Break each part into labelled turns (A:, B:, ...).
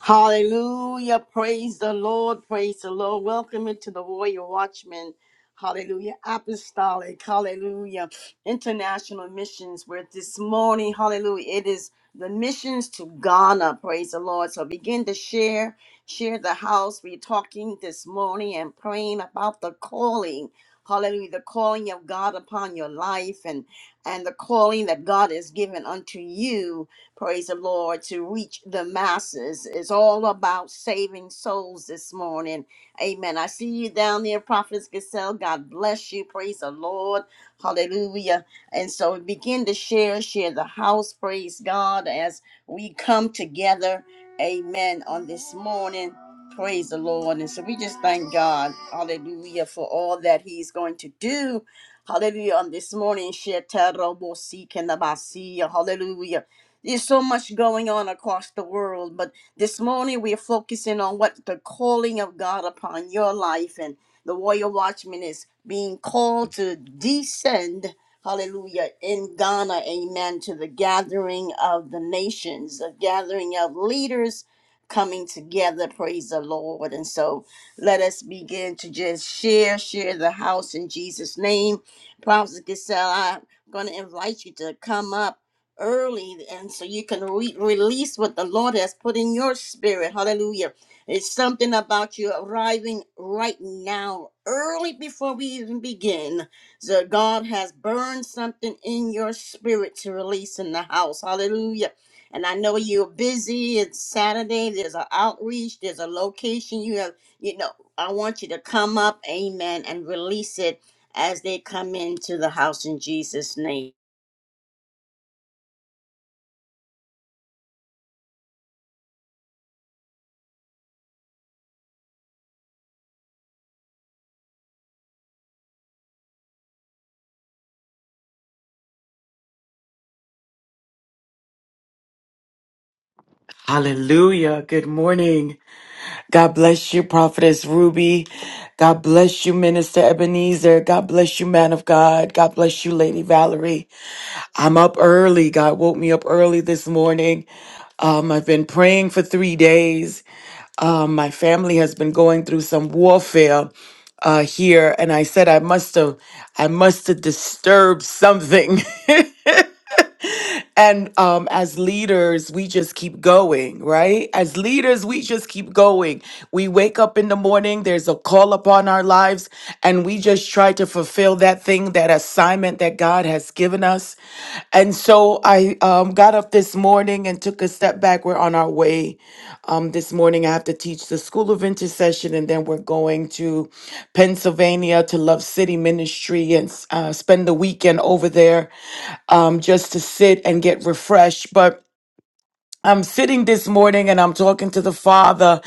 A: Hallelujah. Praise the Lord. Praise the Lord. Welcome into the Warrior Watchman. Hallelujah. Apostolic. Hallelujah. International missions. Where this morning, hallelujah, it is the missions to Ghana. Praise the Lord. So begin to share, share the house. We're talking this morning and praying about the calling. Hallelujah. The calling of God upon your life and and the calling that God has given unto you praise the Lord, to reach the masses. It's all about saving souls this morning. Amen. I see you down there, Prophetess Gazelle. God bless you. Praise the Lord. Hallelujah. And so begin to share, share the house. Praise God as we come together. Amen. On this morning. Praise the Lord. And so we just thank God. Hallelujah. For all that He's going to do. Hallelujah. On this morning, Shetarobosikenabasiya. hallelujah. There's so much going on across the world, but this morning we're focusing on what the calling of God upon your life and the royal watchman is being called to descend, hallelujah, in Ghana, amen, to the gathering of the nations, the gathering of leaders coming together, praise the Lord. And so let us begin to just share, share the house in Jesus' name. Prophet Giselle, I'm going to invite you to come up early and so you can re- release what the lord has put in your spirit hallelujah it's something about you arriving right now early before we even begin so god has burned something in your spirit to release in the house hallelujah and i know you're busy it's saturday there's an outreach there's a location you have you know i want you to come up amen and release it as they come into the house in jesus name
B: Hallelujah. Good morning. God bless you, Prophetess Ruby. God bless you, Minister Ebenezer. God bless you, man of God. God bless you, Lady Valerie. I'm up early. God woke me up early this morning. Um, I've been praying for three days. Um, my family has been going through some warfare uh, here, and I said I must have, I must have disturbed something. and um, as leaders, we just keep going, right? As leaders, we just keep going. We wake up in the morning, there's a call upon our lives, and we just try to fulfill that thing, that assignment that God has given us. And so I um, got up this morning and took a step back. We're on our way. Um, this morning, I have to teach the School of Intercession, and then we're going to Pennsylvania to Love City Ministry and uh, spend the weekend over there um, just to sit and get refreshed. But I'm sitting this morning and I'm talking to the father,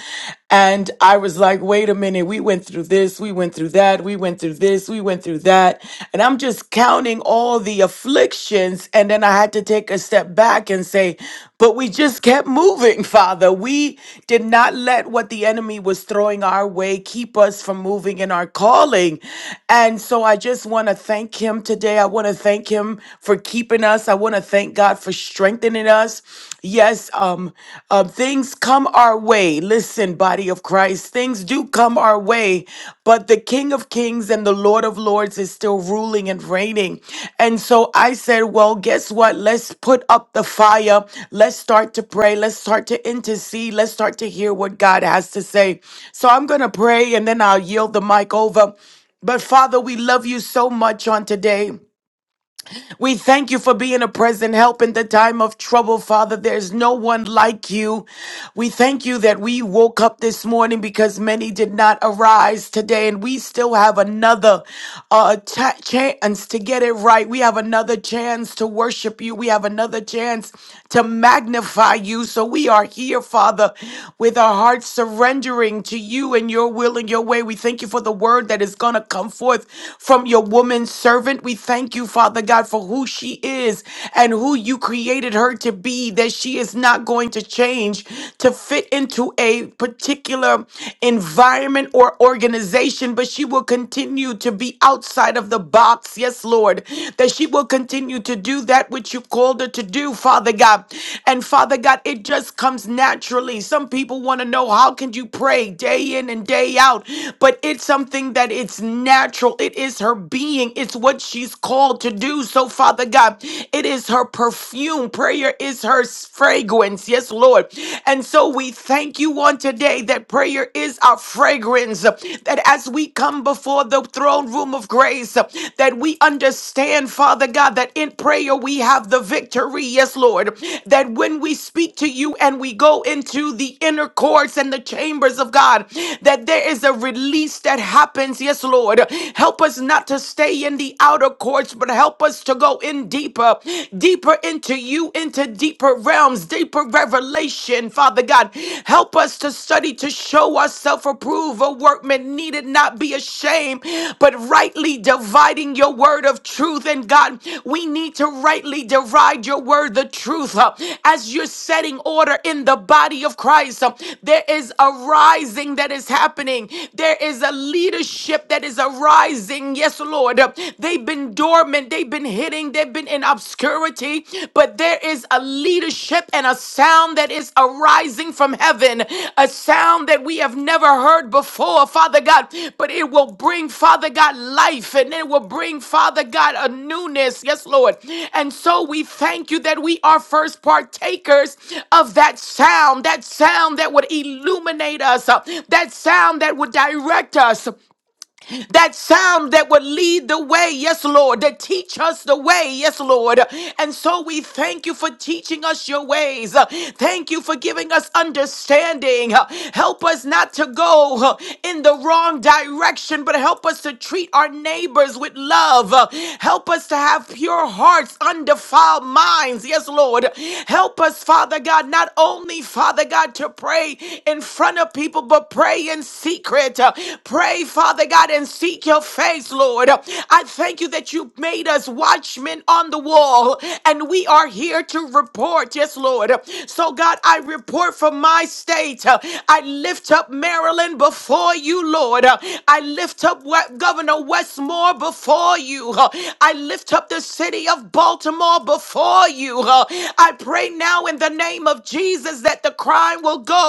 B: and I was like, wait a minute, we went through this, we went through that, we went through this, we went through that. And I'm just counting all the afflictions. And then I had to take a step back and say, but we just kept moving, Father. We did not let what the enemy was throwing our way keep us from moving in our calling. And so I just want to thank him today. I want to thank him for keeping us. I want to to thank God for strengthening us. Yes, um, um, things come our way. Listen, body of Christ, things do come our way, but the King of Kings and the Lord of Lords is still ruling and reigning. And so I said, well, guess what? Let's put up the fire. Let's start to pray. Let's start to intercede. Let's start to hear what God has to say. So I'm going to pray and then I'll yield the mic over. But Father, we love you so much on today. We thank you for being a present help in the time of trouble, Father. There's no one like you. We thank you that we woke up this morning because many did not arise today, and we still have another uh, ta- chance to get it right. We have another chance to worship you. We have another chance to magnify you. So we are here, Father, with our hearts surrendering to you and your will and your way. We thank you for the word that is going to come forth from your woman servant. We thank you thank you, Father God, for who she is and who you created her to be, that she is not going to change to fit into a particular environment or organization, but she will continue to be outside of the box. Yes, Lord, that she will continue to do that which you called her to do, Father God. And Father God, it just comes naturally. Some people want to know how can you pray day in and day out, but it's something that it's natural. It is her being. It's. It's what she's called to do. So, Father God, it is her perfume. Prayer is her s- fragrance. Yes, Lord. And so we thank you on today that prayer is our fragrance. That as we come before the throne room of grace, that we understand, Father God, that in prayer we have the victory. Yes, Lord. That when we speak to you and we go into the inner courts and the chambers of God, that there is a release that happens. Yes, Lord. Help us not to stay in the outer courts, but help us to go in deeper, deeper into you, into deeper realms, deeper revelation, Father God. Help us to study to show ourselves approved, a workman needed not be ashamed, but rightly dividing your word of truth. And God, we need to rightly divide your word, the truth, uh, as you're setting order in the body of Christ. uh, There is a rising that is happening, there is a leadership that is arising are rising. Yes, Lord. They've been dormant, they've been hidden, they've been in obscurity, but there is a leadership and a sound that is arising from heaven, a sound that we have never heard before, Father God. But it will bring, Father God, life and it will bring, Father God, a newness. Yes, Lord. And so we thank you that we are first partakers of that sound, that sound that would illuminate us, uh, that sound that would direct us, that sound that would lead the way, yes, Lord, that teach us the way, yes, Lord. And so we thank you for teaching us your ways. Thank you for giving us understanding. Help us not to go in the wrong direction, but help us to treat our neighbors with love. Help us to have pure hearts, undefiled minds, yes, Lord. Help us, Father God, not only, Father God, to pray in front of people, but pray in secret. Pray pray, Father God, and seek your face, Lord. I thank you that you made us watchmen on the wall, and we are here to report. Yes, Lord. So, God, I report for my state. I lift up Maryland before you, Lord. I lift up We- Governor Westmore before you. I lift up the city of Baltimore before you. I pray now in the name of Jesus that the crime will go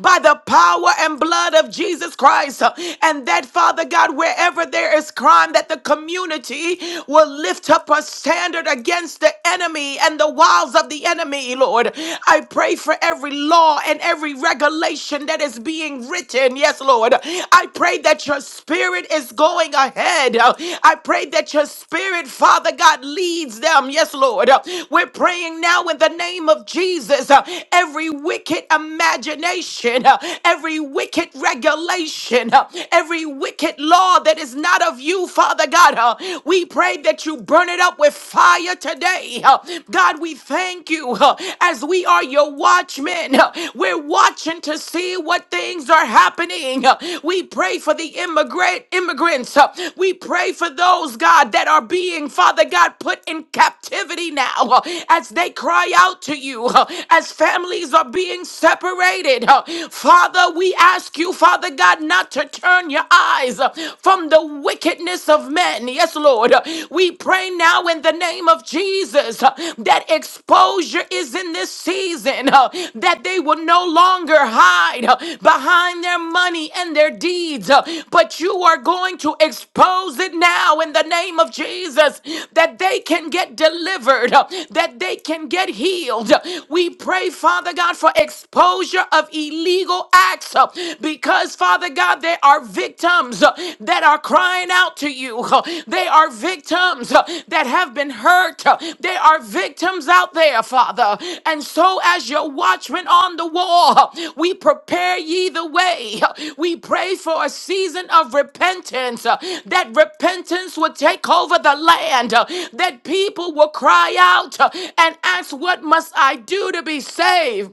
B: by the power and blood of Jesus. Jesus Christ. And that, Father God, wherever there is crime, that the community will lift up a standard against the enemy and the wiles of the enemy, Lord. I pray for every law and every regulation that is being written. Yes, Lord. I pray that your spirit is going ahead. I pray that your spirit, Father God, leads them. Yes, Lord. We're praying now in the name of Jesus. Every wicked imagination, every wicked regulation, uh, every wicked law that is not of you, Father God. uh, We pray that you burn it up with fire today. uh, God, we thank you uh, as we are your watchmen. uh, We're watching to see what things are happening. uh, We pray for the immigrant immigrants. uh, We pray for those, God, that are being, Father God, put in captivity now uh, as they cry out to you, uh, as families are being separated. uh, Father, we ask you, Father God, not to turn your eyes uh, from the wickedness of men. Yes, Lord. Uh, We pray now in the name of Jesus uh, that exposure is in this season, uh, that they will no longer hide uh, behind their money and their deeds, uh, but you are going to expose it now in the name of Jesus that they can get delivered, uh, that they can get healed. We pray, Father God, for exposure exposure of illegal acts uh, because, Father God, there are victims uh, that are crying out to you. uh, They are victims uh, that have been hurt. uh, They are victims out there, Father. And so, as your watchmen on the wall, uh, we prepare ye the way. uh, We pray for a season of repentance, uh, that repentance would take over the land, uh, that people will cry out uh, and ask, What must I do to be saved?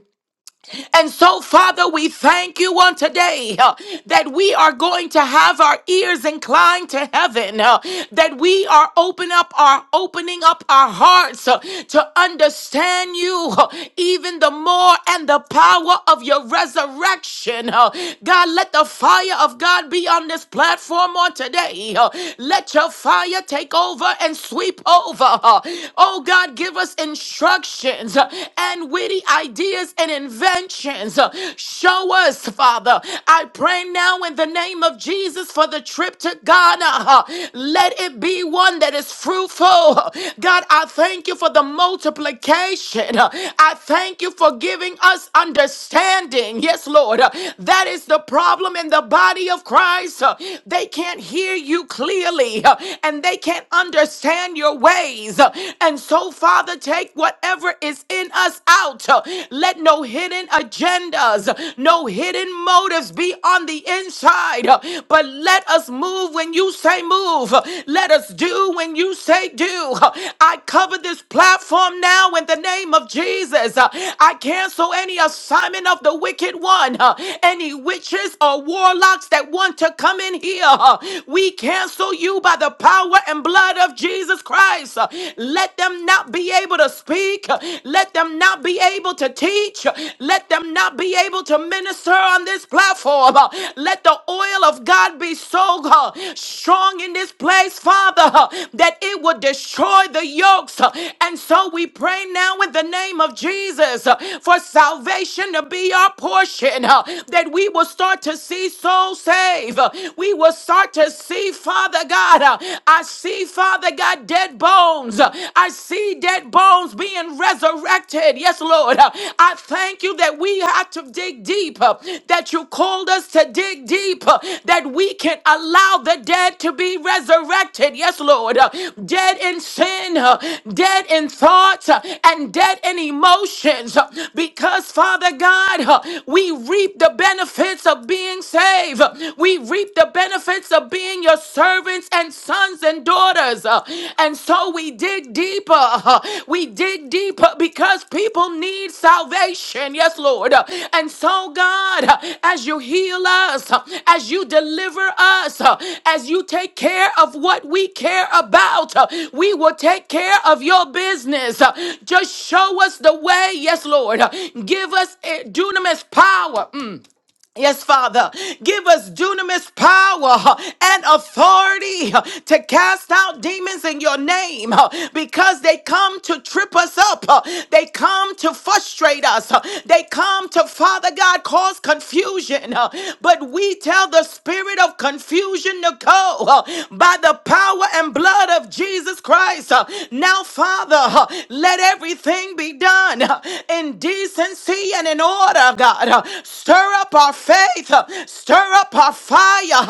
B: And so, Father, we thank you on today uh, that we are going to have our ears inclined to heaven, uh, that we are open up our opening up our hearts uh, to understand you uh, even the more and the power of your resurrection. uh. God, let the fire of God be on this platform on today. uh. Let your fire take over and sweep over. uh. Oh God, give us instructions uh, and witty ideas and inventions. Uh, Show us, Father. I pray now in the name of Jesus for the trip to Ghana. Uh, Let it be one that is fruitful. Uh, God, I thank you for the multiplication. Uh, I thank you for giving us understanding. Yes, Lord. Uh, That is the problem in the body of Christ. Uh, They can't hear you clearly uh, and they can't understand your ways. Uh, And so so, Father, take whatever is in us out. Let no hidden agendas, no hidden motives be on the inside. But let us move when you say move. Let us do when you say do. I cover this platform now in the name of Jesus. I cancel any assignment of the wicked one, any witches or warlocks that want to come in here. We cancel you by the power and blood of of Jesus Christ. Uh, Let them not be able to speak. Uh, Let them not be able to teach. Uh, Let them not be able to minister on this platform. Uh, Let the oil of God be so uh, strong in this place, Father, uh, that it will destroy the yokes. Uh, And so we pray now in the name of Jesus uh, for salvation to be our portion, uh, that we will start to see souls saved. Uh, We will start to see see, Father God, uh, I see, Father God, dead bones. Uh, I see dead bones being resurrected. Yes, Lord. Uh, I thank you that we have to dig deep, uh, that you called us to dig deep, uh, that we can allow the dead to be resurrected. Yes, Lord. Uh, Dead in sin, uh, dead in thoughts, uh, and dead in emotions. Uh, Because, Father God, uh, we reap the benefits of being saved. Uh, We reap the benefits of being your servants and sons and daughters. Uh, And so we dig deeper. Uh, We dig deeper because people need salvation. Yes, Lord. Uh, And so, God, uh, as you heal us, uh, as you deliver us, uh, as you take care of what we care about, uh, we will take care of your business. Uh, Just show us the way. Yes, Lord. Uh, Give us eh, dunamis power. Mm. Yes, Father, give us dunamis power huh, and authority huh, to cast out demons in your name huh, because they come to trip us up. huh, They come to frustrate us. huh, They come to, Father God, cause confusion. huh, But we tell the spirit of confusion to go huh, by the power and blood of Jesus Christ. huh. Now, Father, huh, let everything be done in decency and in order, God. Stir up our faith, stir up our fire.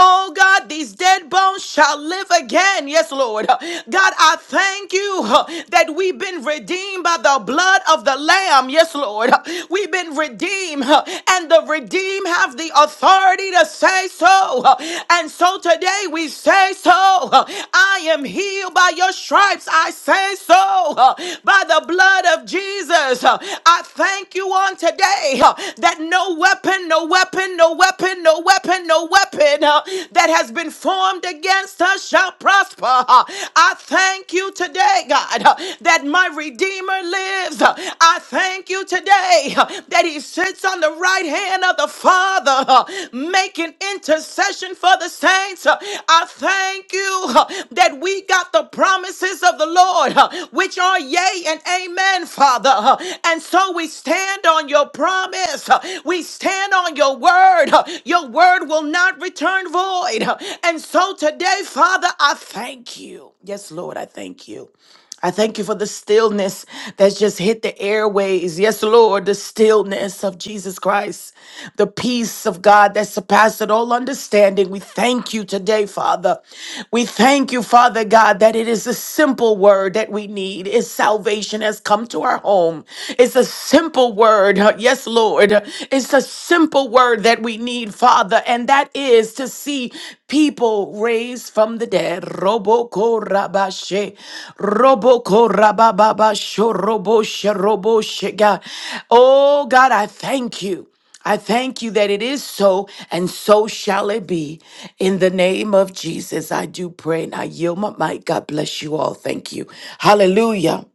B: Oh, God, these dead bones shall live again. Yes, Lord. God, I thank you that we've been redeemed by the blood of the Lamb. Yes, Lord. We've been redeemed, and the redeemed have the authority to say so. And so today, say we say so. I am healed by your stripes. I say so. By the blood of Jesus. I thank you on today that no weapon, no weapon, no weapon, no weapon, no weapon uh, that has been formed against us shall prosper. I thank you today, God, that my Redeemer lives. I thank you today that He sits sits on the right hand of the Father, uh, making intercession for the saints. Uh, I thank you uh, that we got the promises of the Lord, uh, which are yea and amen, Father. Uh, And so we stand on your promise. Uh, We stand on your word. Uh, Your word will not return void. Uh, And so today, Father, I thank you. Yes, Lord, I thank you. I thank you for the stillness that's just hit the airways. Yes, Lord, the stillness of Jesus Christ, the peace of God that surpasses all understanding. We thank you today, Father. We thank you, Father God, that it is a simple word that we need. Is salvation has come to our home. It's a simple word. Yes, Lord. It's a simple word that we need, Father, and that is to see people raised from the dead. Roboko rabashe, roboko rabababasho, roboshe, roboshe, God. Oh, God, I thank you. I thank you that it is so, and so shall it be. In the name of Jesus, I do pray and I yield my mic. God bless you all. Thank you. Hallelujah.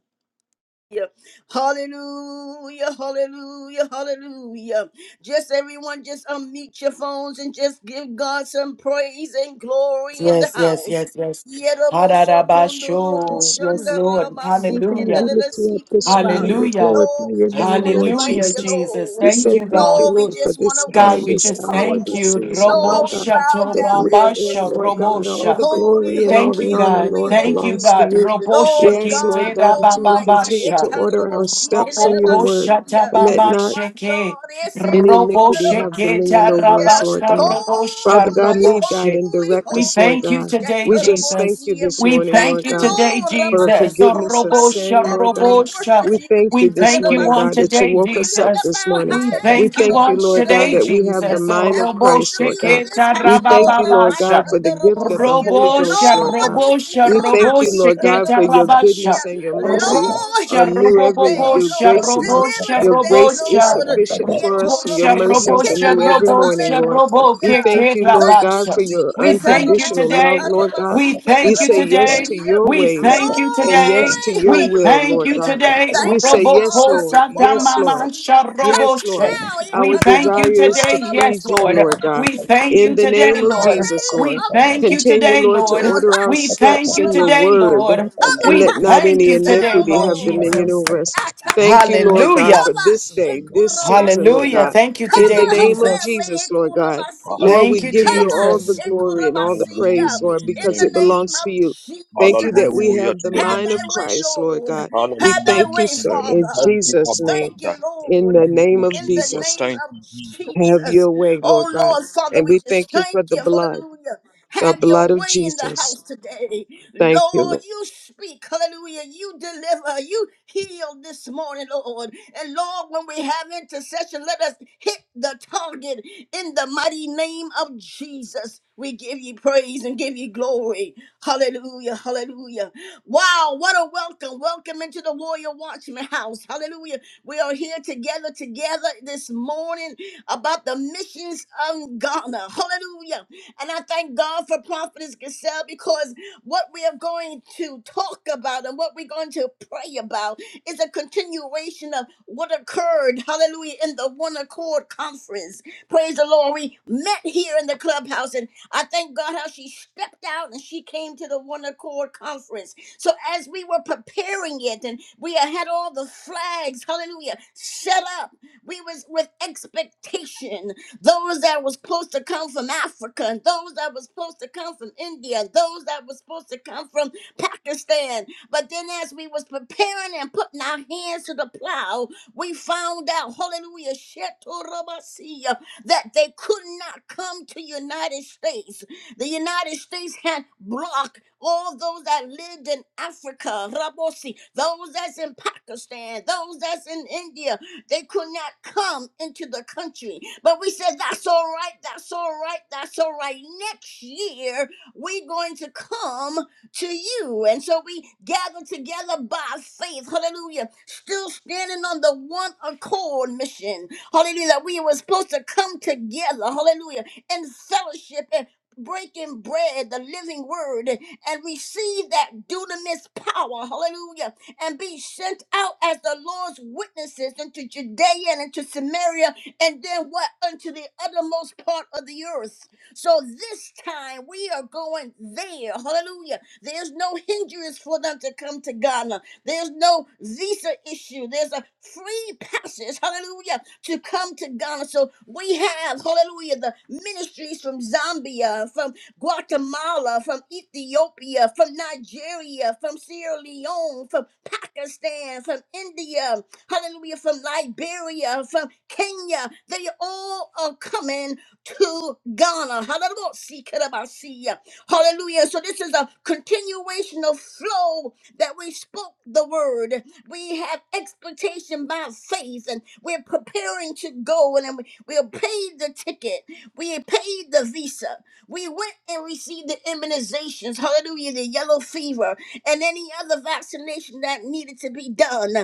A: Hallelujah, hallelujah, hallelujah. Just everyone, just unmute your phones and just give God some praise and glory in the
B: Yes, yes,
A: house.
B: yes, yes.
A: Yerobo shokundo robo
B: Ha-da-da-ba-sho.
C: Yes,
B: Yes,
C: Lord.
A: shandara
B: Lord.
C: Oh God, we
B: Hallelujah.
C: lift you up this morning. We
B: Hallelujah.
C: glorify
A: Lord, we
C: your
A: just
C: name,
A: want to
C: Lord
A: thank
B: Hallelujah,
A: you,
C: Jesus.
B: Jesus.
C: We
A: Lord.
B: Thank
C: say
B: you,
C: thank you,
B: God.
A: Lord, we
C: Lord, for
A: just want
C: this
A: to
B: God,
C: time,
A: worship
B: we
C: this
A: you,
B: just
C: hour,
A: Father.
B: thank
C: this
B: you.
C: season, Lord
A: Lord, we
C: God,
B: Robosha
A: bow
C: that
A: down
C: we
A: and
C: are in,
B: tobabasha
A: worship
C: Lord God.
A: you.
C: All
B: robosha.
C: the
A: Holy,
C: glory and all
B: Thank you,
C: the
A: holy,
C: honor,
B: God.
A: holy,
C: Lord,
B: Thank you,
C: belongs to
A: holy.
B: God.
C: you.
B: Robosha
C: We
A: Lord
C: ask, Lord
A: God
C: God, that you will
A: Almighty,
C: continue to
B: kete
C: order
A: terrible
C: our
A: she can
C: steps
B: Robo
C: in your
A: never
C: word
A: see
B: koshata
A: ya.
C: and let
B: baba
C: not
A: My
B: sheke.
A: God is a
C: any
A: cool
B: Robo
C: iniquity
A: never
C: have
B: sheke
C: dominion
A: see
C: over us,
A: ya.
C: Lord
B: tarabasta
C: God.
B: robo sha
C: Father God,
A: Holy,
B: robo
C: lead, guide,
B: she.
C: and
A: holy,
C: direct
B: We
C: us, Lord
B: thank
A: holy,
B: you
C: God.
B: today,
C: We just
A: terrible
C: thank
B: Jesus.
C: you
A: see ya.
C: this
B: We
C: morning,
B: thank
C: Lord
A: Thank
B: you
A: you,
C: God
B: today,
A: Lord.
C: for the
B: Jesus. Oh,
A: Rabashiku,
C: forgiveness of
B: robo
A: Rabash. We
B: sha
C: sin, Lord
A: corporally
C: God.
B: robo sha.
A: worship
C: We
A: you.
C: thank you
B: We
C: this
B: thank you
C: morning,
B: on
C: God,
A: Dikandarabashi.
C: that you
B: today,
C: woke
A: We
C: us up
A: lift up
B: Jesus.
C: this
A: our
C: morning.
B: We
C: We
A: hands,
B: thank you
C: thank you,
B: on
A: hallelujah,
C: Lord God,
B: today,
C: that we
A: Raboshi,
C: have the
B: Jesus. Oh,
C: mind of
A: and
B: robo
C: Christ,
A: welcome
C: Lord
A: you in
C: God.
B: sheke
A: this
C: We
A: house,
C: thank
A: Lord.
C: you,
B: tarababa
C: Lord God,
B: sha.
C: for the gift of the
A: Rabashandaraboshi.
C: Holy Ghost,
B: Robosha,
C: Lord
A: Lord,
C: God.
A: this is
B: robosha,
C: We
A: your
C: thank you,
A: house.
B: robosha,
C: Lord God,
B: keta
C: for your
A: Dikandaraboshi.
B: rabasha.
C: goodness and your mercy
A: Lord,
C: are
B: Robosha,
A: heal
C: new every
A: today,
C: your
B: robobosha,
A: Lord.
C: grace is
A: Deliver
B: robosha,
C: your
A: today,
C: grace is
B: robosha.
A: Lord.
C: sufficient for us. Your
B: Robosha,
A: Yetoraboshi,
C: mercies are
B: robosha,
C: new every morning,
B: robosha,
C: Lord.
A: Hallelujah.
B: robo,
C: We
A: Hallelujah!
C: thank
B: keke
C: you, Lord
A: Thank you,
C: God,
B: rabasha.
C: for your
B: We
A: Jesus.
B: thank you
C: unconditional love,
B: today.
C: Lord God.
B: We
C: We
B: thank you
C: say yes
B: today.
C: to
A: Araboshantarabasikenerabosia.
C: your
B: We
C: ways
B: thank you
C: and
B: today.
C: yes
A: Glory.
C: to your
B: We
C: will,
B: thank
C: Lord
B: you
A: Hallelujah.
C: God.
B: today.
C: We
A: Thank you,
C: say,
B: Robo
C: Yes,
A: Father.
C: Lord.
B: kosa
C: Yes, Lord.
B: mama
A: Chikorabasia. Touch
C: Yes, Lord.
B: sharoboshe.
A: now.
C: Our
B: We thank you
C: desire is
B: today.
C: to
B: Yes,
C: please you,
B: Lord.
C: Lord God.
B: We
A: Ikandaraboshantarabasikenabasia. In
B: thank
C: In
B: you
C: the
B: today,
A: the
C: name of
A: mighty
D: Hallelujah
B: Lord.
C: Jesus,
A: name
B: We
C: Lord,
A: of
B: thank you
C: continue,
B: today,
C: Lord, to
B: Lord.
A: Jesus.
C: order
A: Ha!
C: our
B: We thank
C: steps
B: you
C: in your
B: today,
A: Shekorabasia.
C: word
B: Lord.
A: Cover
C: and
B: We
C: let not
A: prophetess
B: thank
C: any
B: you today,
A: Gazelle,
C: iniquity
B: Lord
C: have
A: Lord.
C: dominion
B: Jesus.
C: over us. Thank you, Lord God, for
B: Hallelujah.
A: Cover
C: this day, this season, Lord
A: Shekurabasia.
B: Hallelujah.
C: God.
D: to
B: Thank you
C: In the
A: Cover
B: today,
C: name of
A: her
B: Jesus.
C: Jesus,
A: family.
C: Lord God.
A: Kurabasia.
C: Lord, we
B: Thank you,
C: give
D: your
C: you all
A: Cover
B: Jesus.
C: the
D: name,
C: glory and all the praise,
A: Shekurabasia.
C: Lord,
A: In
C: because
A: the
C: it
A: name
C: belongs
D: Jesus.
C: to
A: of
C: you. Thank you that
A: Jesus.
C: we
D: Hallelujah to your name, Jesus. Hallelujah
C: have
D: to
C: the
D: your
A: Have
D: name,
C: mind of
A: thy way,
D: Jesus.
C: Christ, Lord
A: Lord.
C: God. We
A: Have thy
C: thank
D: Hallelujah
C: you,
D: to
A: way,
D: your
C: sir,
D: name.
C: in
A: Father.
D: Thank you,
C: Jesus'
D: Abba
C: name.
A: Thank
D: Father.
A: you,
C: In
A: Lord
C: the
D: Thank
C: name
D: you,
C: of
A: in the
D: Jesus.
C: Jesus,
A: name
D: Thank
A: of
D: you, Jesus.
C: have
A: Jesus.
C: your way, Lord
A: Oh
C: God.
A: Lord, Father,
C: And
A: we
C: we
A: just
C: thank you for
A: thank
C: the
A: you.
C: blood,
A: Hallelujah.
C: the
A: Have
C: blood
A: your
C: of
A: way in the
C: Jesus.
A: house today.
C: Thank you,
A: Lord,
C: Lord.
A: you speak. Hallelujah. You deliver. You heal this morning, Lord. And Lord, when we have intercession, let us hit the target in the mighty name of Jesus. We give you praise and give you glory. Hallelujah. Hallelujah. Wow, what a welcome. Welcome into the Warrior Watchman house. Hallelujah. We are here together, together this morning about the missions of Ghana. Hallelujah. And I thank God for Prophetess Giselle because what we are going to talk about and what we're going to pray about is a continuation of what occurred, hallelujah, in the One Accord Conference. Praise the Lord. We met here in the clubhouse, and I thank God how she stepped out and she came to the One Accord Conference. So as we were preparing it and we had all the flags, hallelujah, set up, we was with expectation. Those that was supposed to come from Africa and those that was supposed to come from India, and those that was supposed to come from Pakistan. But then as we was preparing and putting our hands to the plow, we found out, hallelujah, Shetorabasiya, that they could not come to United States the United States had blocked all those that lived in Africa, Rabosi, those that's in Pakistan, those that's in India. They could not come into the country. But we said, that's all right, that's all right, that's all right. Next year, we're going to come to you. And so we gather together by faith. Hallelujah. Still standing on the one accord mission. Hallelujah. That we were supposed to come together. Hallelujah. In fellowship breaking bread, the living word, and receive that dunamis power, hallelujah, and be sent out as the Lord's witnesses into Judea and into Samaria, and then what? Unto the uttermost part of the earth. So this time we are going there, hallelujah. There's no hindrance for them to come to Ghana, there's no visa issue, there's a free passage, hallelujah to come to Ghana. So we have, hallelujah, the ministries from Zambia, from Guatemala, from Ethiopia, from Nigeria, from Sierra Leone, from Pakistan, from India, hallelujah, from Liberia, from Kenya. They all are coming to Ghana. Hallelujah. Sikarabasiya. Hallelujah. So this is a continuation of flow that we spoke the word. We have expectation by faith, and we're preparing to go, and we, we paid the ticket. We paid the visa. We went and received the immunizations. Hallelujah, the yellow fever, and any other vaccination that needed to be done.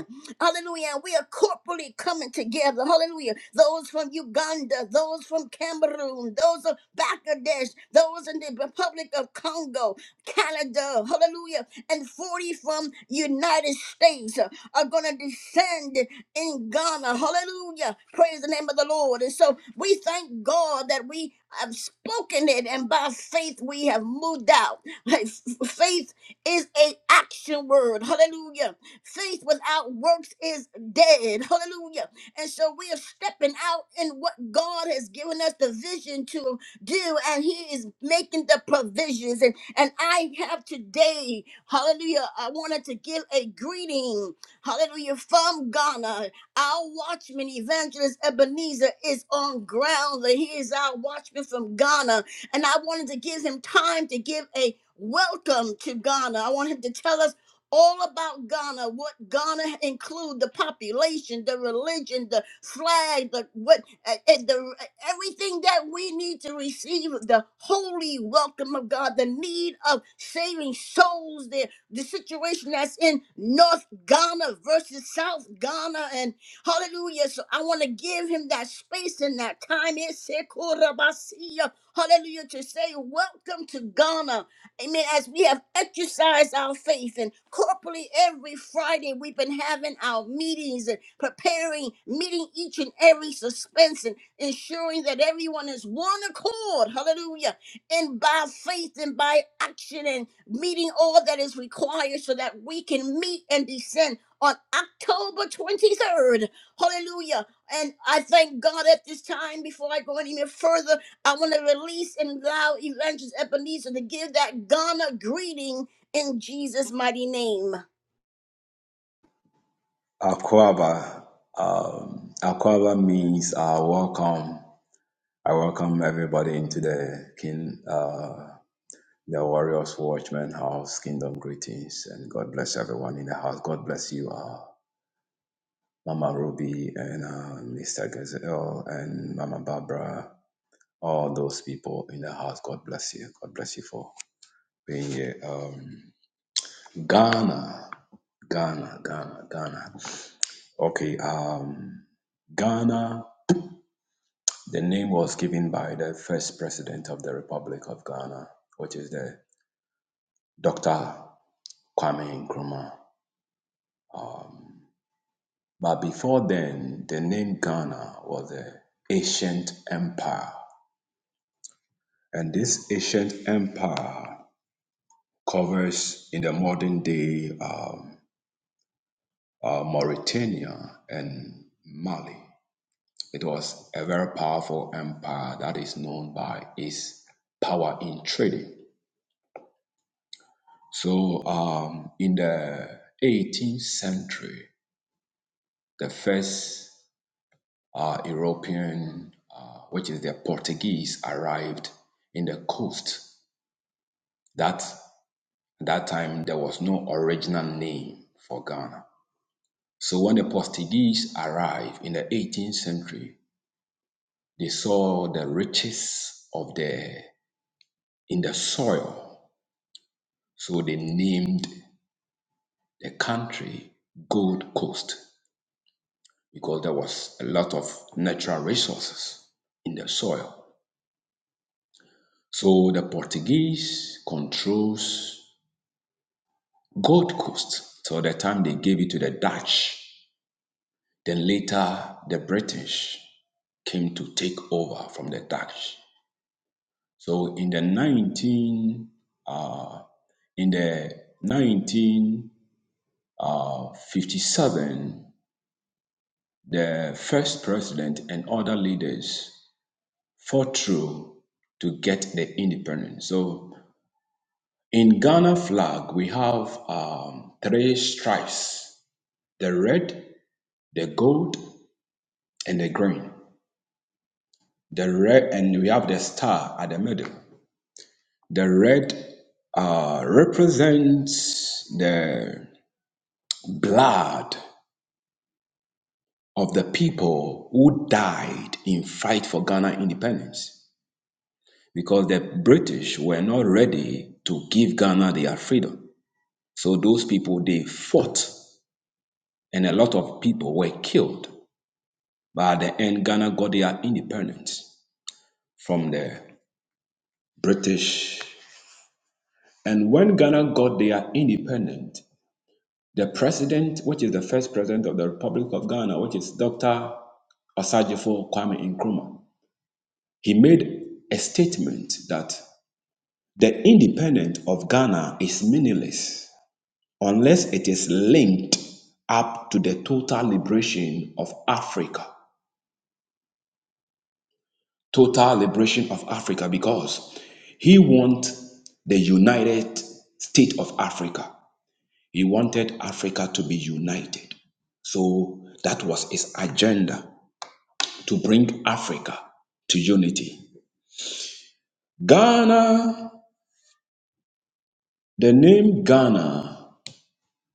A: Hallelujah. we are corporately coming together. Hallelujah. Those from Uganda, those from Cameroon, those of Bangladesh, those in the Republic of Congo, Canada, hallelujah, and 40 from United States are going to descend in Ghana. Hallelujah. Praise the name of the Lord. And so we thank God that we have spoken it and by faith we have moved out. Faith is a action word. Hallelujah. Faith without works is dead. Hallelujah. And so we are stepping out in what God has given us the vision to do and he is making the provisions and and I have today, hallelujah, I wanted to give a greeting hallelujah, from Ghana. Our watchman, Evangelist Ebenezer, is on ground. He is our watchman from Ghana. And I wanted to give him time to give a welcome to Ghana. I want him to tell us all about Ghana, what Ghana include, the population, the religion, the flag, the what, uh, uh, the everything that we need to receive the holy welcome of God, the need of saving souls, there the situation that's in North Ghana versus South Ghana, and hallelujah. So I want to give him that space and that time. It's Sekorabasiya. Hallelujah. To say, Welcome to Ghana. Amen. As we have exercised our faith and corporately every Friday, we've been having our meetings and preparing, meeting each and every suspense and ensuring that everyone is one accord. Hallelujah and by faith and by action and meeting all that is required so that we can meet and descend on October 23rd. Hallelujah. And I thank God at this time, before I go any further, I want to release and allow Evangelist Ebenezer to give that Ghana greeting in Jesus' mighty name.
E: Akwaba. Um, Akwaba means uh, welcome. I welcome everybody into the King, uh, the Warriors Watchman House. Kingdom greetings and God bless everyone in the house. God bless you, uh, Mama Ruby and uh, Mr. Gazelle and Mama Barbara. All those people in the house. God bless you. God bless you for being here. Um, Ghana, Ghana, Ghana, Ghana. Okay. Um, Ghana. The name was given by the first president of the Republic of Ghana, which is the Dr. Kwame Nkrumah. But before then, the name Ghana was an ancient empire. And this ancient empire covers in the modern day um, uh, Mauritania and Mali. It was a very powerful empire that is known by its power in trading So um, in the 18th century, the first uh, European, uh, which is the Portuguese, arrived in the coast. That that time there was no original name for Ghana. So when the Portuguese arrived in the 18th century, they saw the riches of the in the soil, so they named the country Gold Coast. because there was a lot of natural resources in the soil. So the Portuguese controls Gold Coast till the time they gave it to the Dutch. Then later the British came to take over from the Dutch. So in the 19 uh, in the 1957, the first president and other leaders fought through to get the independence. So in Ghana flag, we have um, three stripes: the red, the gold, and the green. The red, and we have the star at the middle. The red uh, represents the blood of the people who died in fight for Ghana independence because the British were not ready to give Ghana their freedom. So those people they fought, and a lot of people were killed. But at the end, Ghana got their independence from the British. And when Ghana got their independence, the president, which is the first president of the Republic of Ghana, which is Dr. Osajifo Kwame Nkrumah, he made a statement that the independence of Ghana is meaningless unless it is linked up to the total liberation of Africa. total liberation of Africa because he wanted the United States of Africa. He wanted Africa to be united. So that was his agenda to bring Africa to unity. Ghana, the name Ghana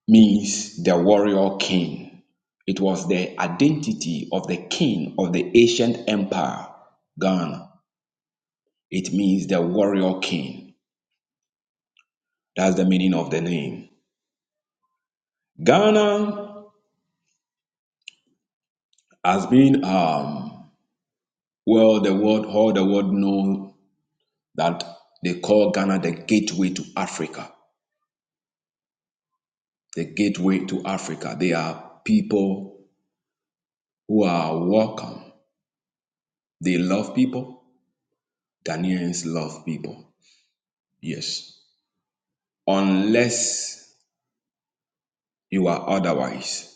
E: means the warrior king. It was the identity of the king of the ancient empire, Ghana. It means the warrior king. That's the meaning of the name. Ghana has been um well the world all the world know that they call Ghana the gateway to Africa. The gateway to Africa. They are people who are welcome. They love people. Ghanaians love people. Yes. Unless you are otherwise.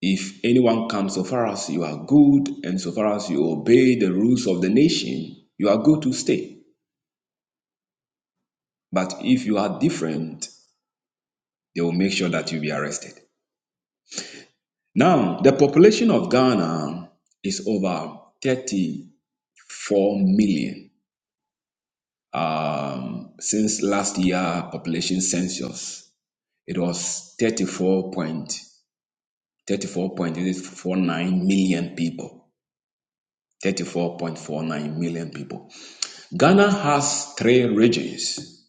E: If anyone comes so far as you are good and so far as you obey the rules of the nation, you are good to stay. But if you are different, They will make sure that you'll be arrested. Now, the population of Ghana is over 34 million. Um, since last year population census, it was 34 point 34.49 million people. 34.49 million people. Ghana has three regions,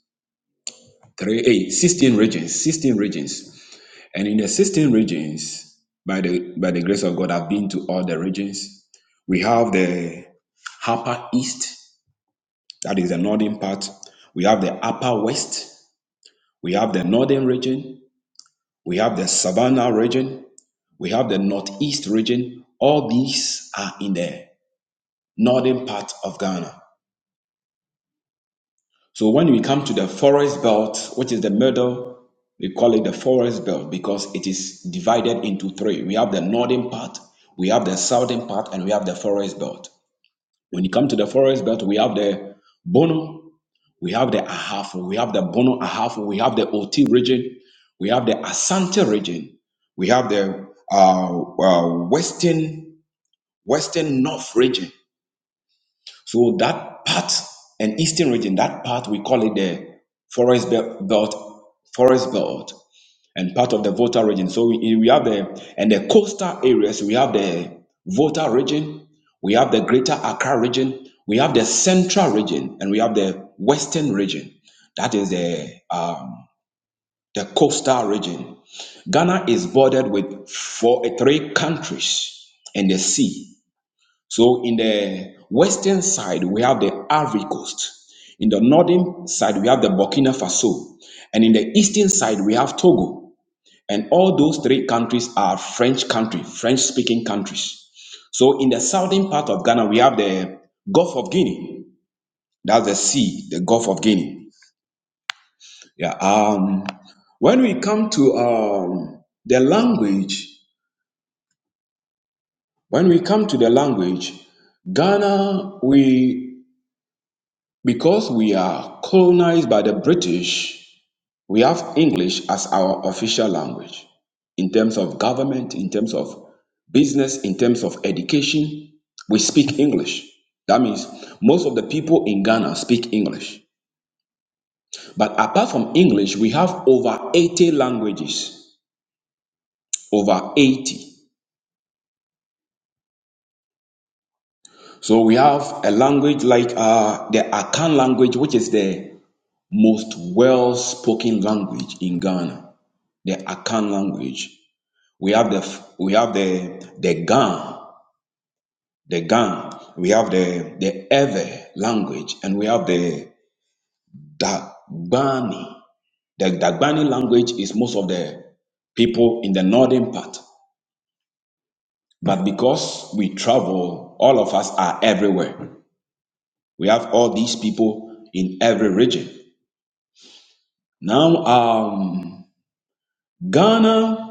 E: three, eight, sixteen regions, 16 regions. And in the 16 regions, by the by the grace of God, I've been to all the regions. We have the upper east, that is the northern part. We have the upper west. We have the northern region. We have the savannah region. We have the northeast region. All these are in the northern part of Ghana. So when we come to the forest belt, which is the middle, we call it the forest belt because it is divided into three. We have the northern part, we have the southern part, and we have the forest belt. When you come to the forest belt, we have the Bono, we have the Ahafo, we have the Bono Ahafo, we have the Oti region, we have the Asante region, we have the uh, uh, western western north region, so that part and eastern region, that part we call it the forest be- belt, forest belt, and part of the Volta region. So we, we have the and the coastal areas. We have the Volta region, we have the Greater Accra region, we have the Central region, and we have the Western region. That is the um, the coastal region. Ghana is bordered with four, three countries and the sea. So in the western side, we have the Ivory Coast. In the northern side, we have the Burkina Faso. And in the eastern side, we have Togo. And all those three countries are French country, French speaking countries. So in the southern part of Ghana, we have the Gulf of Guinea. That's the sea, the Gulf of Guinea. Yeah. Um, when we come to um, the language, when we come to the language, Ghana, we Because we are colonized by the British, we have English as our official language in terms of government, in terms of business, in terms of education. We speak English. That means most of the people in Ghana speak English. But apart from English, we have over 80 languages. Over 80. So we have a language like uh, the Akan language, which is the most well spoken language in Ghana. The Akan language We have the f- we have the the Gan, the Gan. We have the the Ewe language, and we have the Dagbani. The Dagbani language is most of the people in the northern part, but because we travel, all of us are everywhere. We have all these people in every region. Now, um, Ghana.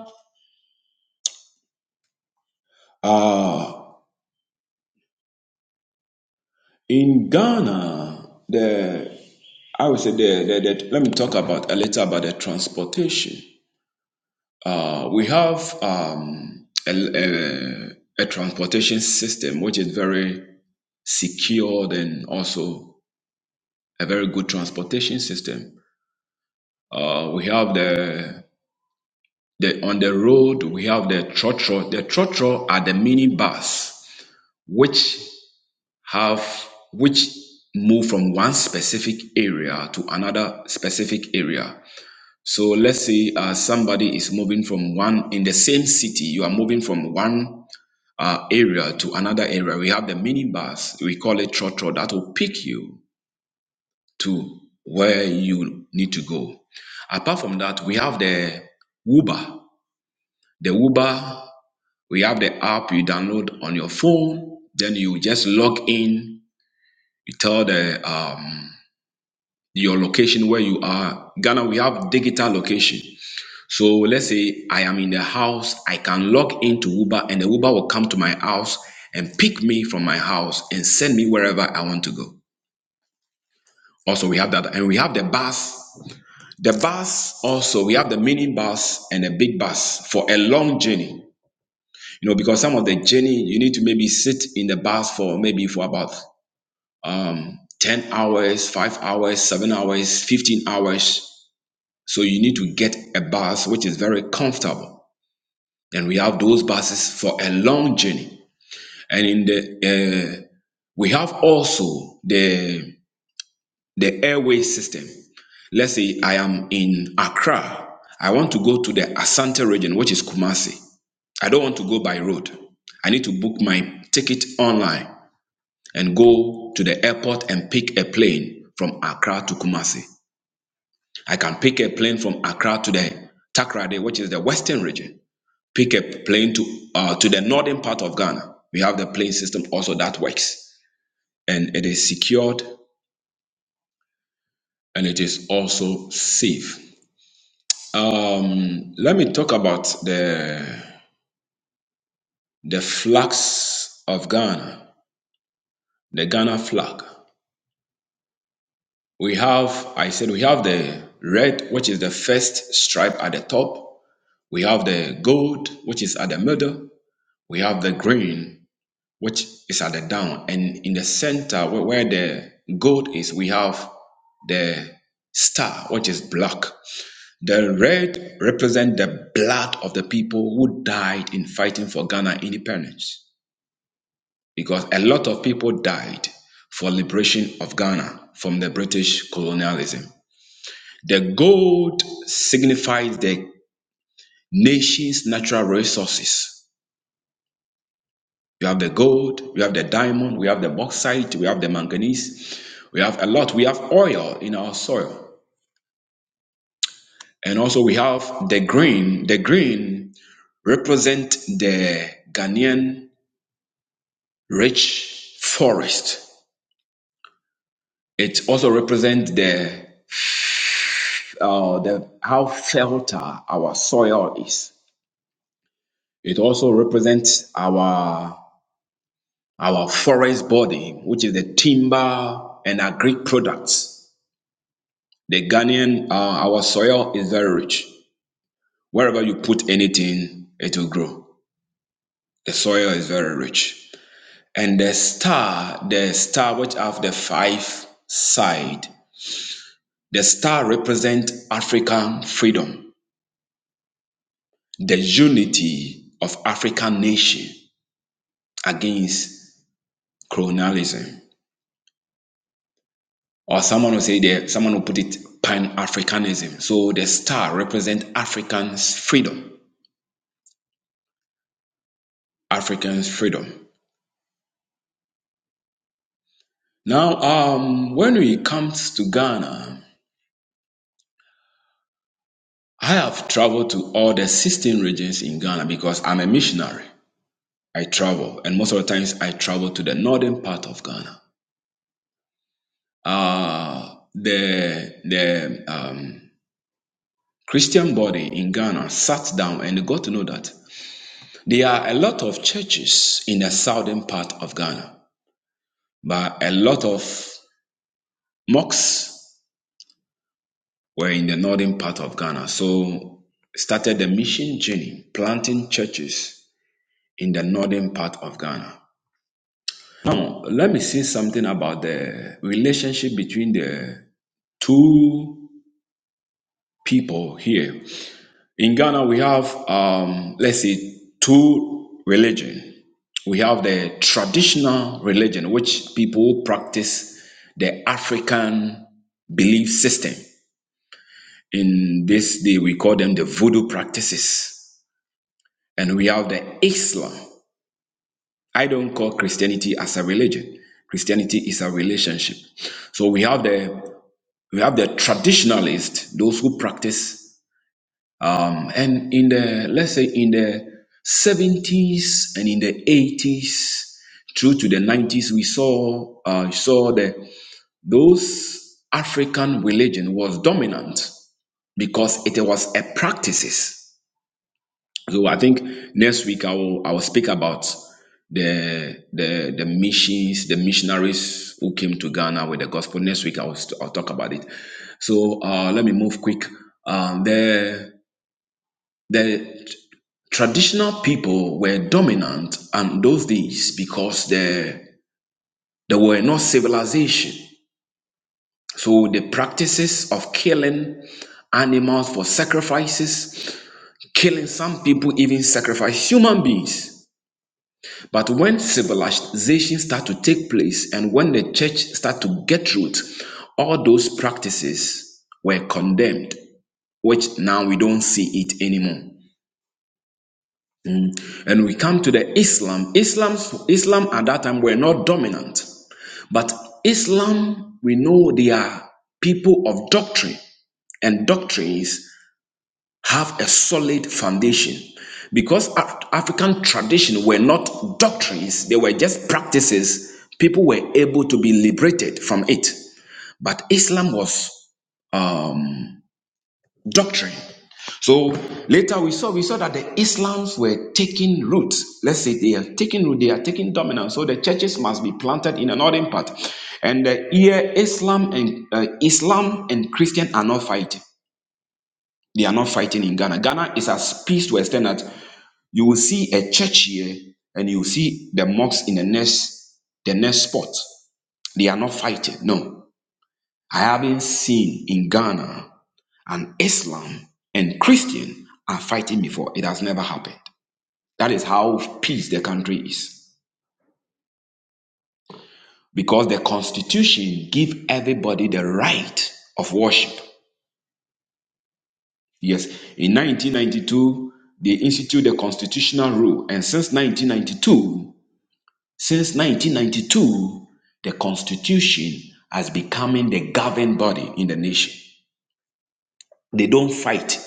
E: Uh, In Ghana, the I would say the, the, the let me talk about a little about the transportation. Uh, we have um, a, a, a transportation system which is very secured and also a very good transportation system. Uh, we have the the on the road we have the trotro. The trotro are the mini bus, which have which move from one specific area to another specific area. So let's say uh, somebody is moving from one in the same city, you are moving from one uh, area to another area. We have the minibus, we call it trotro, that will pick you to where you need to go. Apart from that, we have the Uber. The Uber, we have the app you download on your phone. Then you just log in. You tell the um, your location where you are. Ghana, we have digital location. So let's say I am in the house, I can log into Uber and the Uber will come to my house and pick me from my house and send me wherever I want to go. Also, we have that. And we have the bus. The bus also, we have the mini bus and a big bus for a long journey. You know, because some of the journey, you need to maybe sit in the bus for maybe for about um, 10 hours, 5 hours, 7 hours, 15 hours So you need to get a bus which is very comfortable. And we have those buses for a long journey. And in the uh, we have also the the airway system. Let's say I am in Accra. I want to go to the Asante region, which is Kumasi. I don't want to go by road. I need to book my ticket online and go to the airport and pick a plane from Accra to Kumasi. I can pick a plane from Accra to the Takrade, which is the western region. Pick a plane to uh, to the northern part of Ghana. We have the plane system also that works, and it is secured and it is also safe. Um, let me talk about the the flags of Ghana, the Ghana flag. We have, I said, we have the red, which is the first stripe at the top. We have the gold, which is at the middle. We have the green, which is at the down. And in the center where, where the gold is, we have the star, which is black. The red represents the blood of the people who died in fighting for Ghana independence. Because a lot of people died for liberation of Ghana from the British colonialism. The gold signifies the nation's natural resources You have the gold, we have the diamond, we have the bauxite, we have the manganese, we have a lot. We have oil in our soil. And also we have the green. The green represent the Ghanaian rich forest. It also represents the uh, the how fertile our soil is. It also represents our our forest body, which is the timber and agri products. The Ghanaian, uh, our soil is very rich. Wherever you put anything, it will grow. The soil is very rich. And the star, the star which have the five side, the star represent African freedom, the unity of African nation against colonialism. Or someone will say that someone will put it pan-Africanism. So the star represent Africans' freedom. Africans' freedom. Now, um, when it comes to Ghana, I have traveled to all the 16 regions in Ghana because I'm a missionary. I travel, and most of the times I travel to the northern part of Ghana. Uh, the the um, Christian body in Ghana sat down and they got to know that there are a lot of churches in the southern part of Ghana, but a lot of mosques were in the northern part of Ghana. So started the mission journey, planting churches in the northern part of Ghana. Now, let me say something about the relationship between the two people here. In Ghana, we have, um, let's say, two religion. We have the traditional religion, which people practice the African belief system. In this day, we call them the voodoo practices And we have the Islam. I don't call Christianity as a religion. Christianity is a relationship. So we have the we have the traditionalists, those who practice, um, and in the let's say in the 70s and in the 80s through to the 90s, we saw uh, saw the those African religion was dominant because it was a practices. So I think next week I will I will speak about the the the missions, the missionaries who came to Ghana with the gospel. Next week I will st- I'll talk about it. So uh, let me move quick. Um, the the traditional people were dominant on those days because there there were no civilization. So the practices of killing animals for sacrifices, killing some people even sacrifice human beings But when civilization start to take place and when the church start to get root, all those practices were condemned, which now we don't see it anymore. And we come to the Islam. Islam, Islam at that time were not dominant, but Islam, we know they are people of doctrine and doctrines. have a solid foundation because Af- African tradition were not doctrines, they were just practices. People were able to be liberated from it, but Islam was doctrine. So later we saw we saw that the Islams were taking root. Let's say they are taking root, they are taking dominance. So the churches must be planted in the northern part. And uh, here Islam and uh, Islam and Christian are not fighting. They are not fighting in Ghana. Ghana is as peace to extend that. You will see a church here and you will see the mosque in the next the next spot. They are not fighting. No. I haven't seen in Ghana an Islam and Christian are fighting before. It has never happened. That is how peace the country is. Because the constitution give everybody the right of worship. Yes, in 1992, they instituted the constitutional rule. And since 1992, Since 1992, the Constitution has becoming the governing body in the nation. They don't fight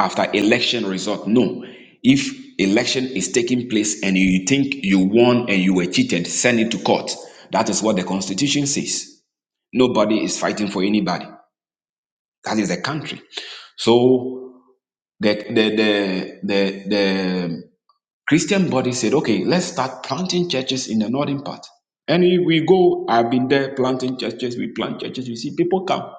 E: after election result. No, if election is taking place and you think you won and you were cheated, send it to court. That is what the Constitution says. Nobody is fighting for anybody. That is the country. So the the the the, the Christian body said, okay, let's start planting churches in the northern part. And we we go, I've been there planting churches, we plant churches, we see people come.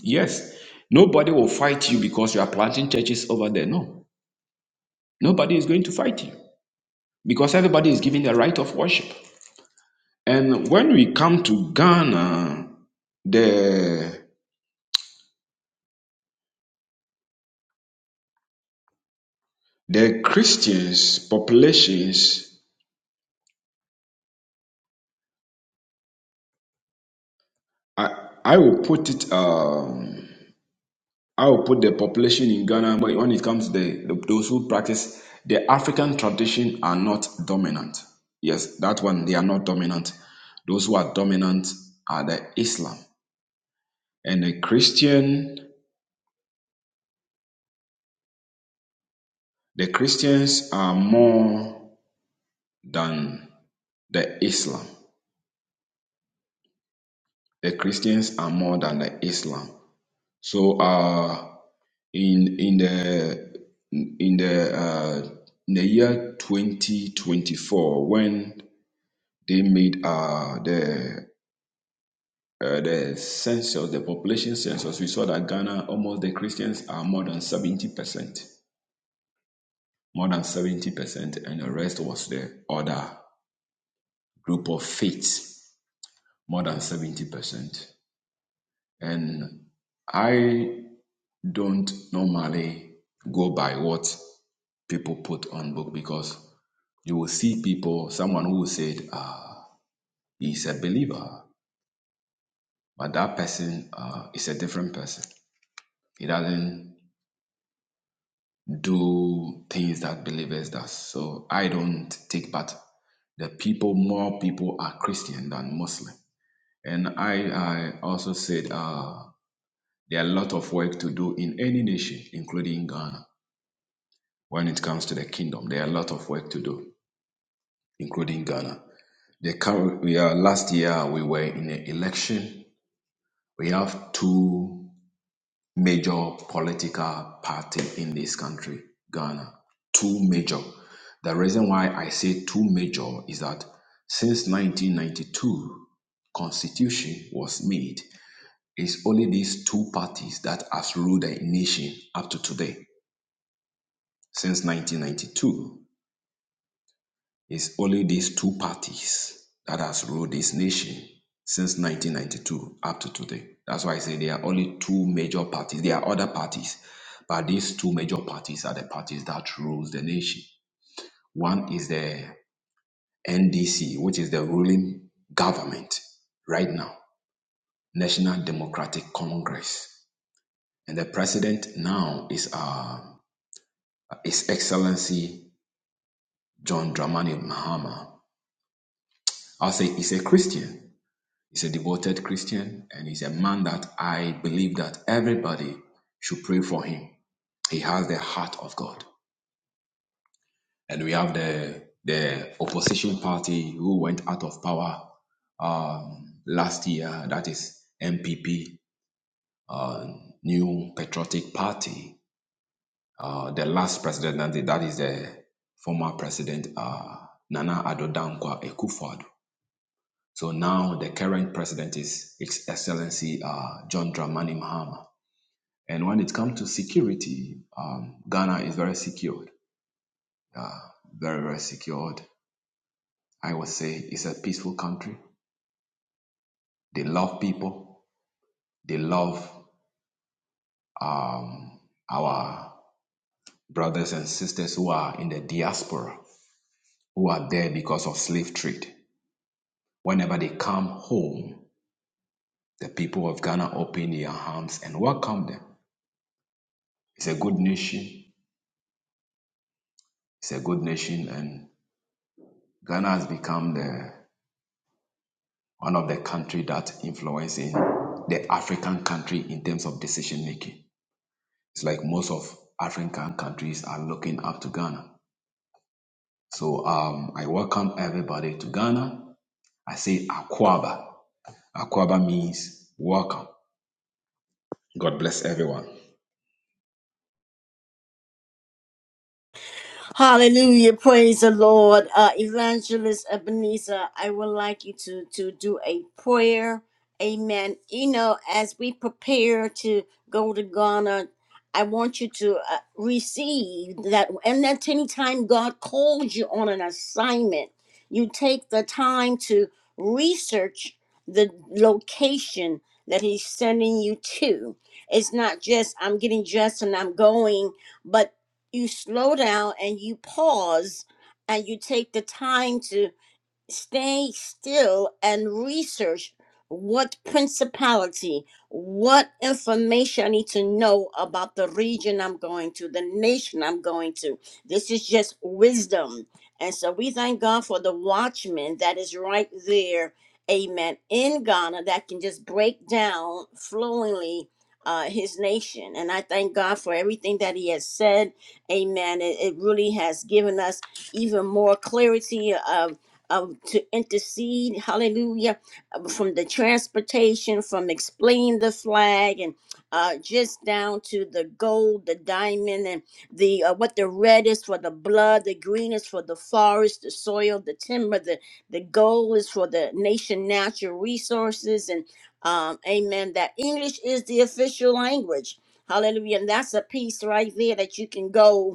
E: Yes, nobody will fight you because you are planting churches over there. No, nobody is going to fight you because everybody is given the right of worship. And when we come to Ghana, the, the Christians populations, I, I will put it, um, I will put the population in Ghana, but when it comes to the, the- those who practice the African tradition are not dominant. Yes, that one they are not dominant. Those who are dominant are the Islam and the Christian. The Christians are more than the Islam. The Christians are more than the Islam. So, uh, in in the in the uh, in the year 2024, when They made uh, the uh, the census, the population census. We saw that Ghana, almost the Christians are more than seventy percent, more than seventy percent, and the rest was the other group of faiths, more than seventy percent. And I don't normally go by what people put on book because you will see people, someone who said, ah, he's a believer, but that person uh, is a different person. He doesn't do things that believers does. So I don't take part. The people, more people are Christian than Muslim. And I, I also said uh, there are a lot of work to do in any nation, including Ghana. When it comes to the kingdom, there are a lot of work to do, including Ghana. The current, we are, last year we were in an election. We have two major political party in this country, Ghana. Two major. The reason why I say two major is that since 1992 constitution was made, it's only these two parties that has ruled the nation up to today since 1992. It's only these two parties that has ruled this nation since 1992 up to today. That's why I say there are only two major parties. There are other parties, but these two major parties are the parties that rules the nation. One is the NDC, which is the ruling government right now, National Democratic Congress, and the president now is uh, His Excellency John Dramani Mahama. I'll say he's a Christian He's a devoted Christian and he's a man that I believe that everybody should pray for him. He has the heart of God. And we have the the opposition party who went out of power um, last year, that is MPP, uh, New Patriotic Party. Uh, the last president, that is the former president uh, Nana Addo Dankwa Akufo-Addo. So now the current president is His Excellency uh, John Dramani Mahama. And when it comes to security, um, Ghana is very secured, very, very secured. I would say it's a peaceful country. They love people. They love um, our brothers and sisters who are in the diaspora, who are there because of slave trade. Whenever they come home, the people of Ghana open their arms and welcome them. It's a good nation. It's a good nation, and Ghana has become the one of the country that influencing the African country in terms of decision making. It's like most of African countries are looking up to Ghana. So um, I welcome everybody to Ghana. I say Akwaba. Akwaba means welcome. God bless everyone.
A: Hallelujah. Praise the Lord. Uh, Evangelist Ebenezer, I would like you to, to do a prayer. Amen. You know, as we prepare to go to Ghana, I want you to uh, receive that. And that anytime God calls you on an assignment, you take the time to research the location that He's sending you to. It's not just, I'm getting dressed and I'm going, you slow down and you pause and you take the time to stay still and research what principality, what information I need to know about the region I'm going to, the nation I'm going to. This is just wisdom. And so we thank God for the watchman that is right there, amen, in Ghana that can just break down flowingly. Uh, his nation. And I thank God for everything that he has said. Amen. It, it really has given us even more clarity. of um, to intercede, hallelujah, uh, from the transportation, from explaining the flag, and uh, just down to the gold, the diamond, and the uh, what the red is for the blood, the green is for the forest, the soil, the timber, the the gold is for the nation natural resources, and um, amen. That English is the official language. Hallelujah. And that's a piece right there that you can go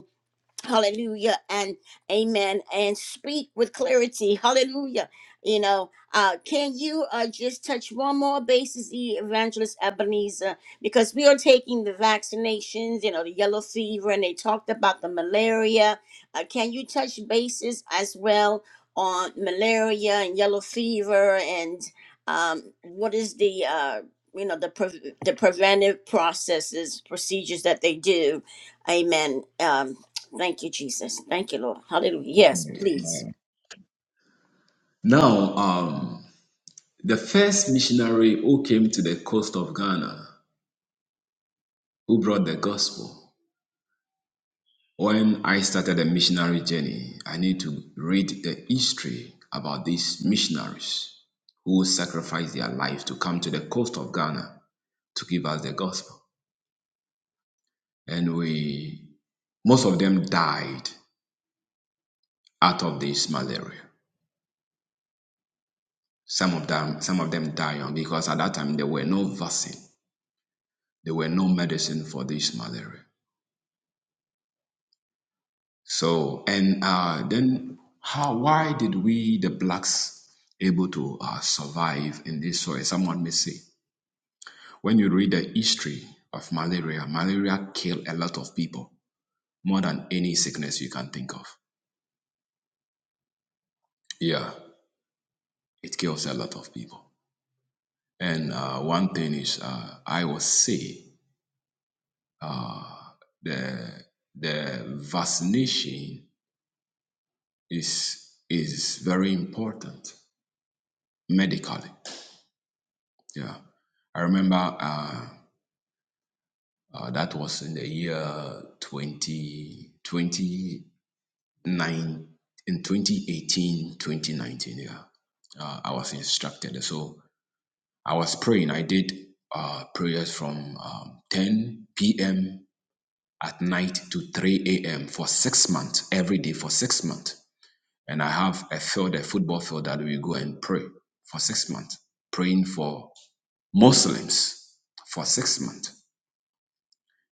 A: hallelujah and amen and speak with clarity hallelujah you know uh can you uh just touch one more basis E- evangelist ebenezer because we are taking the vaccinations you know the yellow fever and they talked about the malaria uh, can you touch bases as well on malaria and yellow fever and um what is the uh you know the pre- the preventive processes procedures that they do amen um Thank you, Jesus. Thank you, Lord. Hallelujah. Yes,
E: Okay.
A: please.
E: Amen. Now, um, the first missionary who came to the coast of Ghana, who brought the gospel, When I started a missionary journey, I need to read the history about these missionaries who sacrificed their lives to come to the coast of Ghana to give us the gospel. And we most of them died out of this malaria. Some of them some of them died young because at that time there were no vaccine. There were no medicine for this malaria. So and uh, then how why did we the blacks able to uh, survive in this soil? Someone may say. When you read the history of malaria, malaria kills a lot of people, more than any sickness you can think of. Yeah, it kills a lot of people. And uh, one thing is, uh, I will say uh, the the vaccination is is very important medically. Yeah, I remember uh, uh, that was in the year twenty twenty. nine in 2018 2019 yeah uh, i was instructed so i was praying i did uh, prayers from um, 10 p.m at night to 3 a.m for six months every day for six months and i have a field a football field that we go and pray for six months praying for muslims for six months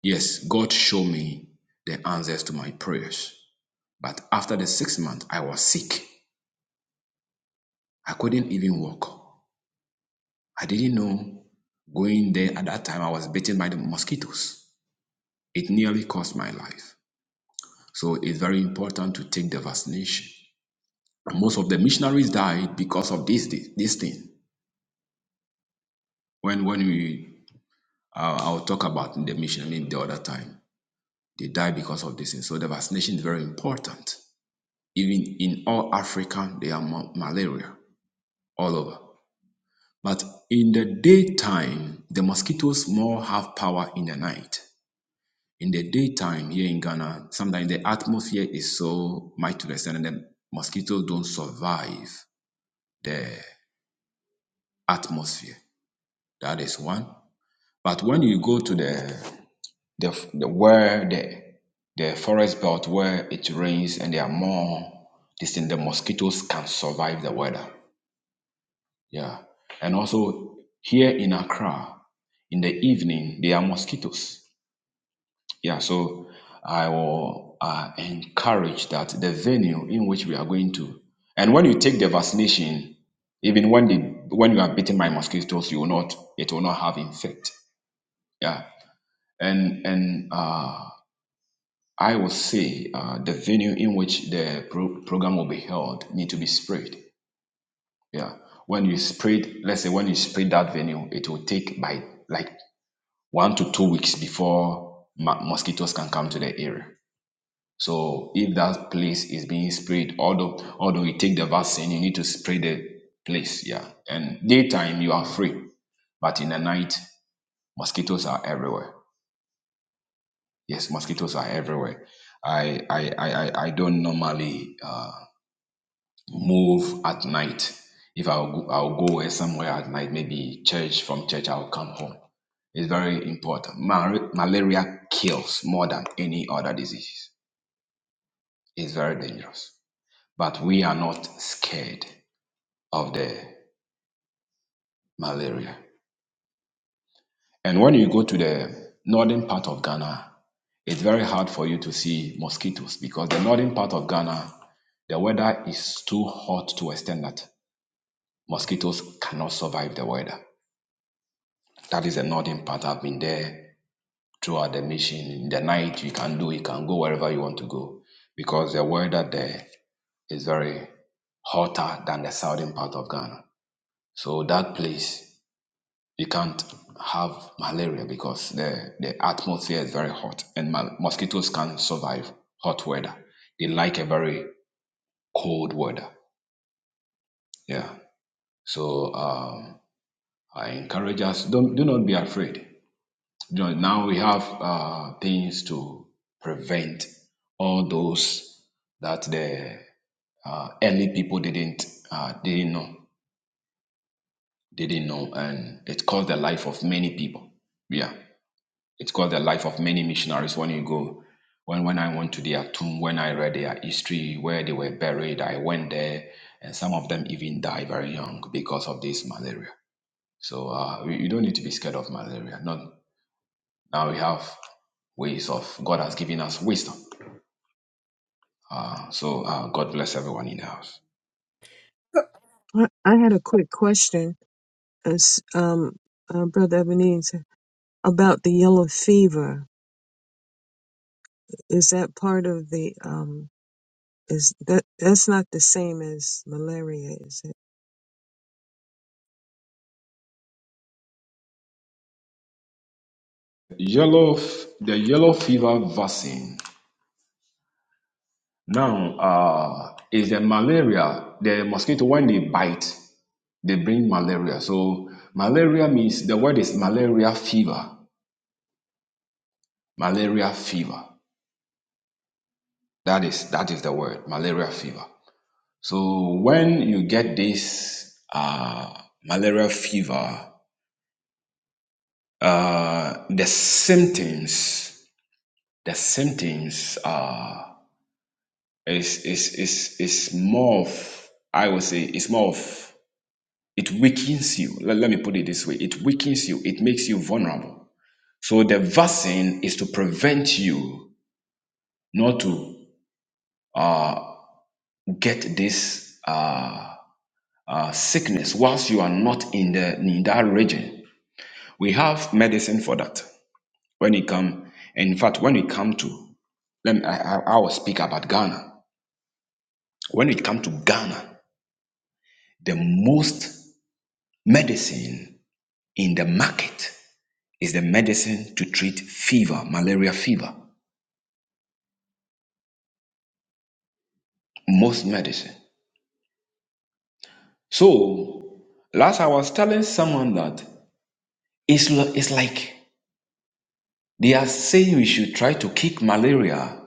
E: yes god showed me the answers to my prayers but after the six months i was sick I couldn't even walk. I didn't know going there at that time I was bitten by the mosquitoes. It nearly cost my life. So it's very important to take the vaccination. And most of the missionaries died because of this this thing. When when we uh, I'll talk about the missionary the other time. They died because of this thing. So the vaccination is very important. Even in all Africa, they are ma- malaria all over. But in the daytime, the mosquitoes more have power in the night. in the daytime here in Ghana, sometimes the atmosphere is so mighty to the extent that the mosquitoes don't survive the atmosphere. That is one. But when you go to the the, the where the the forest belt where it rains and there are more this thing, the mosquitoes can survive the weather. Yeah. And also here in Accra, in the evening, there are mosquitoes. Yeah, so I will uh, encourage that the venue in which we are going to, and when you take the vaccination, even when the when you are bitten by mosquitoes, you will not it will not have infect. Yeah, and and uh, I will say uh, the venue in which the pro- program will be held need to be sprayed. Yeah, when you sprayed, let's say when you spray that venue, it will take by like one to two weeks before ma- mosquitoes can come to the area. So if that place is being sprayed, although although you take the vaccine, you need to spray the place. Yeah. And daytime you are free, but in the night mosquitoes are everywhere. Yes, mosquitoes are everywhere. I I I I I don't normally uh, move at night. If I'll go, I'll go somewhere at night, maybe church. From church, I'll come home. It's very important. Mar- malaria kills more than any other disease. It's very dangerous. but we are not scared of the malaria. And when you go to the northern part of Ghana, it's very hard for you to see mosquitoes because the northern part of Ghana, the weather is too hot to extend that mosquitoes cannot survive the weather. That is the northern part. I've been there throughout the mission. In the night, you can do, you can go wherever you want to go because the weather there is very hotter than the southern part of Ghana. So that place You can't have malaria because the, the atmosphere is very hot and mal- mosquitoes can't survive hot weather. They like a very cold weather. Yeah. So um, I encourage us, don't, do not be afraid. You know, now we have uh, things to prevent all those that the uh, early people didn't uh, didn't know didn't know and it cost the life of many people yeah It's called the life of many missionaries. When you go, when when I went to their tomb, when I read their history, where they were buried, I went there, and some of them even die very young because of this malaria. So uh, we- you don't need to be scared of malaria. Not now we have ways of God has given us wisdom. Uh, so uh, God bless everyone in the house.
C: I I had a quick question, as, um, uh, Brother Ebenezer, about the yellow fever. Is that part of the, um, is that, that's not the same as malaria, is it?
E: Yellow, f- the yellow fever vaccine. Now uh, is the malaria, the mosquito when they bite. They bring malaria. So malaria means the word is malaria fever. Malaria fever. That is that is the word malaria fever. So when you get this uh, malaria fever, uh, the symptoms the symptoms are is is is is more of I would say it's more of it weakens you. Let, let me put it this way: it weakens you. It makes you vulnerable. So the vaccine is to prevent you not to uh, get this uh, uh, sickness whilst you are not in the in that region. We have medicine for that. When it come, in fact, when it come to let me, I, I I will speak about Ghana. When it come to Ghana, the most medicine in the market is the medicine to treat fever, malaria fever. Most medicine. So last I was telling someone that it's it's like They are saying we should try to kick malaria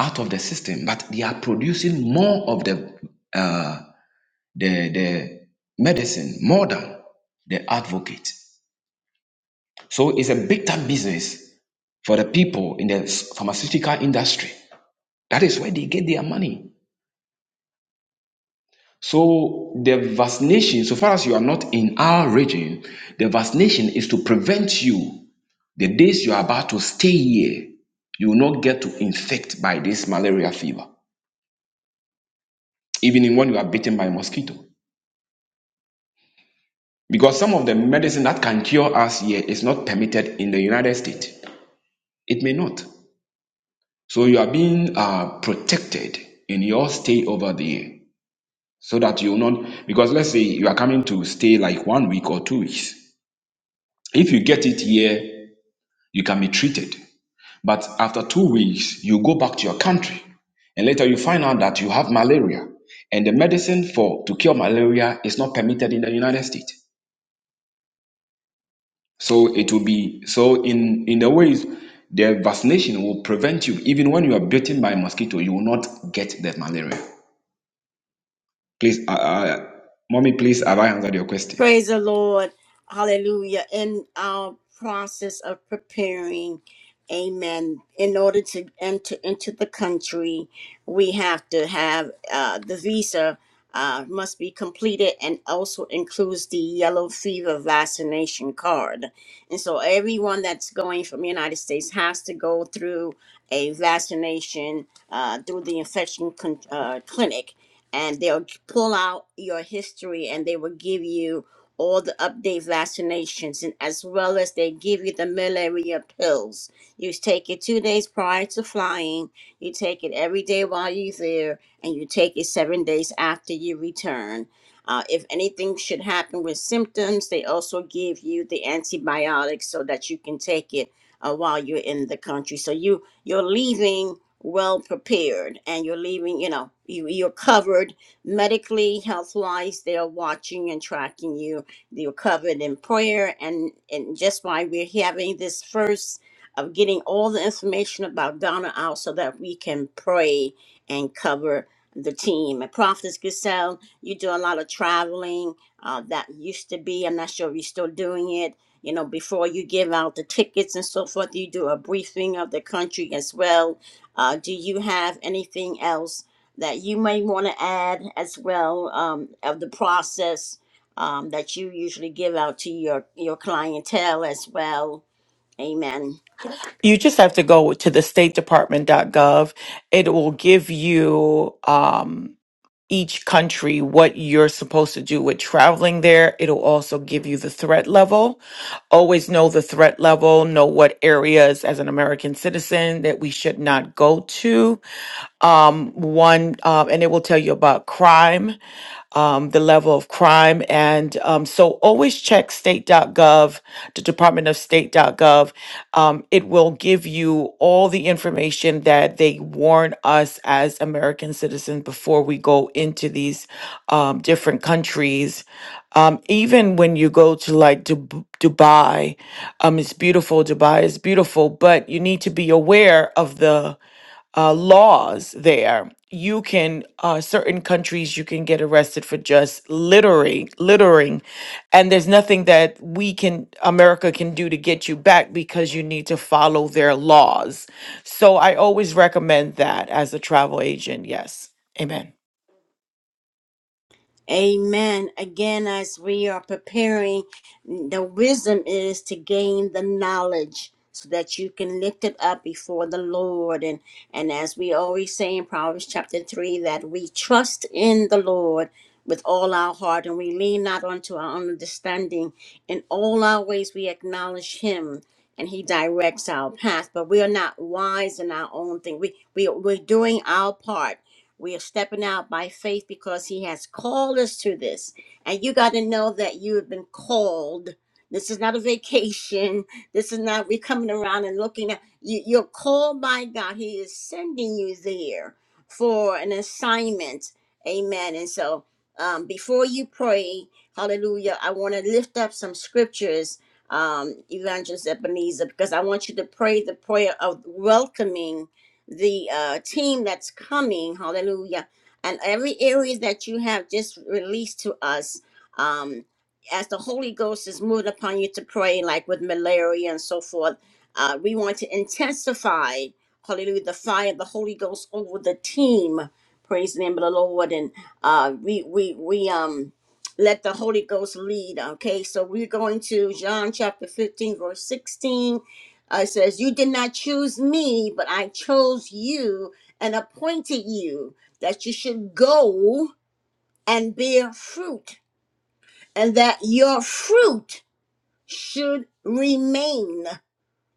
E: out of the system, but they are producing more of the uh, the the medicine more than the advocate. So it's a big time business for the people in the pharmaceutical industry. That is where they get their money. So the vaccination, so far as you are not in our region, the vaccination is to prevent you the days you are about to stay here. You will not get to infect by this malaria fever. even in when you are bitten by a mosquito. Because some of the medicine that can cure us here is not permitted in the United States. It may not. So you are being uh, protected in your stay over there so that you'll not, because let's say you are coming to stay like one week or two weeks. If you get it here, you can be treated. But after two weeks, you go back to your country and later you find out that you have malaria and the medicine for to cure malaria is not permitted in the United States. So it will be so in in the ways the vaccination will prevent you. Even when you are bitten by mosquito, you will not get the malaria. Please, uh, uh, mommy, please have I answered your question?
A: Praise the Lord. Hallelujah. In our process of preparing, amen, in order to enter into the country, we have to have uh, the visa uh, must be completed and also includes the yellow fever vaccination card. And so everyone that's going from the United States has to go through a vaccination uh, through the infection con- uh, clinic. And they'll pull out your history and they will give you all the update vaccinations, and as well as they give you the malaria pills. You take it two days prior to flying, you take it every day while you're there, and you take it seven days after you return. Uh, if anything should happen with symptoms, they also give you the antibiotics so that you can take it uh, while you're in the country. So you you're leaving well prepared, and you're leaving. You know you you're covered medically, health wise. They are watching and tracking you you're covered in prayer, and and just why we're having this first of getting all the information about Donna out, so that we can pray and cover the team. And Prophetess Giselle, you do a lot of traveling. Uh, that used to be. I'm not sure if you're still doing it. You know, before you give out the tickets and so forth, you do a briefing of the country as well. Uh, do you have anything else that you may want to add as well um, of the process um, that you usually give out to your your clientele as well. Amen.
B: You just have to go to the State Department dot gov. It will give you um, each country what you're supposed to do with traveling there. It'll also give you the threat level. Always know the threat level, know what areas as an American citizen that we should not go to um, one, uh, and it will tell you about crime, um, the level of crime. And um, so always check state.gov, the Department of State.gov. Um, it will give you all the information that they warn us as American citizens before we go into these um, different countries. Um, even when you go to like Dub- Dubai, um, it's beautiful. Dubai is beautiful, but you need to be aware of the uh, laws there. You can uh, certain countries you can get arrested for just littering, littering, and there's nothing that we can America can do to get you back because you need to follow their laws. So I always recommend that as a travel agent. Yes, Amen.
A: Amen. Again, as we are preparing, the wisdom is to gain the knowledge so that you can lift it up before the Lord. And, and as we always say in Proverbs chapter 3, that we trust in the Lord with all our heart and we lean not unto our own understanding. In all our ways, we acknowledge Him. And he directs our path, but we are not wise in our own thing. We, we, we're doing our part we are stepping out by faith because He has called us to this. And you got to know that you have been called. This is not a vacation. This is not we coming around and looking at you. You're called by God. He is sending you there for an assignment. Amen. And so, um, before you pray, Hallelujah! I want to lift up some scriptures, um, Evangelist Ebenezer, because I want you to pray the prayer of welcoming the uh, team that's coming, hallelujah, and every area that you have just released to us, um, as the Holy Ghost is moved upon you to pray, like with malaria and so forth, uh, we want to intensify, hallelujah, the fire of the Holy Ghost over the team. Praise the name of the Lord, and uh, we we we um let the Holy Ghost lead. Okay, so we're going to John chapter fifteen, verse sixteen uh, it says, You did not choose me, but I chose you and appointed you that you should go and bear fruit, and that your fruit should remain.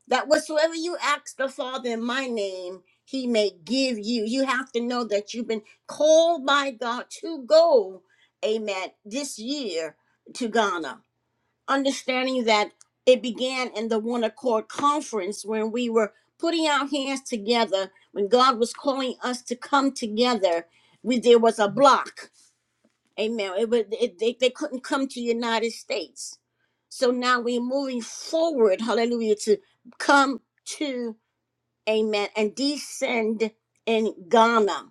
A: That whatsoever you ask the Father in my name, he may give you. You have to know that you've been called by God to go, amen, this year to Ghana understanding that it began in the one accord conference when we were putting our hands together when god was calling us to come together we there was a block amen it was it, they, they couldn't come to the united states so now we're moving forward hallelujah to come to amen and descend in ghana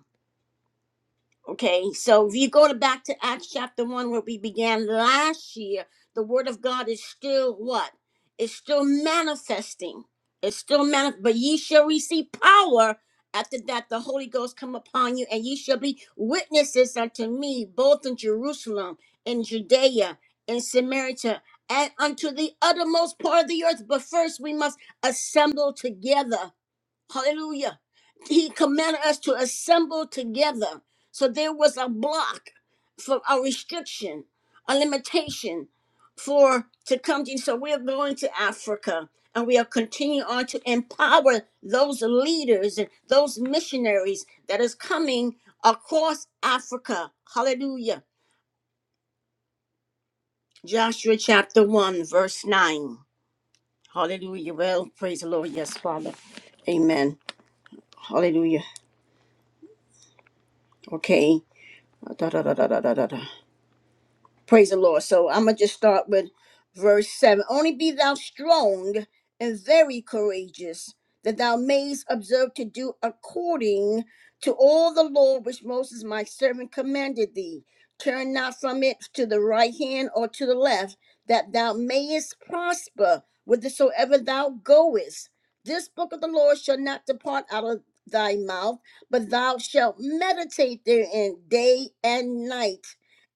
A: Okay, so if you go to back to Acts chapter 1 where we began last year, the word of God is still what? It's still manifesting. It's still manif- but ye shall receive power after that the Holy Ghost come upon you, and ye shall be witnesses unto me, both in Jerusalem, in Judea, in Samaria, and unto the uttermost part of the earth. But first we must assemble together Hallelujah. He commanded us to assemble together. So there was a block for a restriction, a limitation for to come to you. So we are going to Africa and we are continuing on to empower those leaders and those missionaries that is coming across Africa. Hallelujah. Joshua chapter 1, verse 9. Hallelujah. Well, praise the Lord. Yes, Father. Amen. Hallelujah. Okay. Da da da da da da da. Praise the Lord. So I'm going to just start with verse 7. Only be thou strong and very courageous, that thou mayest observe to do according to all the law which Moses my servant commanded thee. Turn not from it to the right hand or to the left, that thou mayest prosper whithersoever thou goest. This book of the Lord shall not depart out of thy mouth, but thou shalt meditate therein day and night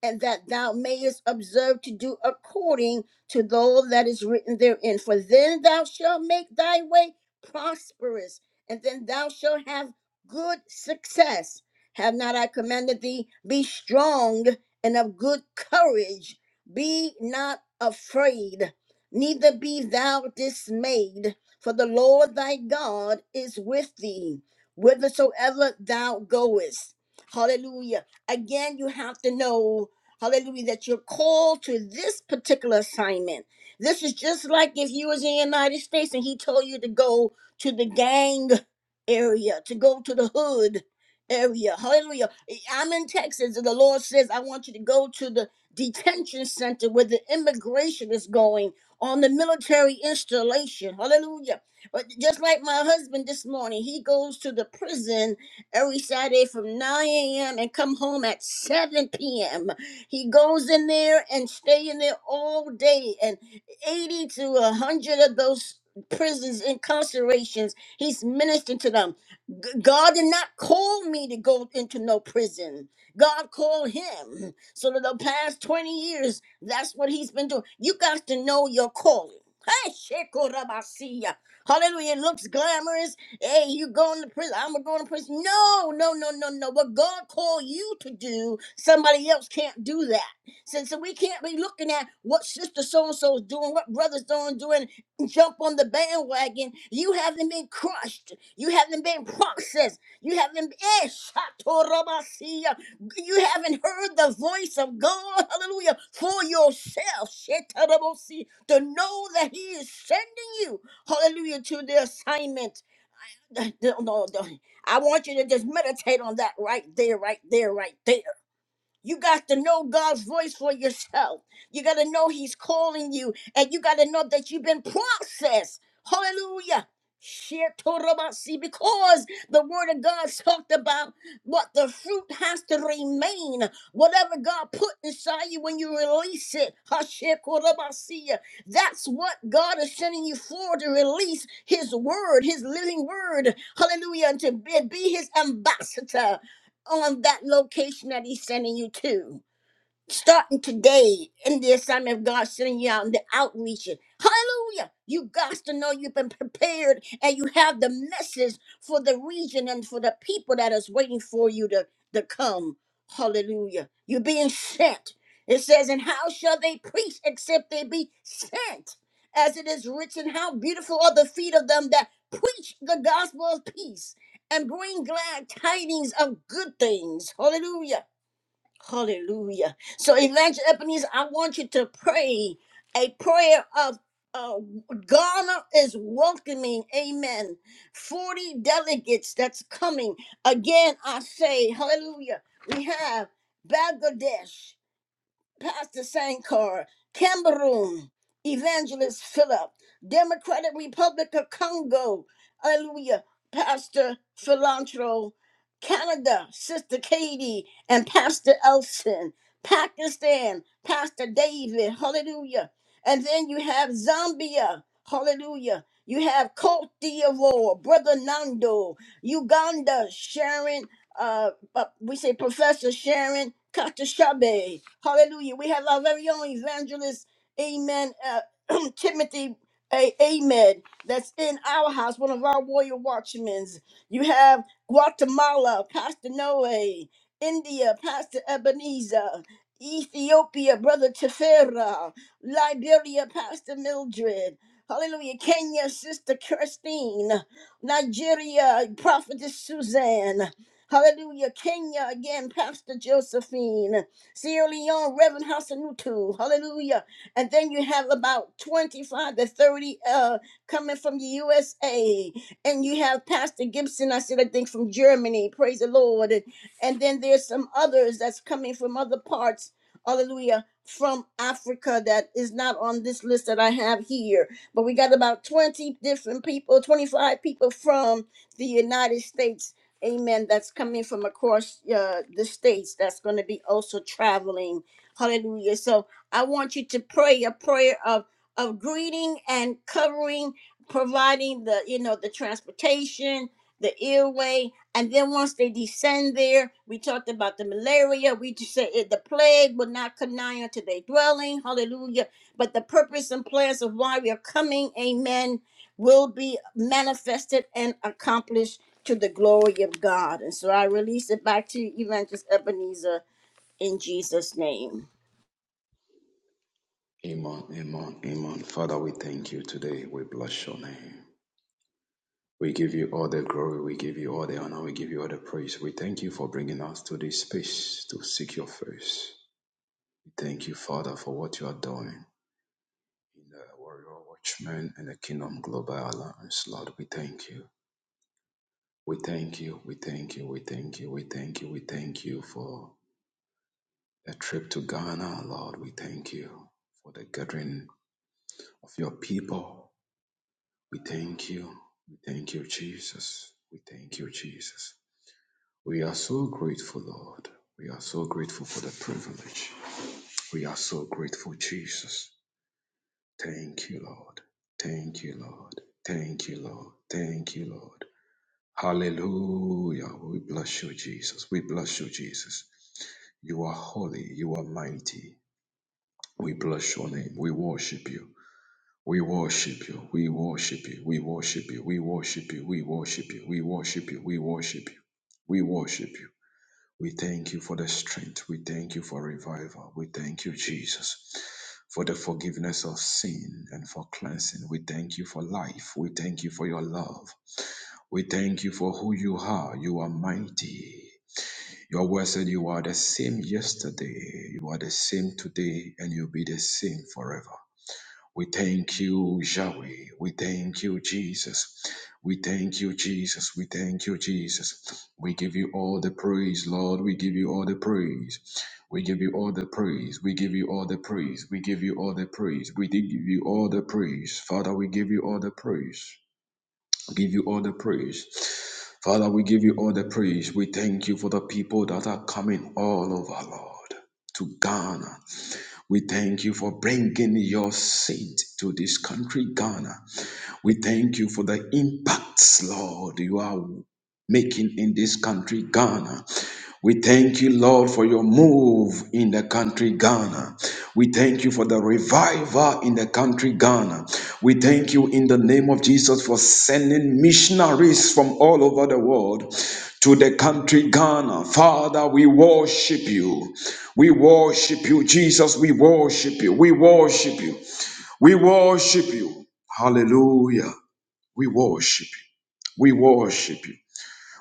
A: and that thou mayest observe to do according to all that is written therein. For then thou shalt make thy way prosperous, and then thou shalt have good success. Have not I commanded thee? Be strong and of good courage. Be not afraid, neither be thou dismayed, for the Lord thy God is with thee, whithersoever thou goest. Hallelujah. Again, you have to know. Hallelujah, that you're called to this particular assignment. This is just like if you was in the United States and he told you to go to the gang area, to go to the hood area. Hallelujah. I'm in Texas and the Lord says, I want you to go to the detention center where the immigration is going on the military installation. Hallelujah. But just like my husband this morning, he goes to the prison every Saturday from 9 a.m. and come home at 7 p.m. He goes in there and stay in there all day, and 80 to 100 of those prisons, incarcerations, he's ministering to them. G- God did not call me to go into no prison. God called him. So for the past 20 years, that's what he's been doing. You got to know your calling. Hey, Shekorabasiya. Hallelujah. It looks glamorous. Hey, you going to prison? I'm going to prison. No, no, no, no, no. What God called you to do, somebody else can't do that. Since so, so we can't be looking at what sister so and so is doing, what brother so and doing, and jump on the bandwagon. You haven't been crushed. You haven't been processed. You haven't eh, shatorabasiya. you haven't heard the voice of God, hallelujah, for yourself. Shetarabosi, To know that He is sending you, hallelujah, to the assignment. no, no, no. I want you to just meditate on that right there, right there, right there. You got to know God's voice for yourself. You got to know He's calling you, and you got to know that you've been processed. Hallelujah. Shetorobasi, Because the word of God talked about what the fruit has to remain. Whatever God put inside you when you release it. Hashekorobasi, That's what God is sending you for to release His word, His living word. Hallelujah. And to be be His ambassador on that location that he's sending you to starting today in the assignment of God sending you out in the outreach. Hallelujah. You got to know you've been prepared and you have the message for the region and for the people that is waiting for you to, to come. Hallelujah. You're being sent. It says, And how shall they preach except they be sent? As it is written, How beautiful are the feet of them that preach the gospel of peace and bring glad tidings of good things. Hallelujah. Hallelujah. So, Evangelist Ebenezer, I want you to pray a prayer of uh, Ghana is welcoming, amen. 40 delegates that's coming. Again, I say, hallelujah. We have Bangladesh. Pastor Sankar, Cameroon, Evangelist Philip, Democratic Republic of Congo, Hallelujah, Pastor Philantro, Canada, Sister Katie, and Pastor Elson, Pakistan, Pastor David, Hallelujah. And then you have Zambia, Hallelujah. You have Cote d'Ivoire, Brother Nando, Uganda, Sharon, uh, uh, we say Professor Sharon Katashabe. Hallelujah. We have our very own evangelist, amen, uh, Timothy A. Ahmed, that's in our house, one of our warrior watchmen. You have Guatemala, Pastor Noe, India, Pastor Ebenezer, Ethiopia, Brother Tefera, Liberia, Pastor Mildred. Hallelujah. Kenya, Sister Christine. Nigeria, Prophetess Suzanne. Hallelujah. Kenya again, Pastor Josephine. Sierra Leone, Reverend Hassanutu. Hallelujah. And then you have about 25 to 30 uh, coming from the USA. And you have Pastor Gibson, I said, I think from Germany. Praise the Lord. And, and then there's some others that's coming from other parts. Hallelujah. From Africa that is not on this list that I have here. But we got about 20 different people, 25 people from the United States amen, that's coming from across uh, the states that's going to be also traveling. Hallelujah. So I want you to pray a prayer of of greeting and covering, providing the, you know, the transportation, the airway, and then once they descend there, we talked about the malaria. We just said it, the plague will not come nigh unto their dwelling. Hallelujah. But the purpose and plans of why we are coming, amen, will be manifested and accomplished to the glory of God. And so I release it back to you, Evangelist Ebenezer, in Jesus' name.
E: Amen, amen, amen. Father, we thank you today. We bless your name. We give you all the glory. We give you all the honor. We give you all the praise. We thank you for bringing us to this space to seek your face. We thank you, Father, for what you are doing in the Warrior Watchmen and the Kingdom Global Alliance. Lord, we thank you. We thank you, we thank you, we thank you, we thank you, we thank you for the trip to Ghana, Lord. We thank you for the gathering of your people. We thank you, we thank you, Jesus. We thank you, Jesus. We are so grateful, Lord. We are so grateful for the privilege. We are so grateful, Jesus. Thank you, Lord. Thank you, Lord. Thank you, Lord. Thank you, Lord. Hallelujah. We bless you, Jesus. We bless you, Jesus. You are holy. You are mighty. We bless your name. We worship you. We worship you. We worship you. We worship you. We worship you. We worship you. We worship you. We worship you. We worship you. We thank you for the strength. We thank you for revival. We thank you, Jesus, for the forgiveness of sin and for cleansing. We thank you for life. We thank you for your love. We thank you for who you are. You are mighty. Your word said you are the same yesterday, you are the same today, and you'll be the same forever. We thank you, Yahweh. We thank you, Jesus. We thank you, Jesus. We thank you, Jesus. We give you all the praise, Lord. We give you all the praise. We give you all the praise. We give you all the praise. We give you all the praise. We did give you all the praise. Father, we give you all the praise give you all the praise. Father, we give you all the praise. We thank you for the people that are coming all over, Lord. To Ghana. We thank you for bringing your saint to this country, Ghana. We thank you for the impacts, Lord, you are making in this country, Ghana. We thank you, Lord, for your move in the country Ghana. We thank you for the revival in the country Ghana. We thank you in the name of Jesus for sending missionaries from all over the world to the country Ghana. Father, we worship you. We worship you, Jesus. We worship you. We worship you. We worship you. Hallelujah. We worship you. We worship you.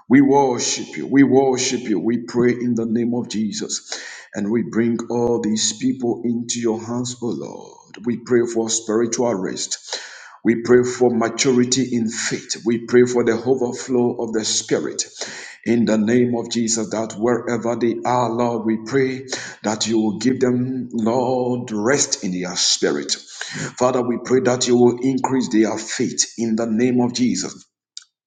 E: We worship you. We worship you. We pray in the name of Jesus. And we bring all these people into your hands, O Lord. We pray for spiritual rest. We pray for maturity in faith. We pray for the overflow of the Spirit. In the name of Jesus, that wherever they are, Lord, we pray that you will give them, Lord, rest in their spirit. Father, we pray that you will increase their faith in the name of Jesus.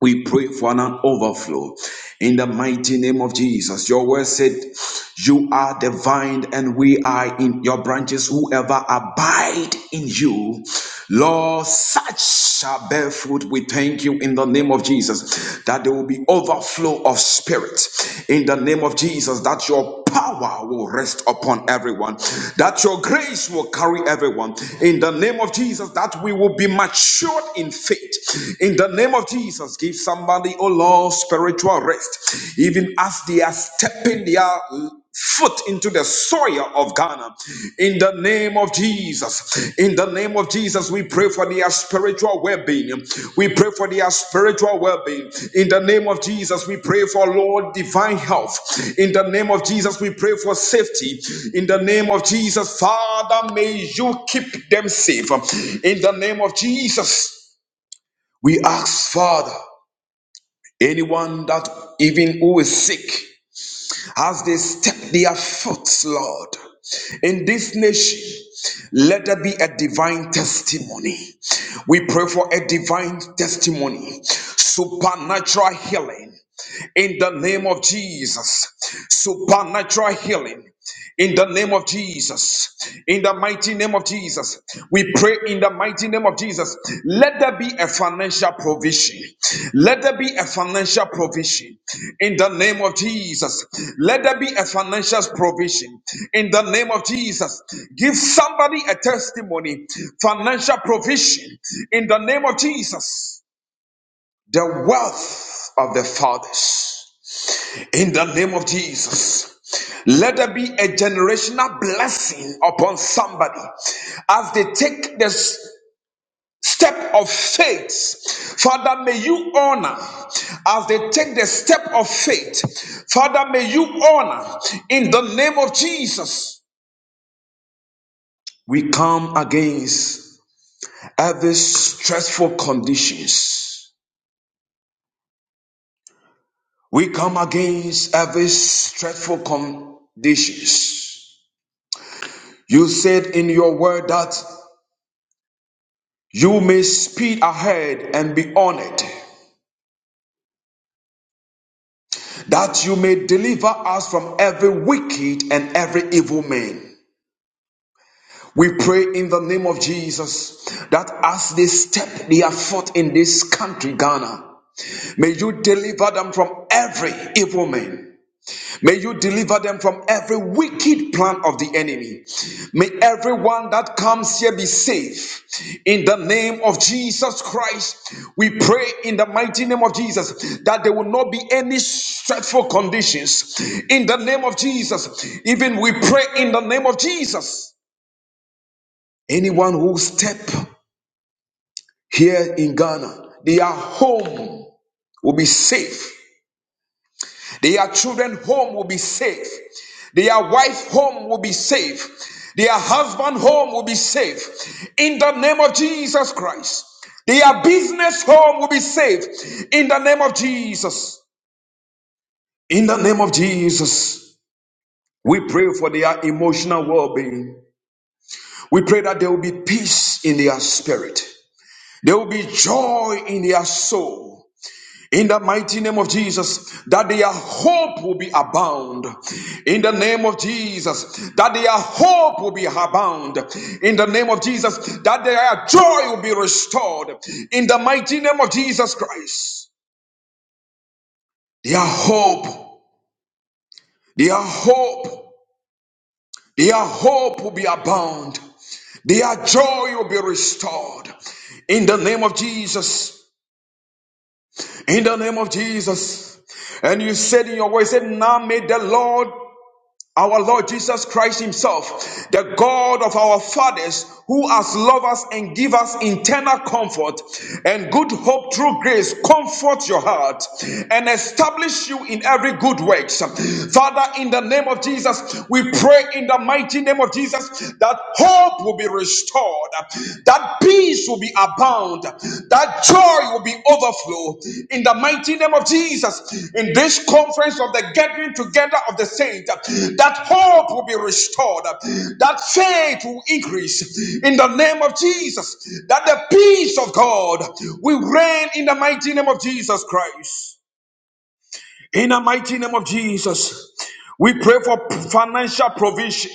E: We pray for an overflow in the mighty name of Jesus. Your word said, You are the vine, and we are in your branches. Whoever abide in you Lord, such shall bear fruit. We thank you in the name of Jesus that there will be overflow of spirit in the name of Jesus, that your power will rest upon everyone, that your grace will carry everyone in the name of Jesus, that we will be matured in faith in the name of Jesus. Give somebody, oh Lord, spiritual rest, even as they are stepping their foot into the soil of Ghana. In the name of Jesus. In the name of Jesus, we pray for their spiritual well being. We pray for their spiritual well being. In the name of Jesus, we pray for Lord divine health. In the name of Jesus, we pray for safety. In the name of Jesus, Father, may you keep them safe. In the name of Jesus, we ask, Father, anyone that even who is sick, as they step their foot, Lord, in this nation. Let there be a divine testimony. We pray for a divine testimony, supernatural healing, in the name of Jesus. Supernatural healing in the name of Jesus. In the mighty name of Jesus. We pray in the mighty name of Jesus. Let there be a financial provision. Let there be a financial provision in the name of Jesus. Let there be a financial provision in the name of Jesus. Give somebody a testimony, financial provision in the name of Jesus the wealth of the fathers. In the name of Jesus. Let there be a generational blessing upon somebody as they take this step of faith. Father, may you honor as they take the step of faith. Father, may you honor in the name of Jesus. We come against every stressful conditions We come against every stressful conditions. You said in your word that you may speed ahead and be honored, that you may deliver us from every wicked and every evil man. We pray in the name of Jesus that as they step their foot in this country, Ghana, may you deliver them from every evil man. May you deliver them from every wicked plan of the enemy. May everyone that comes here be safe. In the name of Jesus Christ, we pray in the mighty name of Jesus that there will not be any stressful conditions. In the name of Jesus, even we pray in the name of Jesus. Anyone who step here in Ghana, their home will be safe Their children home will be safe. Their wife home will be safe. Their husband home will be safe. In the name of Jesus Christ. Their business home will be safe. In the name of Jesus. In the name of Jesus. We pray for their emotional well being. We pray that there will be peace in their spirit. There will be joy in their soul. In the mighty name of Jesus, that their hope will be abound. In the name of Jesus, that their hope will be abound. In the name of Jesus, that their joy will be restored. In the mighty name of Jesus Christ, their hope, their hope, their hope will be abound. Their joy will be restored. In the name of Jesus, in the name of Jesus. And you said in your word, you said, Now may the Lord our Lord Jesus Christ Himself, the God of our fathers, who has loved us and give us internal comfort and good hope through grace, comfort your heart and establish you in every good works. Father, in the name of Jesus, we pray in the mighty name of Jesus that hope will be restored, That. That peace will be abound. That joy will be overflow in the mighty name of Jesus. In this conference of the gathering together of the saints, that hope will be restored. That faith will increase in the name of Jesus. That the peace of God will reign in the mighty name of Jesus Christ. In the mighty name of Jesus, we pray for financial provision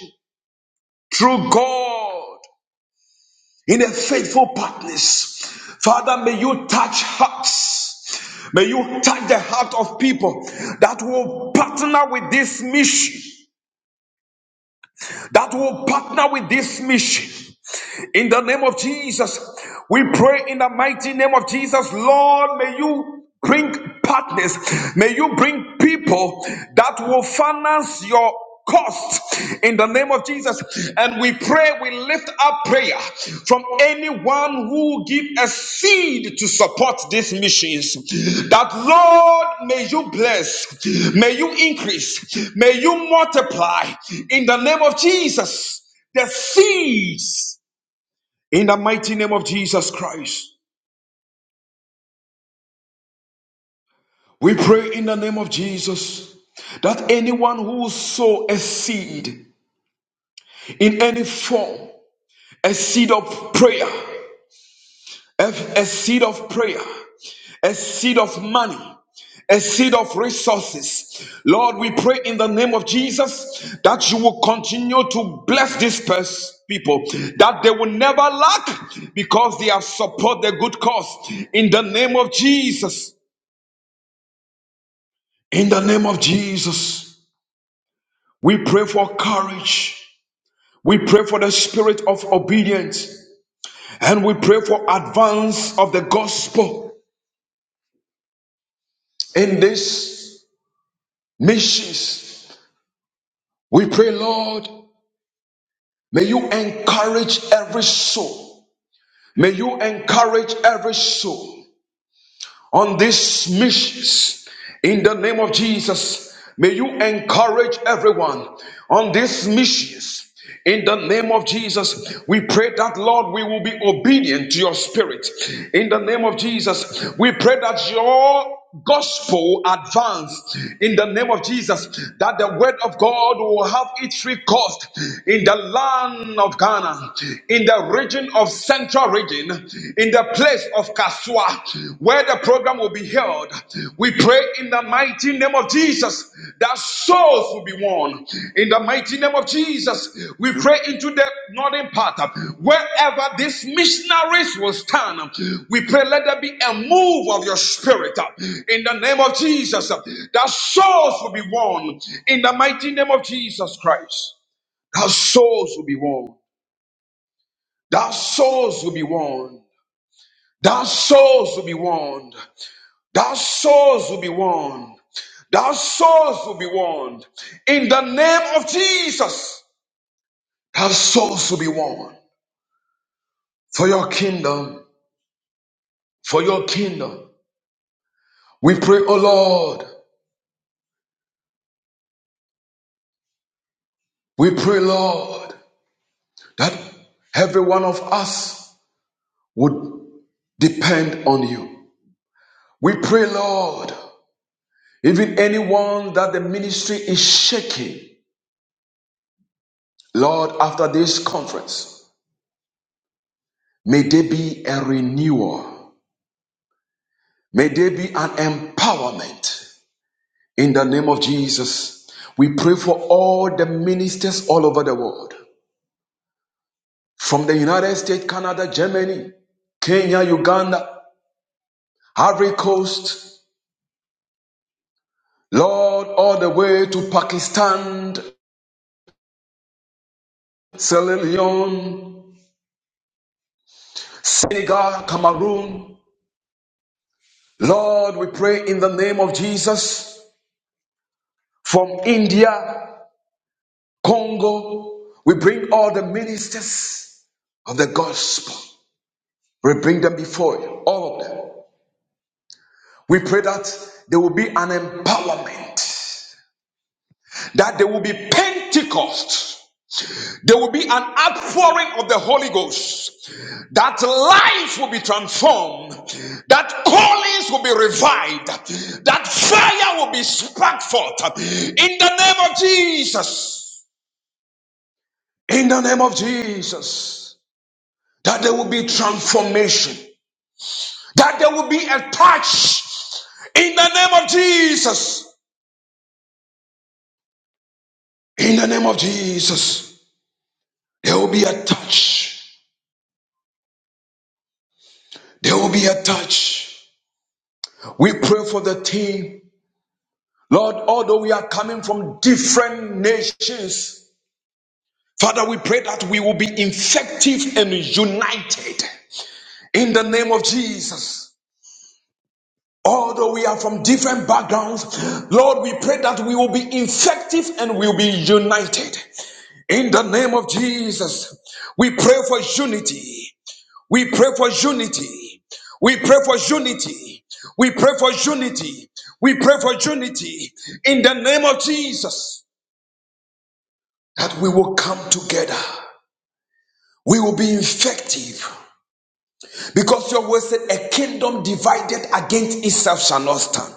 E: through God. in a faithful partners. Father, may you touch hearts. May you touch the heart of people that will partner with this mission, that will partner with this mission. In the name of Jesus, we pray in the mighty name of Jesus, Lord, may you bring partners, may you bring people that will finance your cost in the name of Jesus. And we pray, we lift up prayer from anyone who give a seed to support these missions. That Lord, may you bless, may you increase, may you multiply in the name of Jesus. The seeds in the mighty name of Jesus Christ. We pray in the name of Jesus that anyone who sow a seed in any form, a seed of prayer, a, a seed of prayer, a seed of money, a seed of resources. Lord, we pray in the name of Jesus that you will continue to bless these pers- people, that they will never lack because they have support the good cause. In the name of Jesus, in the name of Jesus, we pray for courage. We pray for the spirit of obedience and we pray for advance of the gospel in these missions We pray, Lord, may you encourage every soul. May you encourage every soul on this mission. In the name of Jesus, may you encourage everyone on this mission. In the name of Jesus, we pray that, Lord, we will be obedient to your spirit. In the name of Jesus, we pray that your gospel advanced in the name of Jesus, that the word of God will have its free cost in the land of Ghana, in the region of central region, in the place of Kasua, where the program will be held. We pray in the mighty name of Jesus that souls will be won. In the mighty name of Jesus, we pray into the northern part. Wherever these missionaries will stand, we pray let there be a move of your spirit. In the name of Jesus, that souls will be won. In the mighty name of Jesus Christ, that souls will be won. That souls will be won. That souls will be won. That souls will be won. Our souls will be warned. In the name of Jesus, Our souls will be warned. For your kingdom, for your kingdom. We pray, O Lord, we pray, Lord, that every one of us would depend on you. We pray, Lord, even anyone that the ministry is shaking, Lord, after this conference, may there be a renewal. May there be an empowerment. In the name of Jesus, we pray for all the ministers all over the world from the United States, Canada, Germany, Kenya, Uganda, Ivory Coast, Lord, all the way to Pakistan, Sierra Leone, Senegal, Cameroon. Lord, we pray in the name of Jesus from India, Congo. We bring all the ministers of the gospel. We bring them before you, all of them. We pray that there will be an empowerment, that there will be Pentecost, there will be an outpouring of the Holy Ghost, that lives will be transformed, that callings will be revived, that fire will be sparked forth in the name of Jesus. In the name of Jesus, that there will be transformation, that there will be a touch in the name of Jesus. In the name of Jesus. There will be a touch. There will be a touch. We pray for the team. Lord, although we are coming from different nations, Father, we pray that we will be effective and united in the name of Jesus. Although we are from different backgrounds, Lord, we pray that we will be effective and we will be united in the name of Jesus. We pray for unity. We pray for unity. We pray for unity. We pray for unity. We pray for unity in the name of Jesus that we will come together. We will be effective because your word said, A kingdom divided against itself shall not stand.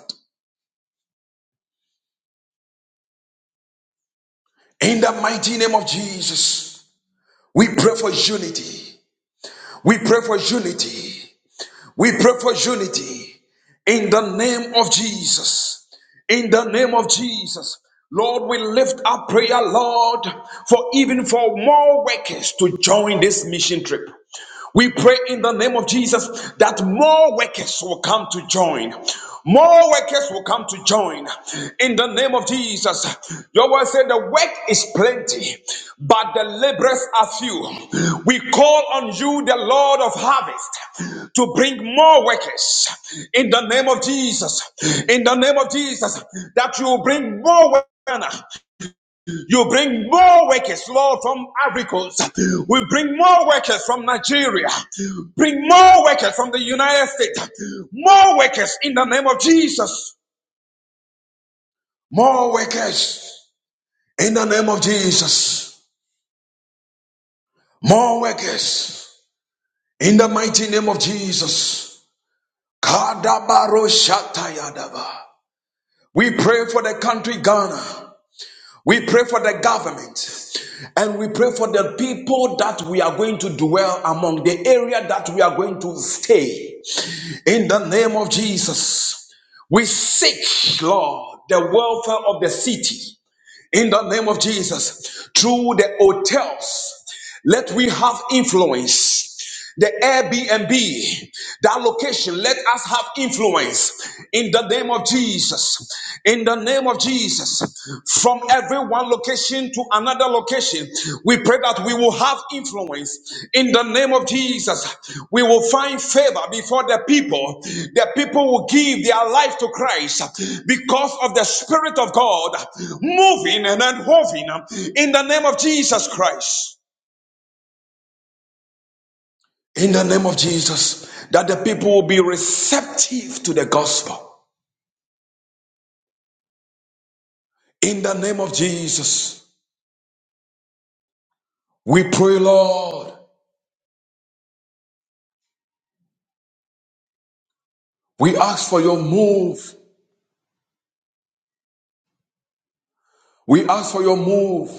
E: In the mighty name of Jesus, we pray for unity. We pray for unity. We pray for unity in the name of Jesus. In the name of Jesus. Lord, we lift up prayer, Lord, for even for more workers to join this mission trip. We pray in the name of Jesus that more workers will come to join. More workers will come to join in the name of Jesus. Your word said the work is plenty, but the laborers are few. We call on you, the Lord of harvest, to bring more workers in the name of Jesus. In the name of Jesus, that you will bring more workers. You bring more workers, Lord, from Africans. We bring more workers from Nigeria. Bring more workers from the United States. More workers in the name of Jesus. More workers in the name of Jesus. More workers in the mighty name of Jesus. Kadabaro shatayadaba. We pray for the country Ghana. We pray for the government and we pray for the people that we are going to dwell among, the area that we are going to stay. In the name of Jesus, we seek, Lord, the welfare of the city. In the name of Jesus, through the hotels let we have influence. The Airbnb, that location, let us have influence in the name of Jesus. In the name of Jesus, from every one location to another location, we pray that we will have influence in the name of Jesus. We will find favor before the people. The people will give their life to Christ because of the Spirit of God moving and unhoving in the name of Jesus Christ in the name of Jesus, that the people will be receptive to the gospel. In the name of Jesus, we pray, Lord. We ask for your move. We ask for your move.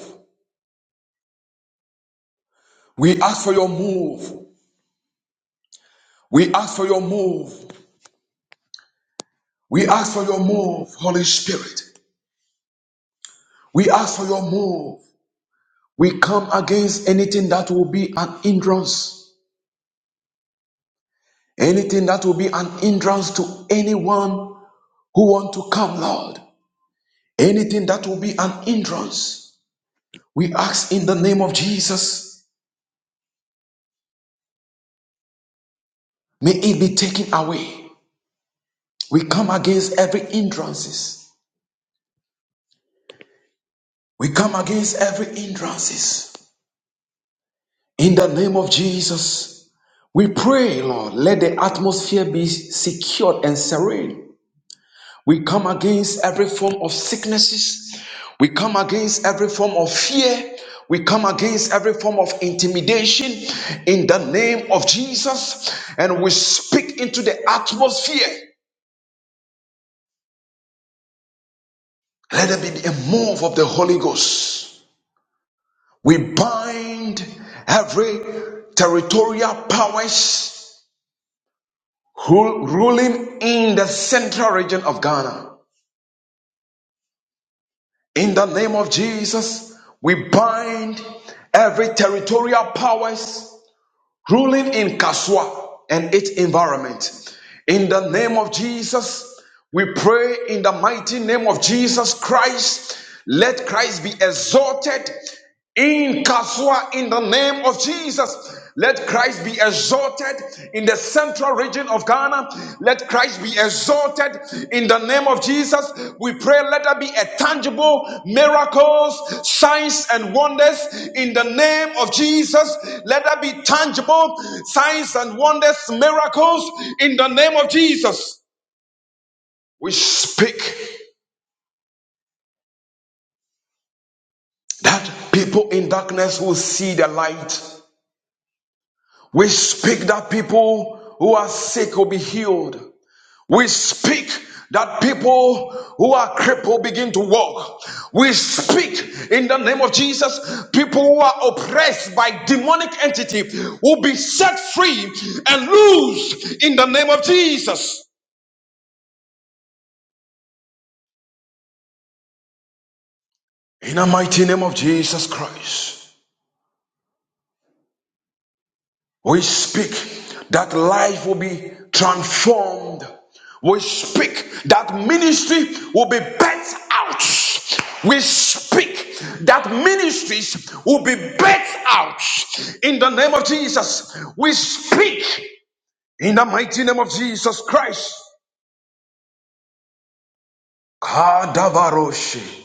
E: We ask for your move. We ask for your move. We ask for your move, Holy Spirit. We ask for your move. We come against anything that will be an hindrance, anything that will be an hindrance to anyone who want to come, Lord anything that will be an hindrance We ask in the name of Jesus, may it be taken away. We come against every hindrances. We come against every hindrances. In the name of Jesus, we pray, Lord, let the atmosphere be secured and serene. We come against every form of sicknesses. We come against every form of fear. We come against every form of intimidation in the name of Jesus. And we speak into the atmosphere. Let there be a move of the Holy Ghost. We bind every territorial powers who ruling in the central region of Ghana. In the name of Jesus, we bind every territorial powers ruling in Kaswa and its environment. In the name of Jesus, we pray in the mighty name of Jesus Christ. Let Christ be exalted in Kaswa in the name of Jesus. Let Christ be exalted in the sanctuary region of Ghana. Let Christ be exalted in the name of Jesus. We pray let there be a tangible miracles, signs and wonders in the name of Jesus. Let there be tangible signs and wonders, miracles in the name of Jesus. We speak that people in darkness will see the light. We speak that people who are sick will be healed. We speak that people who are crippled begin to walk. We speak in the name of Jesus, people who are oppressed by demonic entity will be set free and loose in the name of Jesus. In the mighty name of Jesus Christ. We speak that life will be transformed. We speak that ministry will be burnt out. We speak that ministries will be burnt out in the name of Jesus. We speak in the mighty name of Jesus Christ. Kadavaroshi.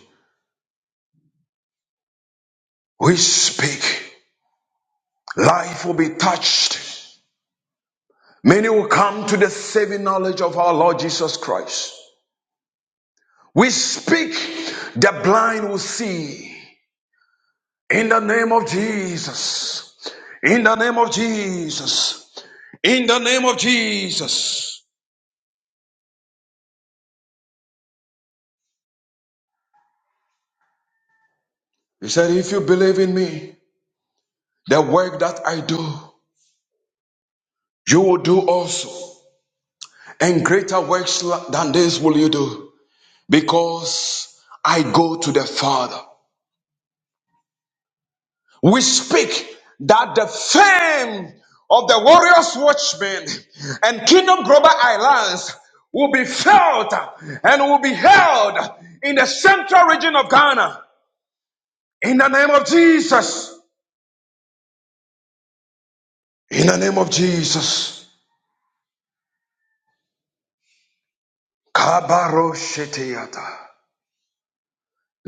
E: We speak. Life will be touched. Many will come to the saving knowledge of our Lord Jesus Christ. We speak, the blind will see. In the name of Jesus. In the name of Jesus. In the name of Jesus. He said, If you believe in me, the work that I do, you will do also. And greater works than this will you do, because I go to the Father. we speak that the fame of the warriors watchmen and kingdom global islands will be felt and will be held in the central region of ghana in the name of jesus in the name of jesus kabaro sheteyata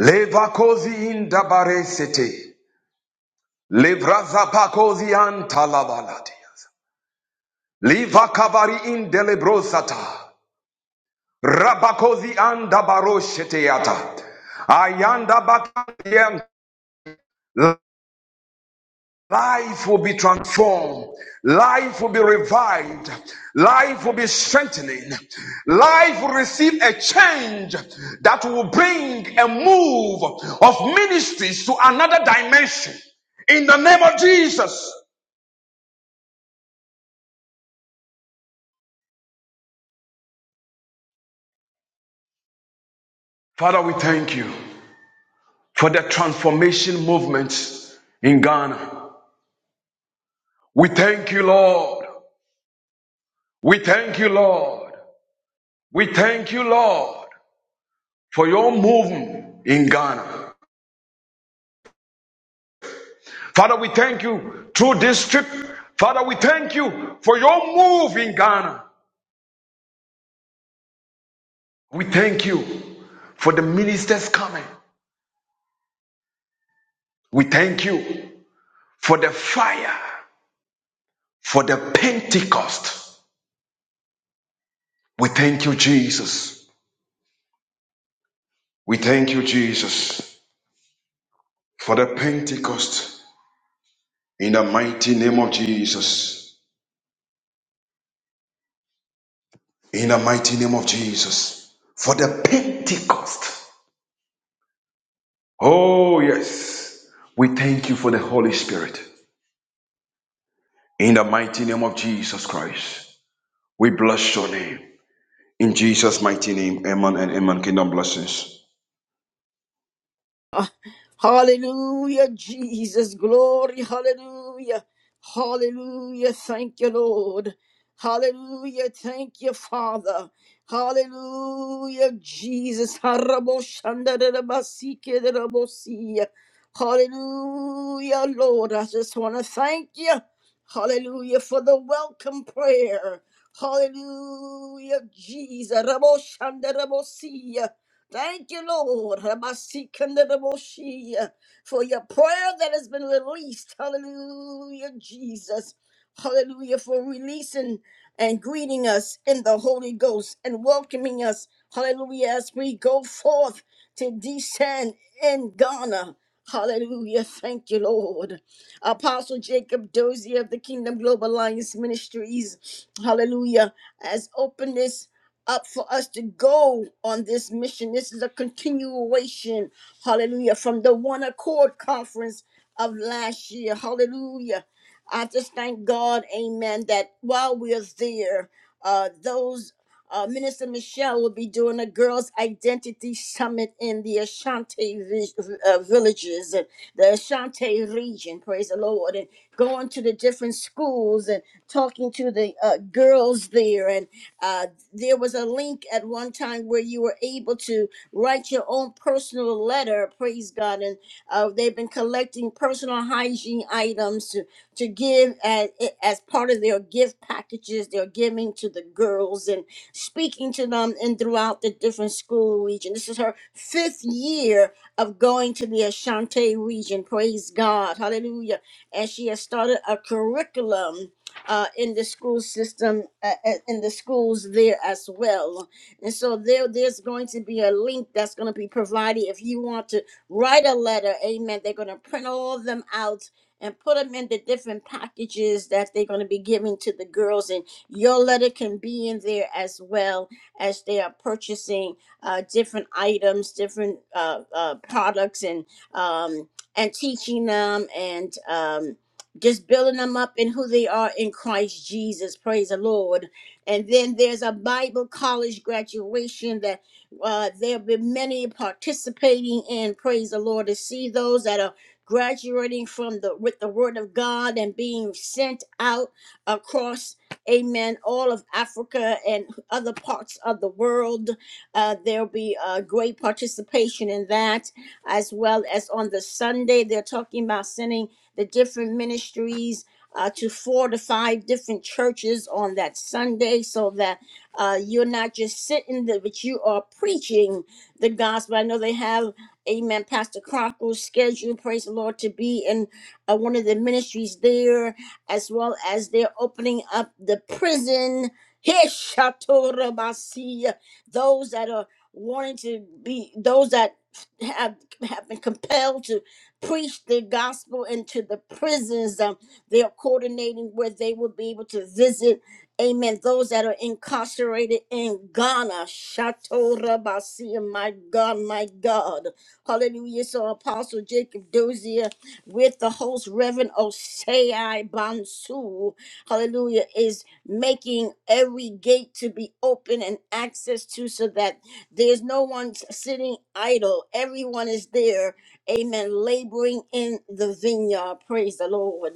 E: levakozi indabare sete levrazapakozi antalabalatias livakavari indelebrosata Rabakozi anda barosheteata. Ayanda bakandiem. Life will be transformed. Life will be revived. Life will be strengthening. Life will receive a change that will bring a move of ministries to another dimension. In the name of Jesus. Father, we thank you for the transformation movement in Ghana. We thank you, Lord. We thank you, Lord. We thank you, Lord, for your movement in Ghana. Father, we thank you through this trip. Father, we thank you for your move in Ghana. We thank you for the ministers coming. We thank you for the fire, for the Pentecost. We thank you, Jesus. We thank you, Jesus, for the Pentecost in the mighty name of Jesus. In the mighty name of Jesus, for the Pentecost Oh, yes. We thank you for the Holy Spirit. In the mighty name of Jesus Christ, we bless your name. In Jesus' mighty name, amen and amen. Kingdom blessings.
A: Hallelujah, Jesus. Glory, hallelujah. Hallelujah. Thank you, Lord. Hallelujah. Thank you, Father. Hallelujah, Jesus. Haraboshandarabasikerabosiya. Hallelujah, Lord. I just want to thank you. Hallelujah for the welcome prayer. Hallelujah, Jesus. Raboshandarabosia. Thank you, Lord, Rabasikandaboshia, for your prayer that has been released. Hallelujah, Jesus. Hallelujah, for releasing and greeting us in the Holy Ghost and welcoming us. Hallelujah, as we go forth to descend in Ghana. Hallelujah. Thank you, Lord. Apostle Jacob Dozier of the Kingdom Global Alliance Ministries. Hallelujah. Has opened this up for us to go on this mission. This is a continuation, hallelujah, from the One Accord Conference of last year. Hallelujah. I just thank God, amen, that while we're there, uh, those uh, Minister Michelle will be doing a girls' identity summit in the Ashanti vi- uh, villages, and the Ashanti region, praise the Lord, and going to the different schools and talking to the uh, girls there. And uh, there was a link at one time where you were able to write your own personal letter, praise God. And uh, they've been collecting personal hygiene items to, to give as, as part of their gift packages they're giving to the girls and speaking to them and throughout the different school region. This is her fifth year of going to the Ashanti region, praise God. Hallelujah. And she has started a curriculum uh, in the school system, uh, uh, in the schools there as well. And so there, there's going to be a link that's going to be provided if you want to write a letter. Amen. They're going to print all of them out and put them in the different packages that they're going to be giving to the girls. And your letter can be in there as well as they are purchasing uh, different items, different uh, uh, products, and um, and teaching them and. Um, just building them up in who they are in Christ Jesus. Praise the Lord. And then there's a Bible college graduation that uh, there will be many participating in. Praise the Lord to see those that are graduating from the with the Word of God and being sent out across. Amen. All of Africa and other parts of the world, uh, there'll be uh, great participation in that, as well as on the Sunday they're talking about sending the different ministries uh, to four to five different churches on that Sunday so that uh, you're not just sitting there, but you are preaching the gospel. I know they have, amen, Pastor Crocker's schedule, praise the Lord, to be in uh, one of the ministries there, as well as they're opening up the prison. Heshatorabasi, Those that are wanting to be, those that have, have been compelled to preach the gospel into the prisons. Um, they're coordinating where they will be able to visit, amen, those that are incarcerated in Ghana. Chateau Rabasi, my God, my God. Hallelujah. So Apostle Jacob Dozier with the host Reverend Osei Bansu, hallelujah, is making every gate to be open and access to so that there's no one sitting idle. Everyone is there Amen. Laboring in the vineyard. Praise the Lord.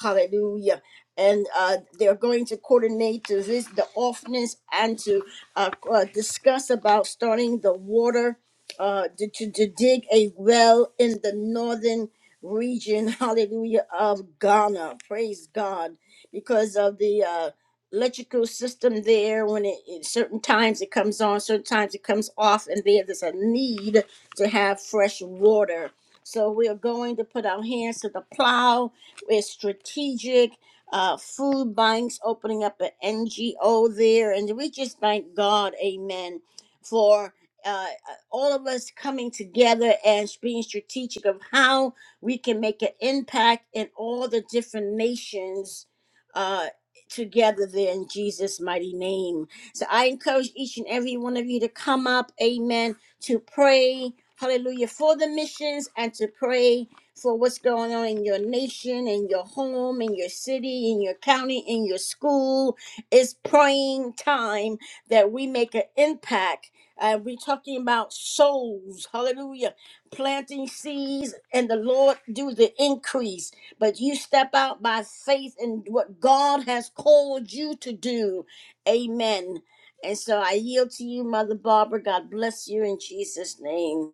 A: Hallelujah. And uh, they're going to coordinate to visit the orphans and to uh, uh, discuss about starting the water uh, to, to, to dig a well in the northern region, hallelujah, of Ghana. Praise God. Because of the uh, electrical system there, when it, it- certain times it comes on, certain times it comes off, and there, there's a need to have fresh water so we're going to put our hands to the plow. We're strategic. Uh, food banks opening up an NGO there, and we just thank God, Amen, for uh, uh, all of us coming together and being strategic of how we can make an impact in all the different nations uh, together there in Jesus' mighty name. So I encourage each and every one of you to come up, amen to pray, hallelujah, for the missions and to pray for what's going on in your nation, in your home, in your city, in your county, in your school. It's praying time that we make an impact. And we're talking about souls, hallelujah, planting seeds, and the Lord do the increase. But you step out by faith in what God has called you to do. Amen. And so I yield to you, Mother Barbara. God bless you in Jesus' name.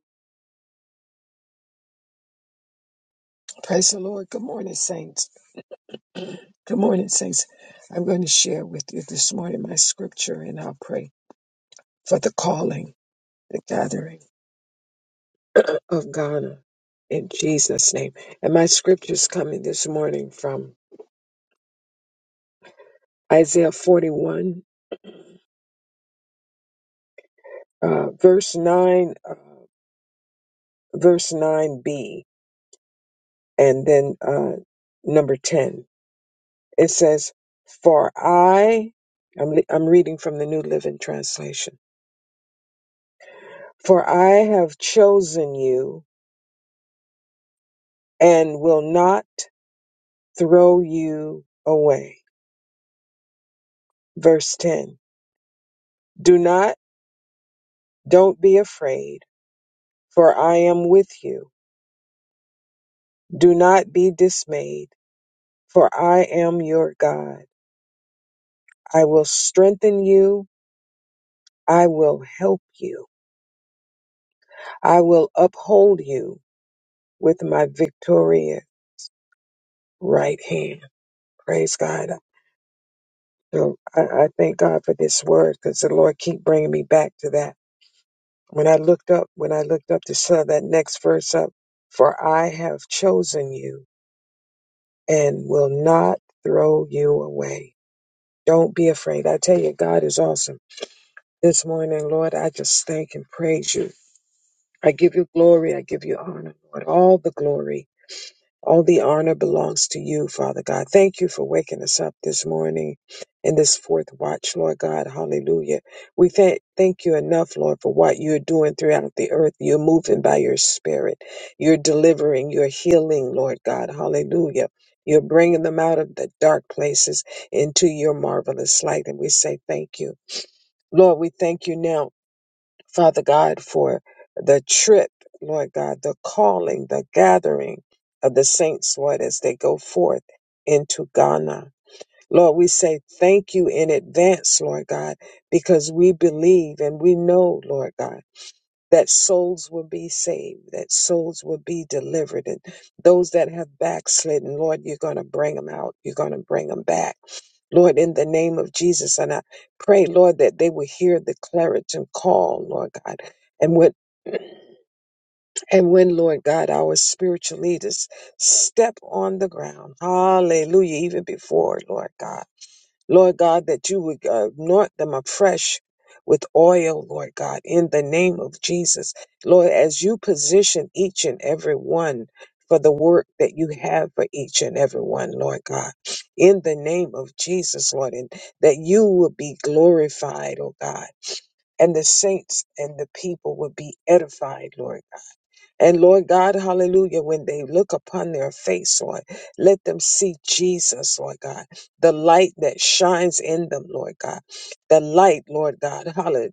C: Praise the Lord. Good morning, saints. Good morning, saints. I'm going to share with you this morning my scripture and I'll pray for the calling, the gathering. of Ghana in Jesus' name. And my scriptures coming this morning from Isaiah 41, uh, verse 9, uh, verse 9b, and then uh, number 10. It says, For I, I'm, le- I'm reading from the New Living Translation, for I have chosen you and will not throw you away. Verse 10. Do not, don't be afraid, for I am with you. Do not be dismayed, for I am your God. I will strengthen you. I will help you. I will uphold you with my victorious right hand. Praise God. So I, I thank God for this word because the Lord keep bringing me back to that. When I looked up, when I looked up to saw that next verse up, for I have chosen you and will not throw you away. Don't be afraid. I tell you, God is awesome. this morning, Lord. I just thank and praise you. I give you glory. I give you honor, Lord. All the glory, all the honor belongs to you, Father God. Thank you for waking us up this morning in this fourth watch, Lord God. Hallelujah. We thank, thank you enough, Lord, for what you're doing throughout the earth. You're moving by your spirit. You're delivering. You're healing, Lord God. Hallelujah. You're bringing them out of the dark places into your marvelous light. And we say thank you. Lord, we thank you now Father God, for the trip, Lord God, the calling, the gathering of the saints, Lord, as they go forth into Ghana. Lord, we say thank you in advance, Lord God, because we believe and we know, Lord God, that souls will be saved, that souls will be delivered, and those that have backslidden, Lord, you're going to bring them out. You're going to bring them back. Lord, in the name of Jesus. And I pray, Lord, that they will hear the clarion call, Lord God. And when, and when, Lord God, our spiritual leaders step on the ground, hallelujah, even before, Lord God. Lord God, that you would uh, anoint them afresh with oil, Lord God, in the name of Jesus. Lord, as you position each and every one for the work that you have for each and every one, Lord God, in the name of Jesus, Lord, and that you will be glorified, oh God, and the saints and the people will be edified, Lord and Lord God, hallelujah, when they look upon their face, Lord, let them see Jesus, Lord God, the light that shines in them, Lord God. The light, Lord God, hallelujah,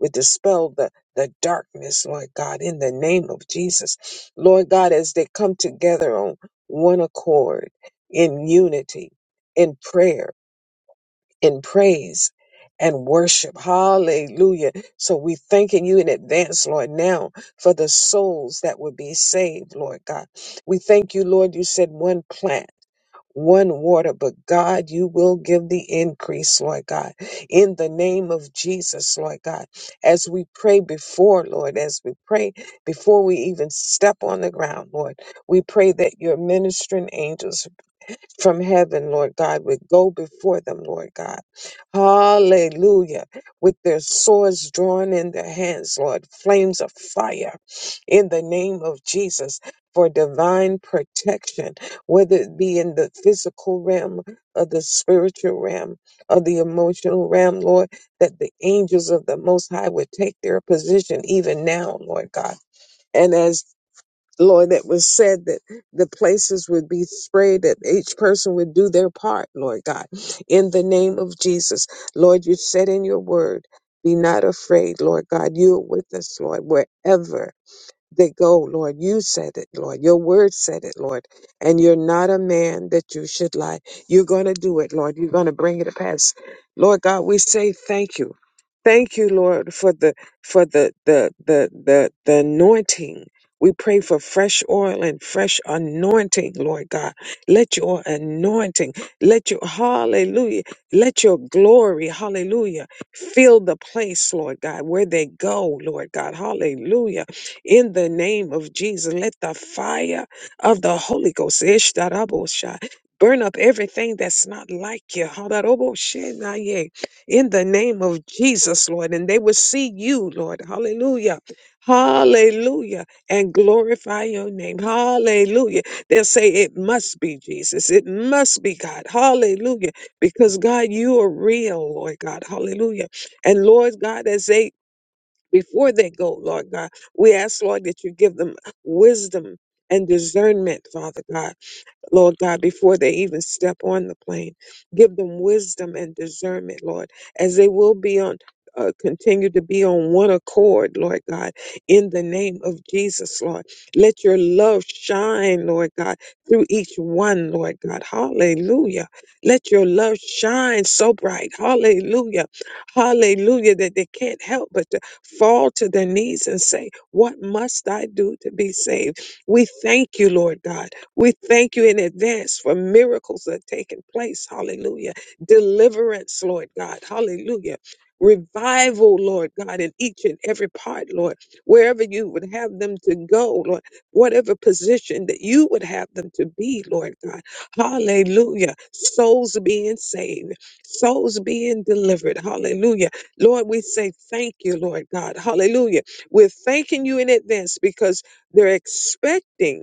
C: would dispel the, the darkness, Lord God, in the name of Jesus. Lord God, as they come together on one accord in unity, in prayer in praise and worship. Hallelujah. So we thanking you in advance, Lord, now for the souls that would be saved, Lord God. We thank you, Lord. You said one plant. One water, but God, you will give the increase, Lord God, in the name of Jesus, Lord God. As we pray before, Lord, as we pray before we even step on the ground, Lord, we pray that your ministering angels from heaven, Lord God, would go before them, Lord God. Hallelujah. With their swords drawn in their hands, Lord, flames of fire in the name of Jesus for divine protection, whether it be in the physical realm or the spiritual realm or the emotional realm, Lord, that the angels of the Most High would take their position even now, Lord God. And as Lord, that was said that the places would be sprayed, that each person would do their part, Lord God, in the name of Jesus. Lord, you said in your word, be not afraid, Lord God. You are with us, Lord, wherever that go, Lord. You said it, Lord. Your word said it, Lord. And you're not a man that you should lie. You're going to do it, Lord. You're going to bring it to pass. Lord God, we say thank you. Thank you, Lord, for the for the the the the, the anointing. We pray for fresh oil and fresh anointing, Lord God. Let your anointing, let your hallelujah, let your glory, hallelujah, fill the place, Lord God, where they go, Lord God, hallelujah in the name of Jesus. Let the fire of the Holy Ghost Ishtarabosha, burn up everything that's not like you. Hadaroboshenaye, In the name of Jesus, Lord. And they will see you, Lord. Hallelujah. Hallelujah. And glorify your name. Hallelujah. They'll say, It must be Jesus. It must be God. Hallelujah. Because God, you are real, Lord God. Hallelujah. And Lord God, as they before they go, Lord God. We ask, Lord, that you give them wisdom and discernment, Father God Lord God, before they even step on the plane. Give them wisdom and discernment, Lord, as they will be on. Uh, continue to be on one accord, Lord God, in the name of Jesus, Lord. Let your love shine, Lord God, through each one, Lord God. Hallelujah. Let your love shine so bright. Hallelujah. Hallelujah. That they can't help but to fall to their knees and say, What must I do to be saved? We thank you, Lord God we thank you in advance for miracles that are taking place. Hallelujah. Deliverance, Lord God. Hallelujah. Revival, Lord God, in each and every part, Lord, wherever you would have them to go, Lord, whatever position that you would have them to be, Lord God. Hallelujah. Souls being saved, souls being delivered. Hallelujah. Lord, we say thank you, Lord God. Hallelujah. We're thanking you in advance because they're expecting.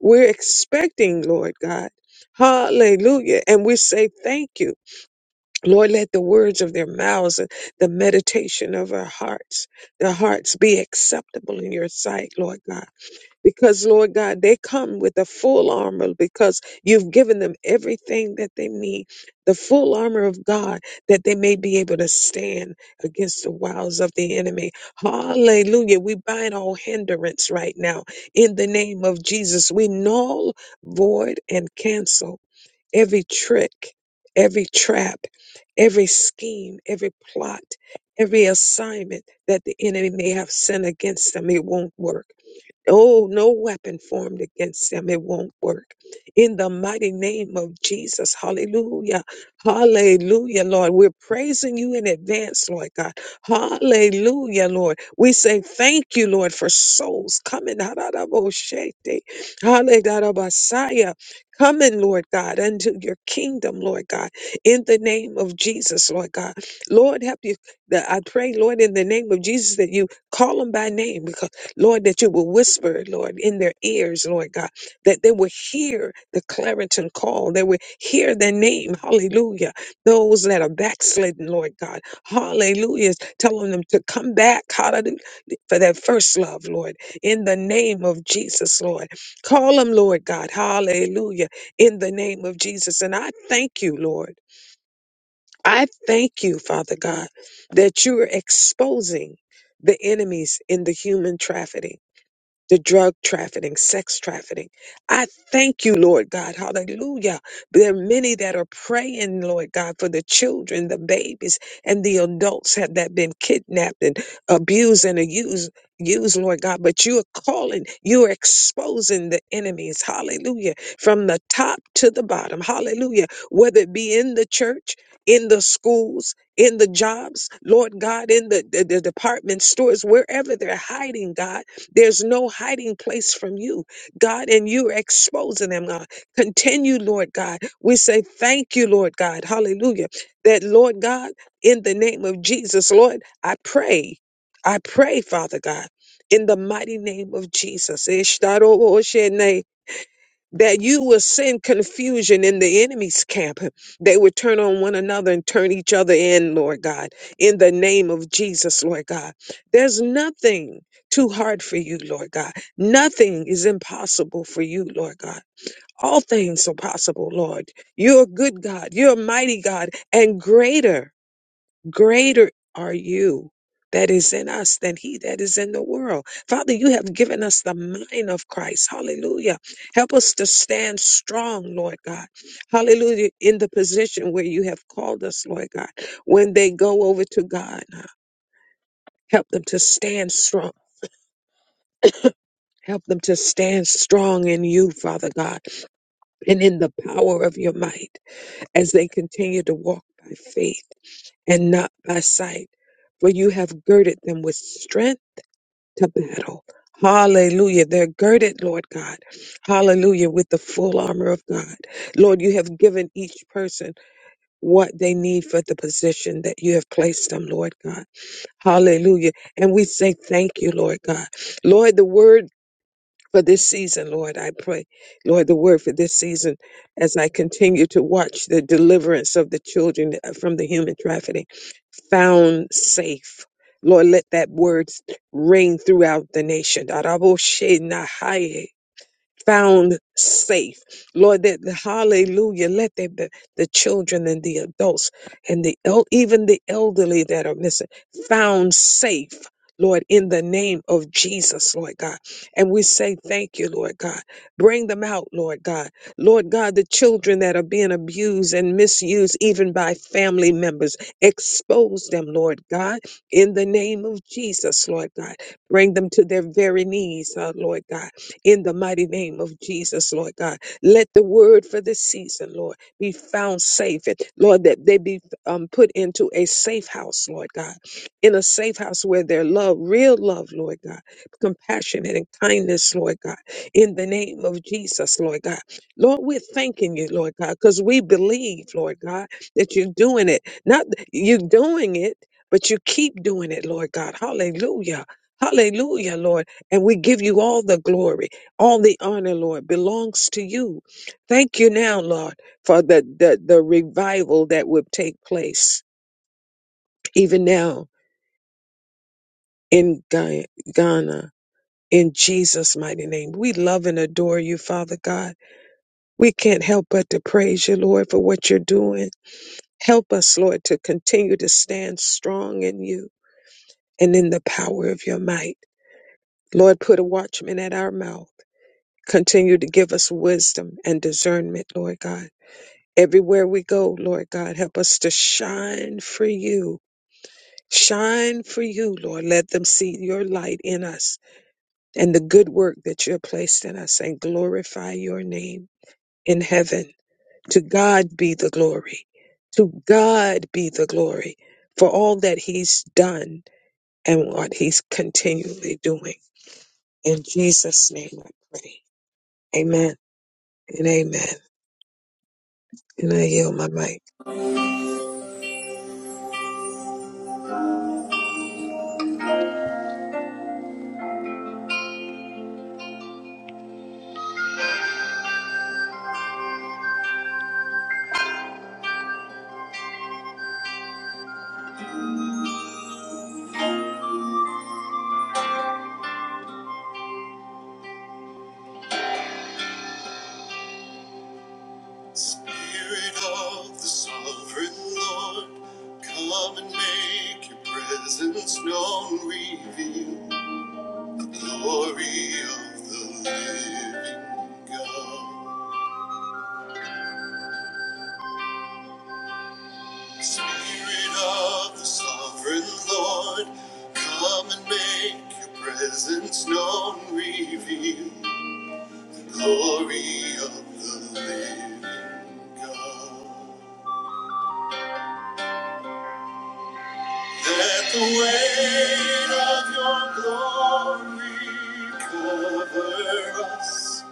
C: We're expecting, Lord God. Hallelujah. And we say thank you. Lord, let the words of their mouths and the meditation of our hearts, their hearts be acceptable in your sight, Lord God because Lord God, they come with the full armor because you've given them everything that they need, the full armor of God that they may be able to stand against the wiles of the enemy. Hallelujah. We bind all hindrance right now in the name of Jesus. We null, void, and cancel every trick, every trap, every scheme, every plot, every assignment that the enemy may have sent against them. It won't work Oh, no weapon formed against them. It won't work. In the mighty name of Jesus. Hallelujah. Hallelujah, Lord. We're praising you in advance, Lord God. Hallelujah, Lord. We say thank you, Lord, for souls coming. Hararaboshete. Hallelujah. Coming, Lord God, unto your kingdom, Lord God, in the name of Jesus, Lord God. Lord, help you. that I pray, Lord, in the name of Jesus, that you call them by name. Lord, that you will whisper, Lord, in their ears, Lord God, that they will hear the clarion call. They will hear their name. Hallelujah. Those that are backslidden, Lord God. Hallelujah. Telling them to come back. Hallelujah. For their first love, Lord. In the name of Jesus, Lord. Call them, Lord God. Hallelujah. In the name of Jesus. And I thank you, Lord. I thank you, Father God, that you are exposing the enemies in the human trafficking the drug trafficking, sex trafficking. I thank you, Lord God. Hallelujah. There are many that are praying, Lord God, for the children, the babies, and the adults have that been kidnapped and abused and abused. Use Lord God, but you are calling, you are exposing the enemies, hallelujah, from the top to the bottom, hallelujah, whether it be in the church, in the schools, in the jobs, Lord God, in the, the, the department stores, wherever they're hiding, God. There's no hiding place from you, God, and you're exposing them, God. Continue, Lord God. We say thank you, Lord God. Hallelujah. That, Lord God, in the name of Jesus, Lord, I pray. I pray, Father God. In the mighty name of Jesus that you will send confusion in the enemy's camp. They would turn on one another and turn each other in, Lord God, in the name of Jesus, Lord God. There's nothing too hard for you, Lord God. Nothing is impossible for you, Lord God. All things are possible, Lord. You're a good God. You're a mighty God and greater. Greater are you that is in us than he that is in the world. Father, you have given us the mind of Christ. Hallelujah. Help us to stand strong, Lord God. Hallelujah. In the position where you have called us, Lord God. When they go over to God, help them to stand strong. Help them to stand strong in you, Father God, and in the power of your might as they continue to walk by faith and not by sight. For you have girded them with strength to battle. Hallelujah. They're girded, Lord God. Hallelujah. With the full armor of God. Lord, you have given each person what they need for the position that you have placed them, Lord God. Hallelujah. And we say thank you, Lord God. Lord, the word for this season, Lord. I pray, Lord, the word for this season as I continue to watch the deliverance of the children uh, from the human trafficking found safe. Lord, let that word ring throughout the nation found safe. Lord, that hallelujah, let the, the, the children and the adults and the el- even the elderly that are missing found safe. Lord, in the name of Jesus, Lord God. And we say thank you, Lord God. Bring them out, Lord God. Lord God, the children that are being abused and misused, even by family members, expose them, Lord God, in the name of Jesus, Lord God. Bring them to their very knees, uh, Lord God in the mighty name of Jesus, Lord God. Let the word for this season, Lord, be found safe. And Lord, that they be um, put into a safe house, Lord God, in a safe house where their love, real love, Lord God, compassionate and kindness, Lord God, in the name of Jesus, Lord God. Lord, we're thanking you, Lord God, because we believe, Lord God, that you're doing it. Not you're doing it, but you keep doing it, Lord God. Hallelujah. Hallelujah, Lord. And we give you all the glory. All the honor, Lord, belongs to you. Thank you now, Lord, for the, the, the revival that would take place even now in Ga- Ghana. In Jesus' mighty name, we love and adore you, Father God. We can't help but to praise you, Lord, for what you're doing. Help us, Lord, to continue to stand strong in you and in the power of your might. Lord, put a watchman at our mouth. Continue to give us wisdom and discernment, Lord God Everywhere we go, Lord God, help us to shine for you. Shine for you, Lord. Let them see your light in us and the good work that you have placed in us and glorify your name in heaven. To God be the glory. To God be the glory for all that he's done and what he's continually doing. In Jesus' name I pray. Amen and amen. And I yield my mic.
A: Spirit of the sovereign Lord, come and make your presence known, reveal the glory of the living God. Spirit of the sovereign Lord, come and make your presence known, reveal the glory of the living God. Let the weight of your glory cover us.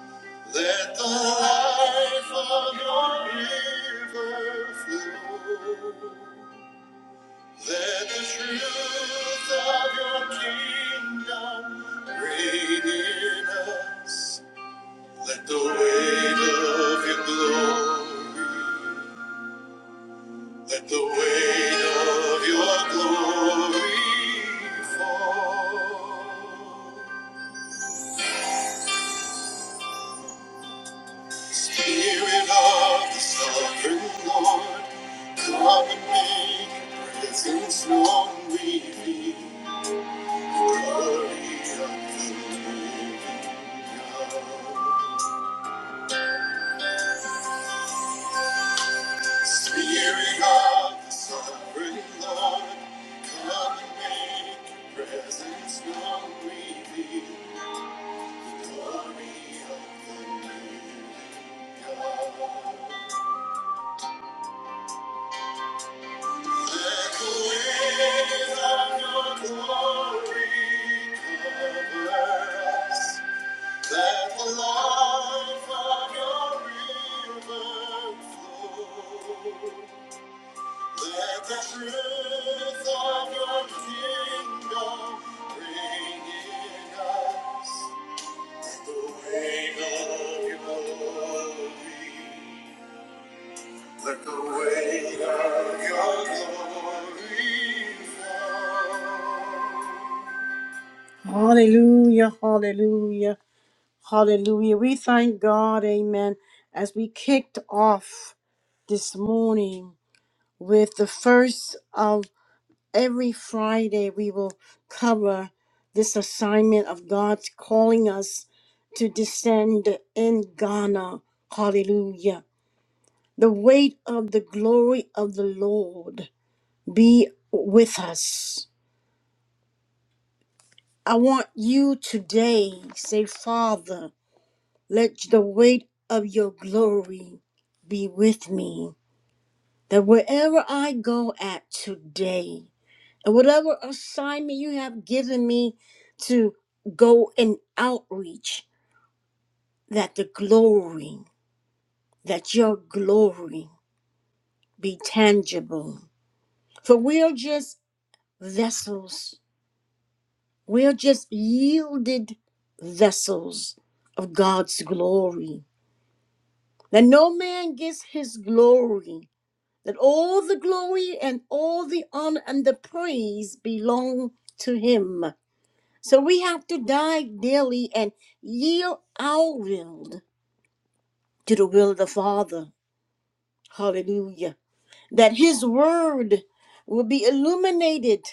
A: Let the life of your river flow. Let the truth of your kingdom reign in us. Let the weight of your glory Let the weight of your glory fall. Spirit of the sovereign Lord, come and make your presence known. We need the glory of the living God. Spirit of the sovereign Lord, come and make your presence known. We need the glory of the Let the truth of your kingdom reign in us. The weight of your glory. Let the weight of your glory fall. Hallelujah, hallelujah, hallelujah. We thank God, amen, as we kicked off this morning with the first of every Friday, we will cover this assignment of God calling us to descend in Ghana. Hallelujah. The weight of the glory of the Lord. be with us. I want you today, say, Father, let the weight of your glory be with me. That wherever I go at today, and whatever assignment you have given me to go and outreach, that the glory, that your glory be tangible. For we are just vessels We're just yielded vessels of God's glory. That no man gets his glory, that all the glory and all the honor and the praise belong to him. So we have to die daily and yield our will to the will of the Father. Hallelujah. that his word will be illuminated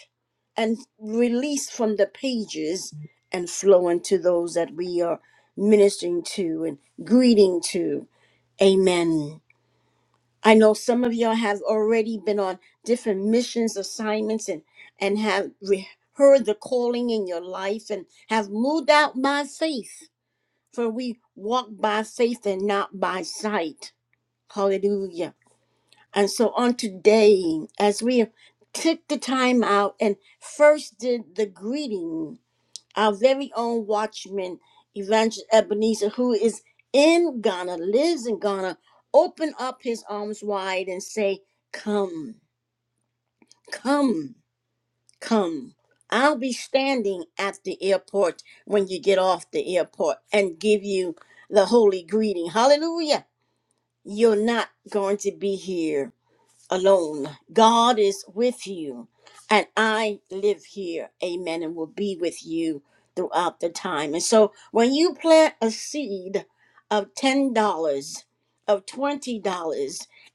A: and released from the pages and flow into those that we are ministering to and greeting to. Amen. I know some of y'all have already been on different missions assignments and and have re- heard the calling in your life and have moved out by faith. For we walk by faith and not by sight. Hallelujah. And so on today, as we took the time out and first did the greeting, our very own watchman, Evangelist Ebenezer, who is in Ghana, lives in Ghana, open up his arms wide and say, Come, come, come. I'll be standing at the airport when you get off the airport and give you the holy greeting. Hallelujah. You're not going to be here alone. God is with you, and I live here. Amen. And will be with you throughout the time. And so when you plant a seed of $10, of $20,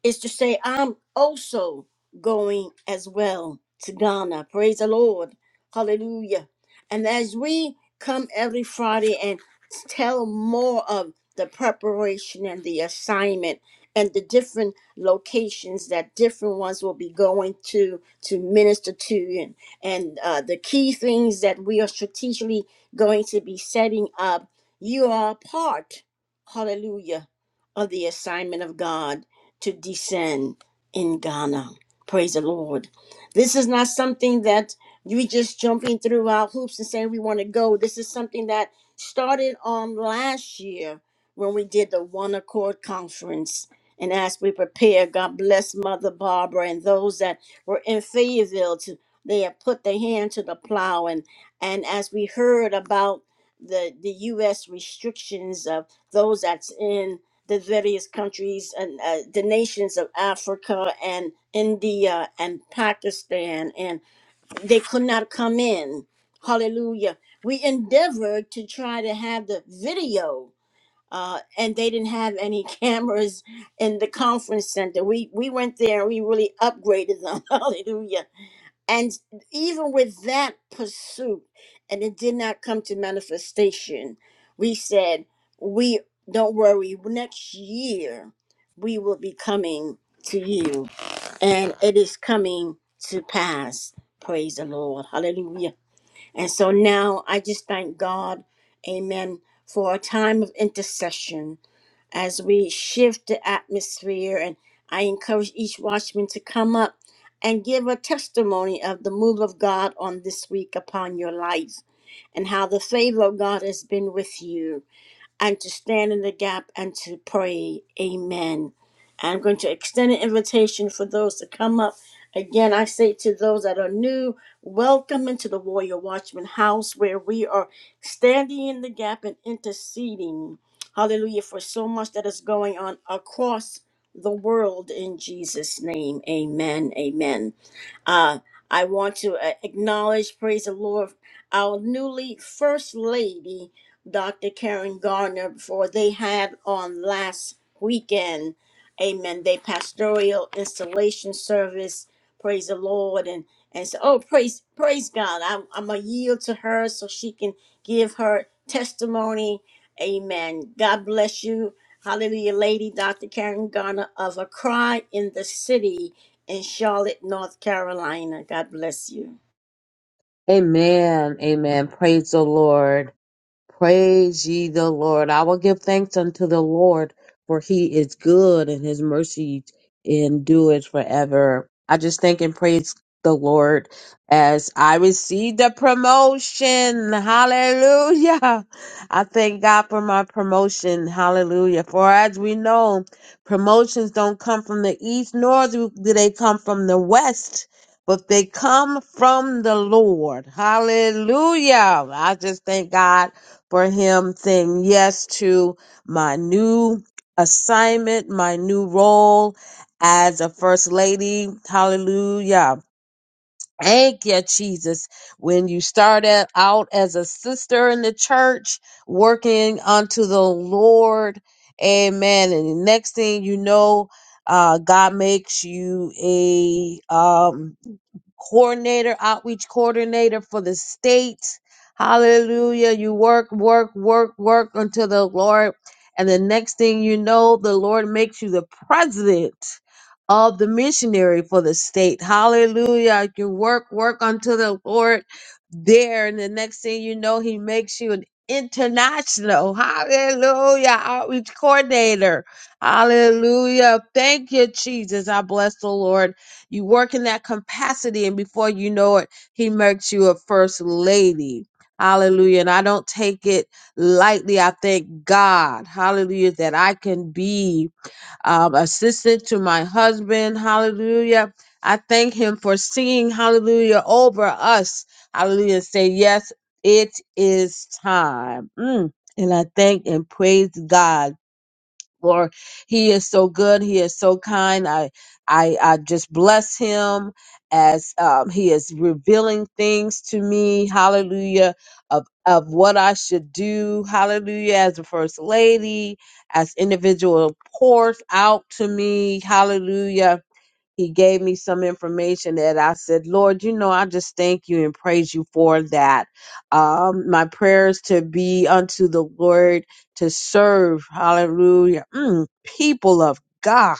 A: is to say, I'm also going as well to Ghana. Praise the Lord. Hallelujah. And as we come every Friday and tell more of the preparation and the assignment and the different locations that different ones will be going to to minister to and and uh, the key things that we are strategically going to be setting up you are a part hallelujah of the assignment of god to descend in ghana praise the lord this is not something that we just jumping through our hoops and saying we want to go this is something that started on last year when we did the one accord conference and as we prepare, God bless Mother Barbara and those that were in Fayetteville. To, they have put their hand to the plow. And, and as we heard about the, the U.S. restrictions of those that's in the various countries and uh, the nations of Africa and India and Pakistan, and they could not come in. Hallelujah. We endeavored to try to have the video uh, and they didn't have any cameras in the conference center. We we went there and we really upgraded them. Hallelujah! And even with that pursuit, and it did not come to manifestation, we said we don't worry. Next year, we will be coming to you, and it is coming to pass. Praise the Lord. Hallelujah. And so now I just thank God, amen, for a time of intercession as we shift the atmosphere. And I encourage each watchman to come up and give a testimony of the move of God on this week upon your life and how the favor of God has been with you and to stand in the gap and to pray. Amen. I'm going to extend an invitation for those to come up. Again, I say to those that are new, welcome into the Warrior Watchman house where we are standing in the gap and interceding. Hallelujah for so much that is going on across the world in Jesus' name. Amen. Amen. Uh, I want to uh, acknowledge, praise the Lord, our newly First Lady. Dr. Karen Gardner for they had on last weekend. Amen. They pastoral installation service. Praise the Lord. And and so oh praise praise God. I'm I'm gonna yield to her so she can give her testimony. Amen. God bless you. Hallelujah, lady, Dr. Karen Garner of A Cry in the City in Charlotte, North Carolina. God bless you.
F: Amen. Amen. Praise the Lord. Praise ye the Lord. I will give thanks unto the Lord, for he is good and his mercy endures forever. I just thank and praise the Lord as I receive the promotion. Hallelujah. I thank God for my promotion. Hallelujah. For as we know, promotions don't come from the east, nor do do they come from the west but they come from the Lord. Hallelujah. I just thank God for him saying yes to my new assignment, my new role as a first lady. Hallelujah. Thank you, Jesus. When you started out as a sister in the church, working unto the Lord, amen. And the next thing you know, uh, God makes you a um, coordinator, outreach coordinator for the state. Hallelujah. You work, work, work, work until the Lord. And the next thing you know, the Lord makes you the president of the missionary for the state. Hallelujah. You work, work until the Lord there. And the next thing you know, he makes you an international. Hallelujah. Outreach coordinator. Hallelujah. Thank you, Jesus. I bless the Lord. You work in that capacity, and before you know it, he makes you a first lady. Hallelujah. And I don't take it lightly. I thank God, hallelujah, that I can be um, assistant to my husband. Hallelujah. I thank him for singing hallelujah over us. Hallelujah. Say, yes, it is time. Mm. And I thank and praise God Lord, he is so good. He is so kind. I, I, I just bless him as um, he is revealing things to me. Hallelujah. Of, of what I should do. Hallelujah. As the first lady, as individual pours out to me. Hallelujah he gave me some information that I said, Lord, you know, I just thank you and praise you for that. Um, my prayers to be unto the Lord to serve, hallelujah, mm, people of God.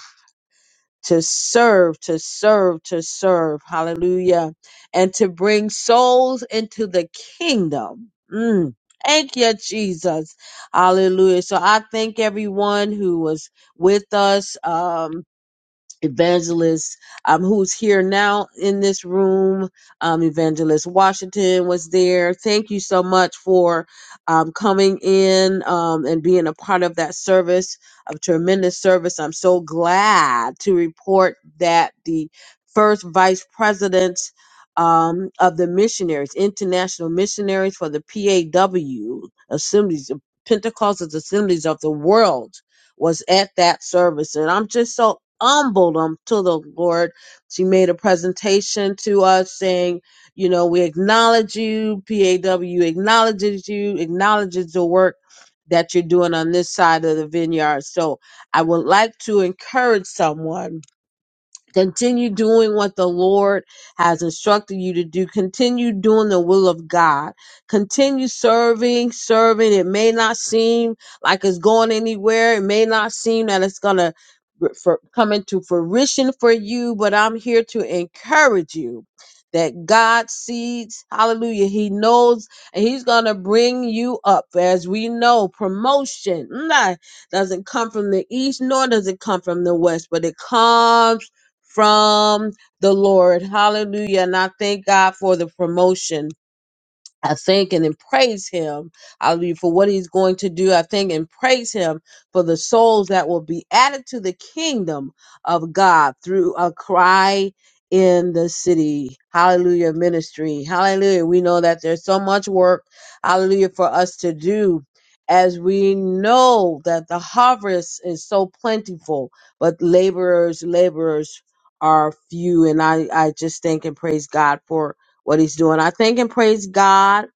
F: To serve, to serve, to serve, hallelujah, and to bring souls into the kingdom. Mm, Thank you, Jesus. Hallelujah. So I thank everyone who was with us. Um, evangelist um, who's here now in this room um, evangelist washington was there thank you so much for um, coming in um, and being a part of that service of tremendous service i'm so glad to report that the first vice president um, of the missionaries international missionaries for the paw assemblies pentecostal assemblies of the world was at that service. And I'm just so humbled um, to the Lord. She made a presentation to us saying, you know, we acknowledge you, PAW acknowledges you, acknowledges the work that you're doing on this side of the vineyard. So I would like to encourage someone Continue doing what the Lord has instructed you to do. Continue doing the will of God. Continue serving, serving. It may not seem like it's going anywhere. It may not seem that it's going to for, come into fruition for you, but I'm here to encourage you that God sees, hallelujah, He knows, and He's going to bring you up. As we know, promotion nah, doesn't come from the east, nor does it come from the west, but it comes from the Lord. Hallelujah. And I thank God for the promotion. I thank and then praise him, hallelujah, for what he's going to do. I thank and praise him for the souls that will be added to the kingdom of God through a cry in the city. Hallelujah, ministry. Hallelujah. We know that there's so much work, hallelujah, for us to do as we know that the harvest is so plentiful, but laborers, laborers are few. And I, I just thank and praise God for what he's doing. I thank and praise God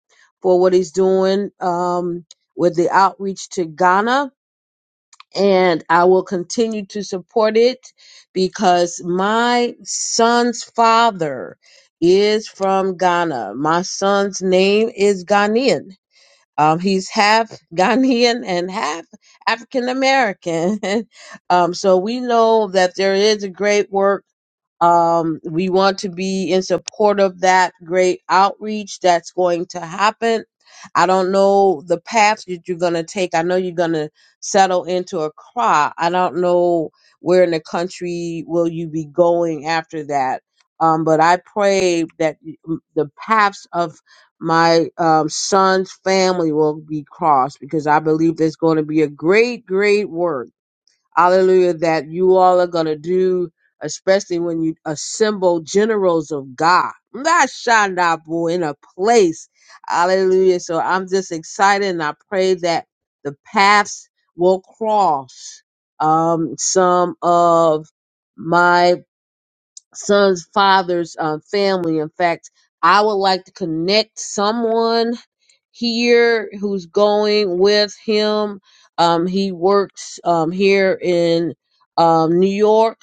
F: for what he's doing um, with the outreach to Ghana. And I will continue to support it because my son's father is from Ghana. My son's name is Ghanaian. Um, he's half Ghanaian and half African American. um, so we know that there is a great work. Um, we want to be in support of that great outreach that's going to happen. I don't know the path that you're going to take. I know you're going to settle into a cry. I don't know where in the country will you be going after that. Um, but I pray that the paths of my um, son's family will be crossed because I believe there's going to be a great, great work. Hallelujah, that you all are going to do, especially when you assemble generals of God. Not Shandabu in a place. Hallelujah. So I'm just excited and I pray that the paths will cross um, some of my son's father's uh, family. In fact, I would like to connect someone here who's going with him. Um, he works um, here in um, New York,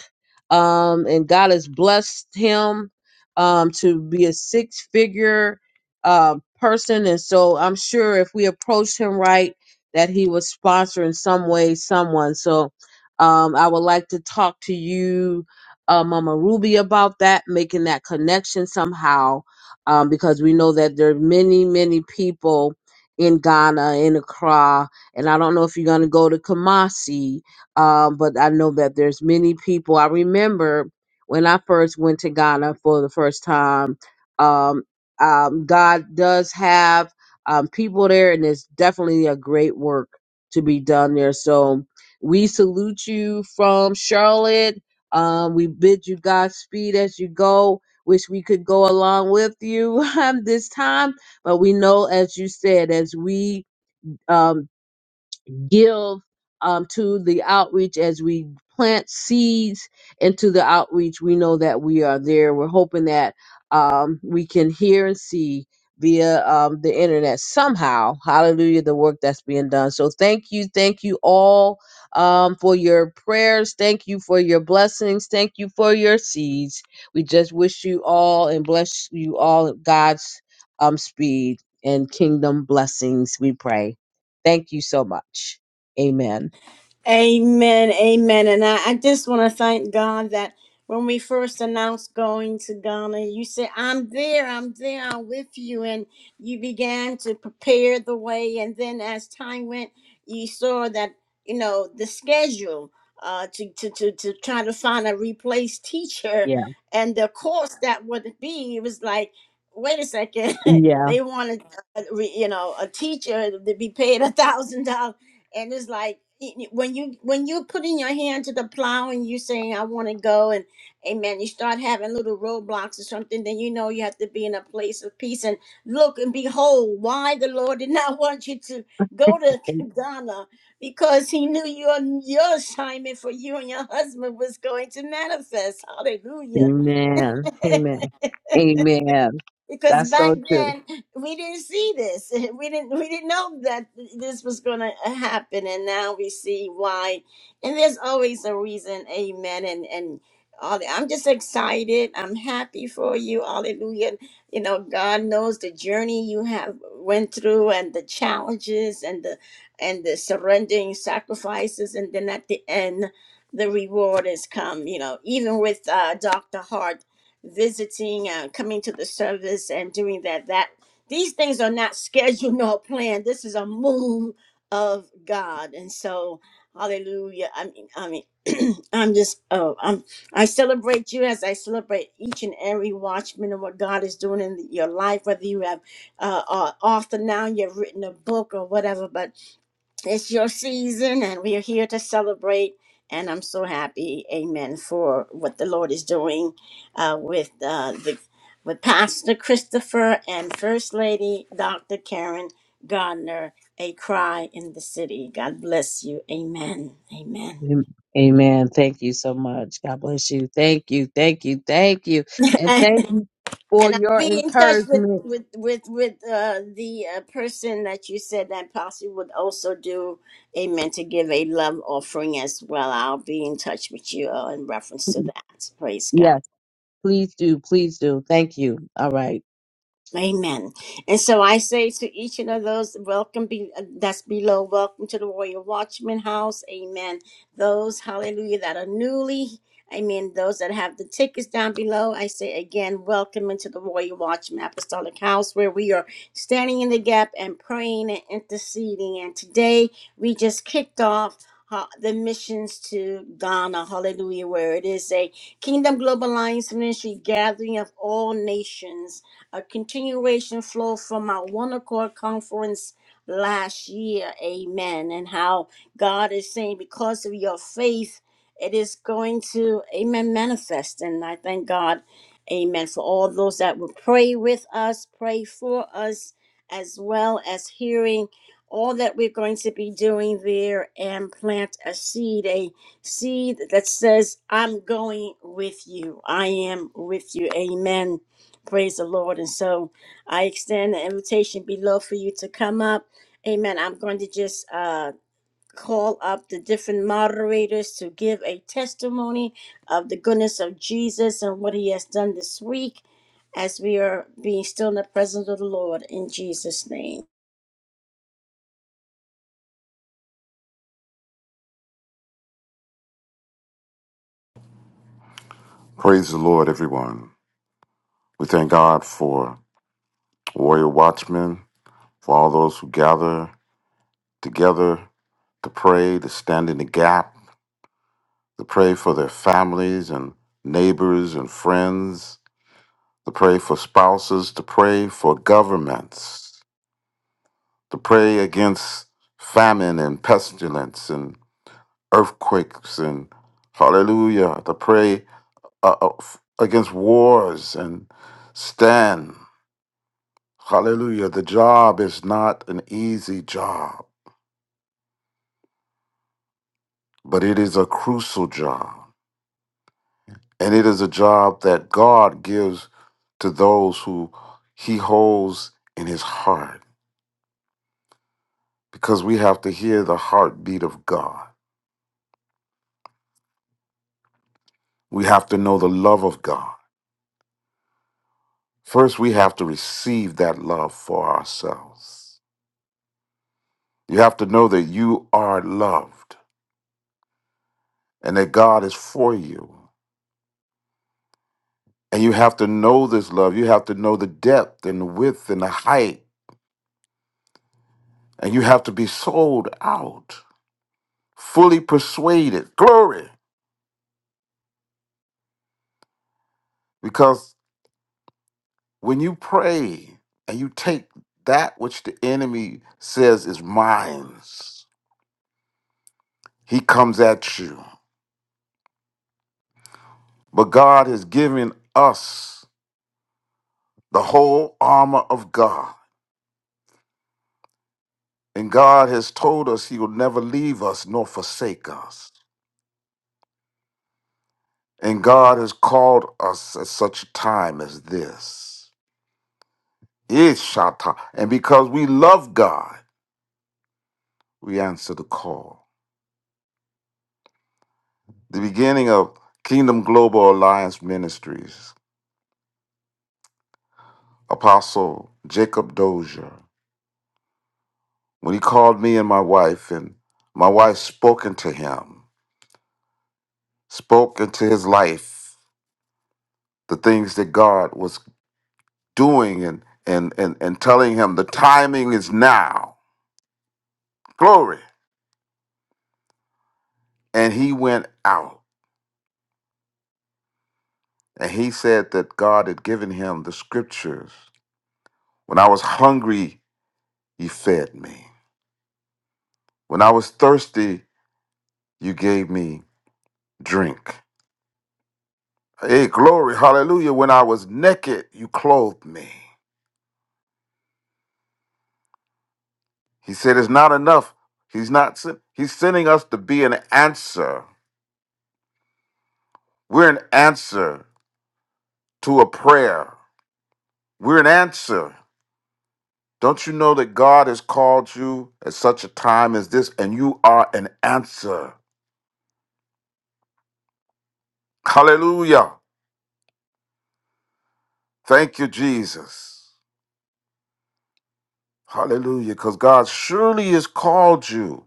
F: um, and God has blessed him um, to be a six figure uh, person. And so I'm sure if we approach him right, that he was sponsor in some way someone. So um, I would like to talk to you uh, Mama Ruby about that, making that connection somehow, um, because we know that there are many, many people in Ghana, in Accra, and I don't know if you're going to go to Kumasi, um, but I know that there's many people. I remember when I first went to Ghana for the first time, um, um, God does have um, people there, and there's definitely a great work to be done there. So we salute you from Charlotte um, we bid you Godspeed as you go. Wish we could go along with you um, this time, but we know, as you said, as we um, give um, to the outreach as we plant seeds into the outreach. We know that we are there. We're hoping that um, we can hear and see via um, the internet somehow. Hallelujah, the work that's being done. So thank you. Thank you all um, for your prayers. Thank you for your blessings. Thank you for your seeds. We just wish you all and bless you all God's um, speed and kingdom blessings, we pray. Thank you so much. Amen.
A: Amen, amen. And I, I just want to thank God that when we first announced going to Ghana, you said, I'm there, I'm there, I'm with you. And you began to prepare the way. And then as time went, you saw that, you know, the schedule uh, to, to, to, to try to find a replace teacher
F: Yeah.
A: and the course that would be, it was like, wait a second,
F: Yeah.
A: they wanted, uh, re- you know, a teacher to be paid a $1,000 and it's like when you when you're putting your hand to the plow and you're saying i want to go and amen you start having little roadblocks or something then you know you have to be in a place of peace and look and behold why the lord did not want you to go to ghana because he knew your your assignment for you and your husband was going to manifest hallelujah
F: Amen. Amen. Amen.
A: because
F: That's so
A: back
F: true.
A: then we didn't see this we didn't we didn't know that this was going to happen and now we see why and there's always a reason amen and and all that. i'm just excited i'm happy for you hallelujah you know god knows the journey you have went through and the challenges and the and the surrendering sacrifices and then at the end the reward has come you know even with uh, dr hart visiting, uh, coming to the service, and doing that. That these things are not scheduled nor planned. This is a move of God, and so Hallelujah. I mean, I mean, I'm just oh, I'm I celebrate you as I celebrate each and every watchman and what God is doing in your life, whether you have uh, are author now, you've written a book or whatever, but it's your season and we are here to celebrate and i'm so happy amen for what the lord is doing uh, with uh, the with pastor christopher and first lady dr karen gardner a cry in the city god bless you amen amen
F: Am- Amen. Thank you so much. God bless you. Thank you. Thank you. Thank you. And thank you for
A: And I'll
F: your
A: be in touch with
F: encouragement.
A: with with with uh, the uh, person that you said that possibly would also do amen to give a love offering as well. I'll be in touch with you uh, in reference to that. Praise God.
F: Yes, please do. Please do. Thank you. All right.
A: Amen. And so I say to each and of those, welcome be uh, that's below, welcome to the Royal Watchman House. Amen. Those, hallelujah, that are newly, amen. Those that have the tickets down below, I say again, welcome into the Royal Watchman Apostolic House where we are standing in the gap and praying and interceding. And today we just kicked off. uh, The missions to Ghana, hallelujah, where it is a Kingdom Global Alliance ministry gathering of all nations a continuation flow from our One Accord Conference last year. Amen. And how God is saying, because of your faith, it is going to, amen, manifest. And I thank God, amen, for all those that will pray with us, pray for us, as well as hearing all that we're going to be doing there and plant a seed, a seed that says, I'm going with you. I am with you. Amen Praise the Lord. And so I extend the invitation below for you to come up. Amen. I'm going to just uh, call up the different moderators to give a testimony of the goodness of Jesus and what he has done this week as we are being still in the presence of the Lord in Jesus' name.
G: Praise the Lord, everyone. We thank God for warrior watchmen, for all those who gather together to pray, to stand in the gap, to pray for their families and neighbors and friends, to pray for spouses, to pray for governments, to pray against famine and pestilence and earthquakes and hallelujah, to pray uh, uh, f- against wars and stand. Hallelujah. The job is not an easy job, but it is a crucial job. And it is a job that God gives to those who he holds in his heart because we have to hear the heartbeat of God. We have to know the love of God. First, we have to receive that love for ourselves. You have to know that you are loved and that God is for you. And you have to know this love. You have to know the depth and the width and the height And you have to be sold out, fully persuaded. Glory. Because when you pray and you take that which the enemy says is mine, he comes at you. But God has given us the whole armor of God. And God has told us he will never leave us nor forsake us. And God has called us at such a time as this. Ishata. And because we love God, we answer the call. The beginning of Kingdom Global Alliance Ministries, Apostle Jacob Dozier, when he called me and my wife, and my wife spoke into him, spoke into his life, the things that God was doing and and and, and telling him the timing is now. Glory. And he went out and he said that God had given him the scriptures. When I was hungry, he fed me. When I was thirsty, you gave me drink. Hey, glory, hallelujah. When I was naked, you clothed me. He said, It's not enough. He's not sen- he's sending us to be an answer. We're an answer to a prayer. We're an answer. Don't you know that God has called you at such a time as this, and you are an answer? Hallelujah. Thank you, Jesus. Hallelujah. Because God surely has called you.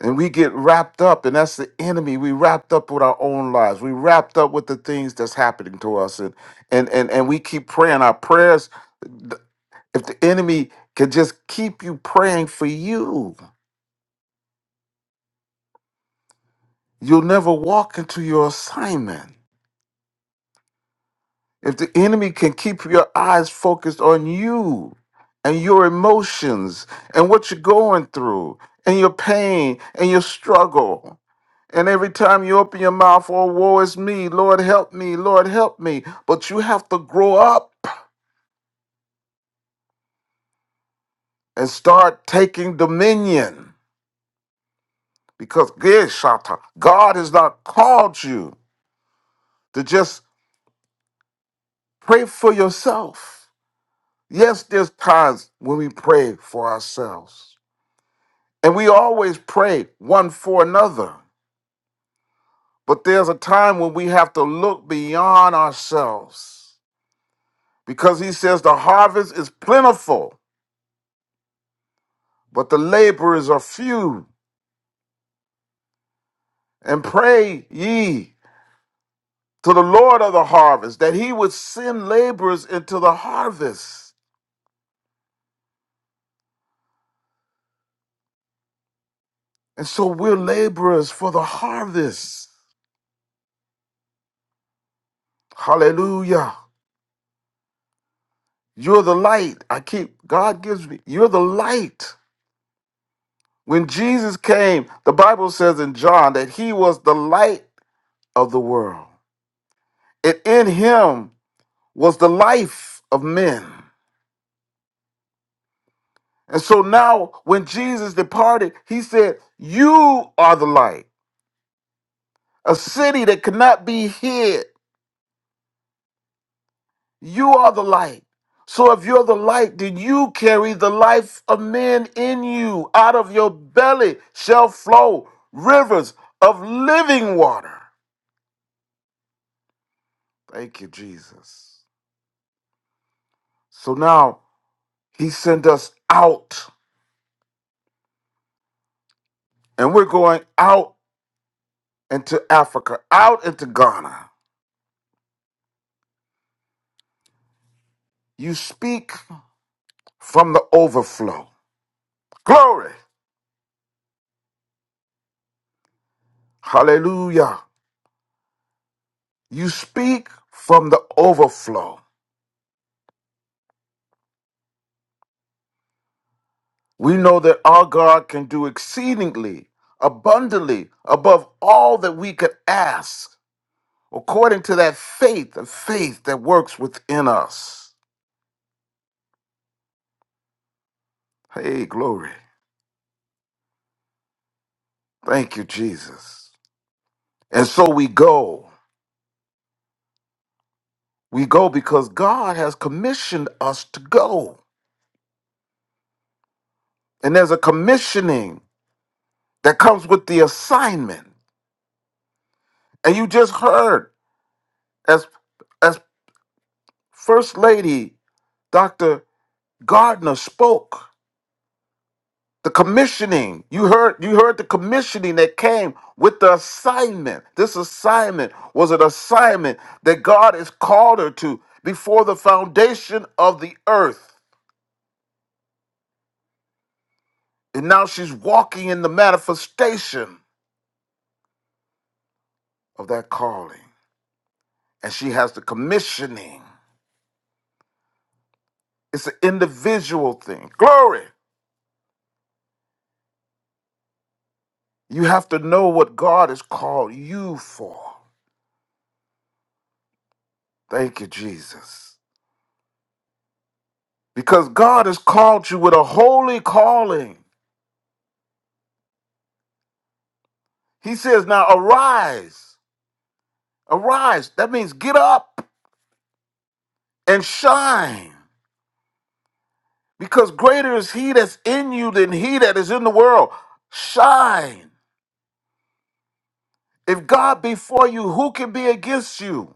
G: And we get wrapped up, and that's the enemy. We wrapped up with our own lives. We wrapped up with the things that's happening to us, and and and and we keep praying. Our prayers, th- if the enemy could just keep you praying for you, you'll never walk into your assignment. If the enemy can keep your eyes focused on you and your emotions and what you're going through and your pain and your struggle, And every time you open your mouth, oh, woe is me, Lord, help me, Lord, help me. But you have to grow up and start taking dominion because yes, Shatta, God has not called you to just pray for yourself. Yes, there's times when we pray for ourselves, and we always pray one for another. But there's a time when we have to look beyond ourselves because He says the harvest is plentiful but the laborers are few. And pray ye to the Lord of the harvest that he would send laborers into the harvest. And so we're laborers for the harvest. Hallelujah. You're the light. I keep, God gives me, you're the light. When Jesus came, the Bible says in John that he was the light of the world. And in him was the life of men. And so now, when Jesus departed, he said, You are the light, a city that cannot be hid. You are the light. So if you're the light, then you carry the life of men in you. Out of your belly shall flow rivers of living water. Thank you, Jesus. So now he sent us out, and we're going out into Africa, out into Ghana. You speak from the overflow. Glory. Hallelujah. You speak from the overflow. We know that our God can do exceedingly, abundantly, above all that we could ask, according to that faith, the faith that works within us. Hey, glory. Thank you, Jesus. And so we go. We go because God has commissioned us to go. And there's a commissioning that comes with the assignment. And you just heard as as First Lady Dr. Gardner spoke. The commissioning. You heard you heard the commissioning that came with the assignment. This assignment was an assignment that God has called her to before the foundation of the earth. And now she's walking in the manifestation of that calling. And she has the commissioning. It's an individual thing. Glory. You have to know what God has called you for. Thank you, Jesus. because God has called you with a holy calling. He says, Now arise, arise. That means get up and shine, because greater is He that's in you than He that is in the world. Shine. If God be for you, who can be against you?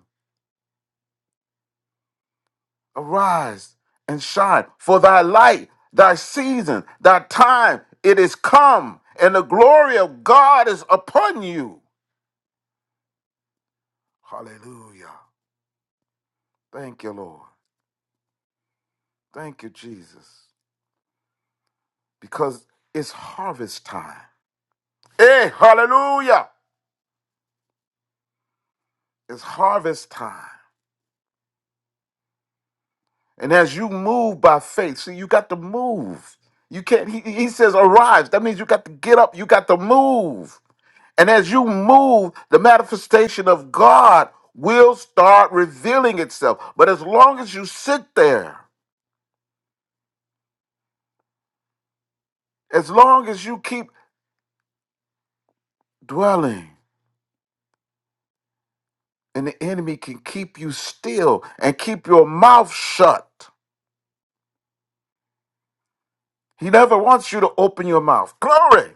G: Arise and shine, for thy light, thy season, thy time, it is come, and the glory of God is upon you. Hallelujah. Thank you, Lord. Thank you, Jesus, because it's harvest time. Hey, hallelujah! It's harvest time. And as you move by faith, see, you got to move. You can't, he, he says, arise. That means you got to get up, you got to move. And as you move, the manifestation of God will start revealing itself. But as long as you sit there, as long as you keep dwelling, and the enemy can keep you still and keep your mouth shut He never wants you to open your mouth. Glory.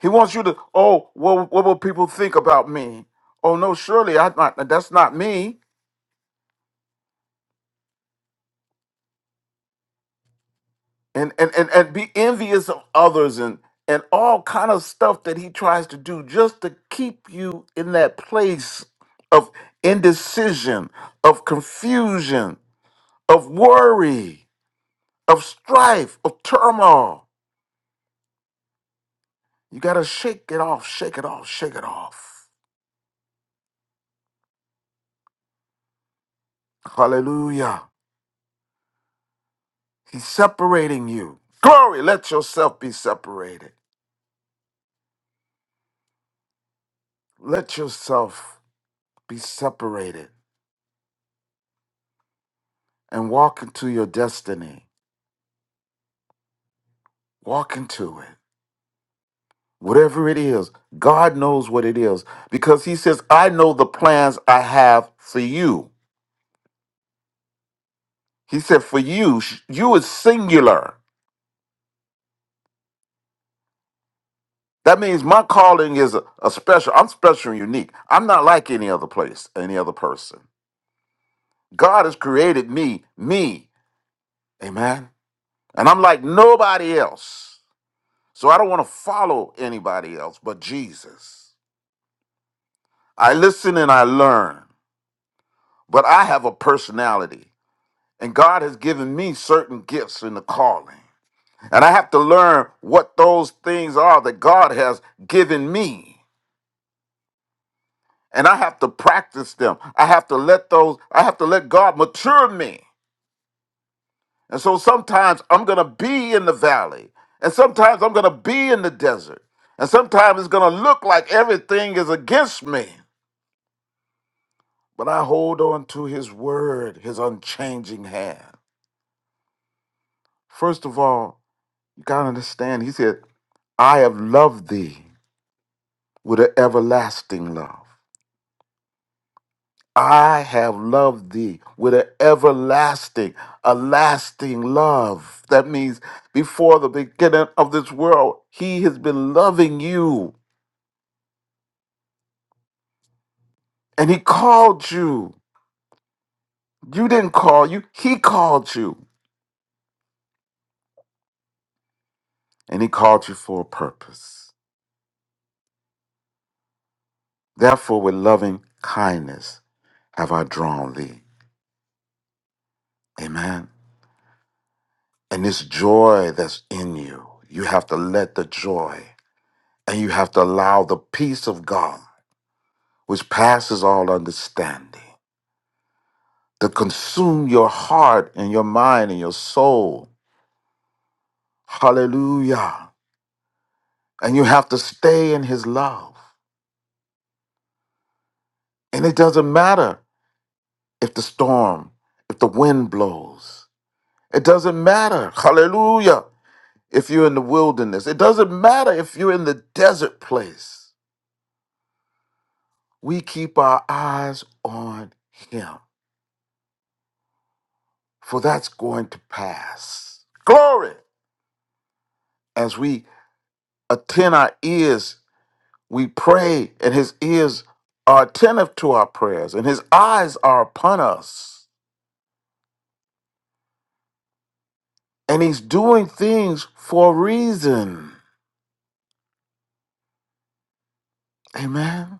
G: He wants you to, oh, what, what will people think about me? Oh no, surely I not that's not me. And and and, and be envious of others and and all kind of stuff that he tries to do just to keep you in that place of indecision, of confusion, of worry, of strife, of turmoil. You gotta shake it off, shake it off, shake it off. Hallelujah. He's separating you. Glory, let yourself be separated. Let yourself be separated and walk into your destiny. Walk into it. Whatever it is, God knows what it is because He says, I know the plans I have for you. He said, for you, sh- you is singular. That means my calling is a, a special. I'm special and unique. I'm not like any other place, any other person. God has created me, me. Amen. And I'm like nobody else. So I don't want to follow anybody else but Jesus. I listen and I learn, but I have a personality. And God has given me certain gifts in the calling. And I have to learn what those things are that God has given me. And I have to practice them. I have to let those, I have to let God mature me And so sometimes I'm going to be in the valley, and sometimes I'm going to be in the desert, and sometimes it's going to look like everything is against me. But I hold on to his word, his unchanging hand. First of all, you got to understand, he said, I have loved thee with an everlasting love. I have loved thee with an everlasting, a lasting love. That means before the beginning of this world, he has been loving you. And he called you. You didn't call you, he called you. And he called you for a purpose. Therefore, with loving kindness have I drawn thee. Amen. And this joy that's in you, you have to let the joy and you have to allow the peace of God, which passes all understanding, to consume your heart and your mind and your soul. Hallelujah. And you have to stay in his love. And it doesn't matter. if the storm, if the wind blows. It doesn't matter. Hallelujah. If you're in the wilderness, it doesn't matter if you're in the desert place. We keep our eyes on Him, for that's going to pass. Glory. As we attend our ears, we pray, and His ears are attentive to our prayers, and His eyes are upon us. And He's doing things for a reason. Amen.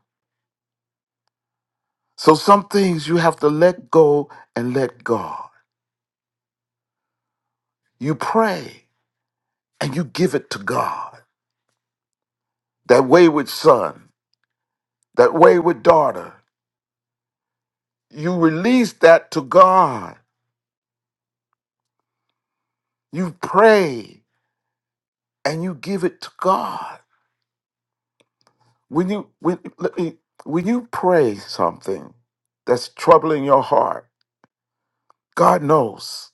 G: So some things you have to let go and let God. You pray and you give it to God. That wayward son, that wayward daughter, you release that to God. You pray and you give it to God. When you when let me when you pray something that's troubling your heart, God knows.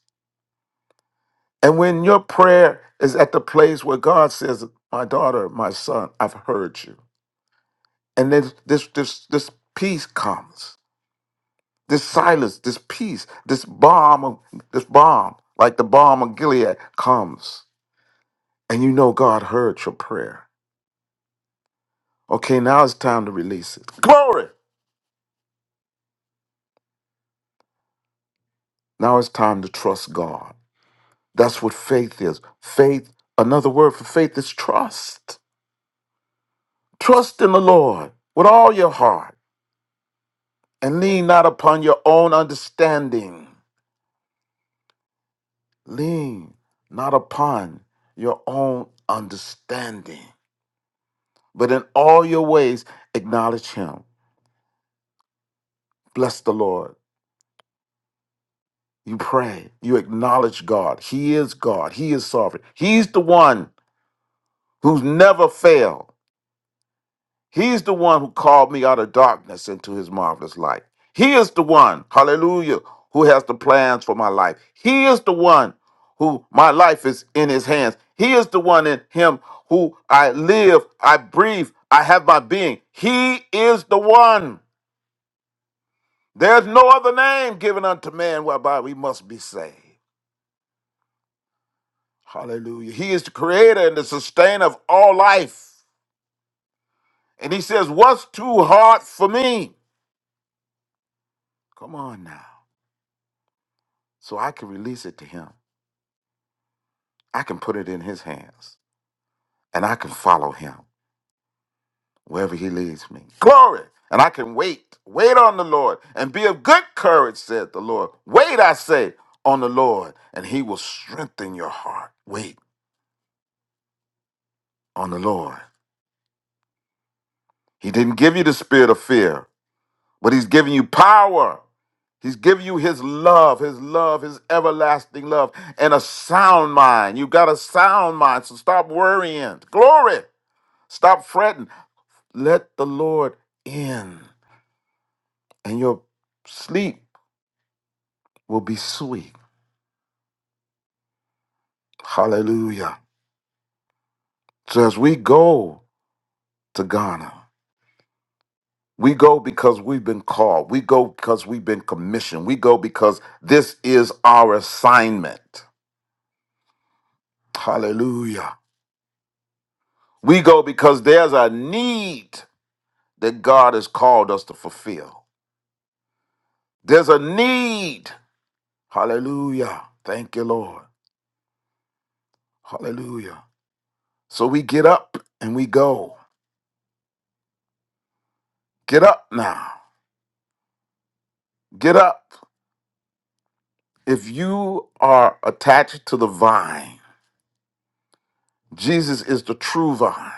G: And when your prayer is at the place where God says, My daughter, my son, I've heard you. And then this this this peace comes. This silence, this peace, this bomb of this bomb, like the bomb of Gilead comes. And you know God heard your prayer. Okay, now it's time to release it. Glory. Now it's time to trust God. That's what faith is. Faith, another word for faith is trust. Trust in the Lord with all your heart and lean not upon your own understanding. Lean not upon your own understanding, but in all your ways acknowledge Him. Bless the Lord. You pray. You acknowledge God. He is God. He is sovereign. He's the one who's never failed. He's the one who called me out of darkness into his marvelous light. He is the one, hallelujah, who has the plans for my life. He is the one who my life is in his hands. He is the one in him who I live, I breathe, I have my being. He is the one. There's no other name given unto man whereby we must be saved. Hallelujah. He is the creator and the sustainer of all life. And he says, What's too hard for me? Come on now. So I can release it to him. I can put it in his hands and I can follow him wherever he leads me. Glory! And I can wait, wait on the Lord and be of good courage, said the Lord. Wait, I say, on the Lord and he will strengthen your heart. Wait on the Lord. He didn't give you the spirit of fear, but he's giving you power. He's giving you his love, his love, his everlasting love, and a sound mind. You've got a sound mind, so stop worrying. Glory. Stop fretting. Let the Lord in, and your sleep will be sweet. Hallelujah. So as we go to Ghana, we go because we've been called. We go because we've been commissioned. We go because this is our assignment. Hallelujah. We go because there's a need that God has called us to fulfill. There's a need. Hallelujah. Thank you, Lord. Hallelujah. So we get up and we go. Get up now. Get up. If you are attached to the vine, Jesus is the true vine,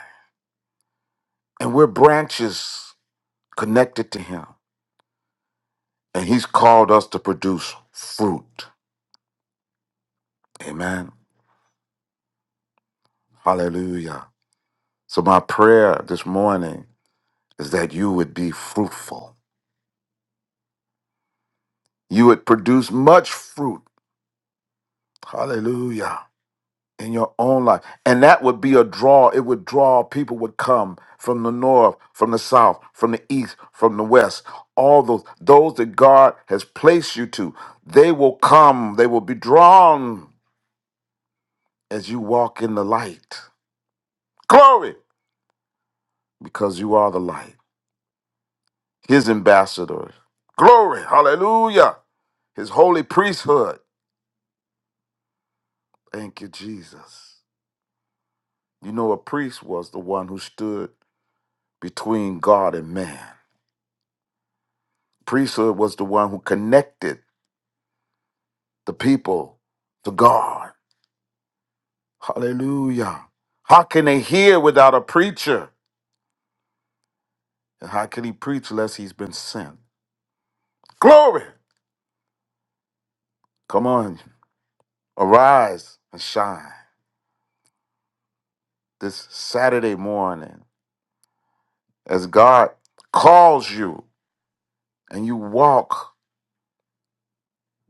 G: and we're branches connected to him. And he's called us to produce fruit. Amen. Hallelujah. So, my prayer this morning is that you would be fruitful. You would produce much fruit. Hallelujah. in your own life. And that would be a draw. It would draw people would come from the north, from the south, from the east, from the west. All those those that God has placed you to, they will come. They will be drawn as you walk in the light. Glory, because you are the light. His ambassador. Glory. Hallelujah. His holy priesthood. Thank you, Jesus. You know, a priest was the one who stood between God and man. priesthood was the one who connected the people to God. Hallelujah. How can they hear without a preacher? And how can he preach unless he's been sent? Glory! Come on, arise and shine this Saturday morning as God calls you and you walk,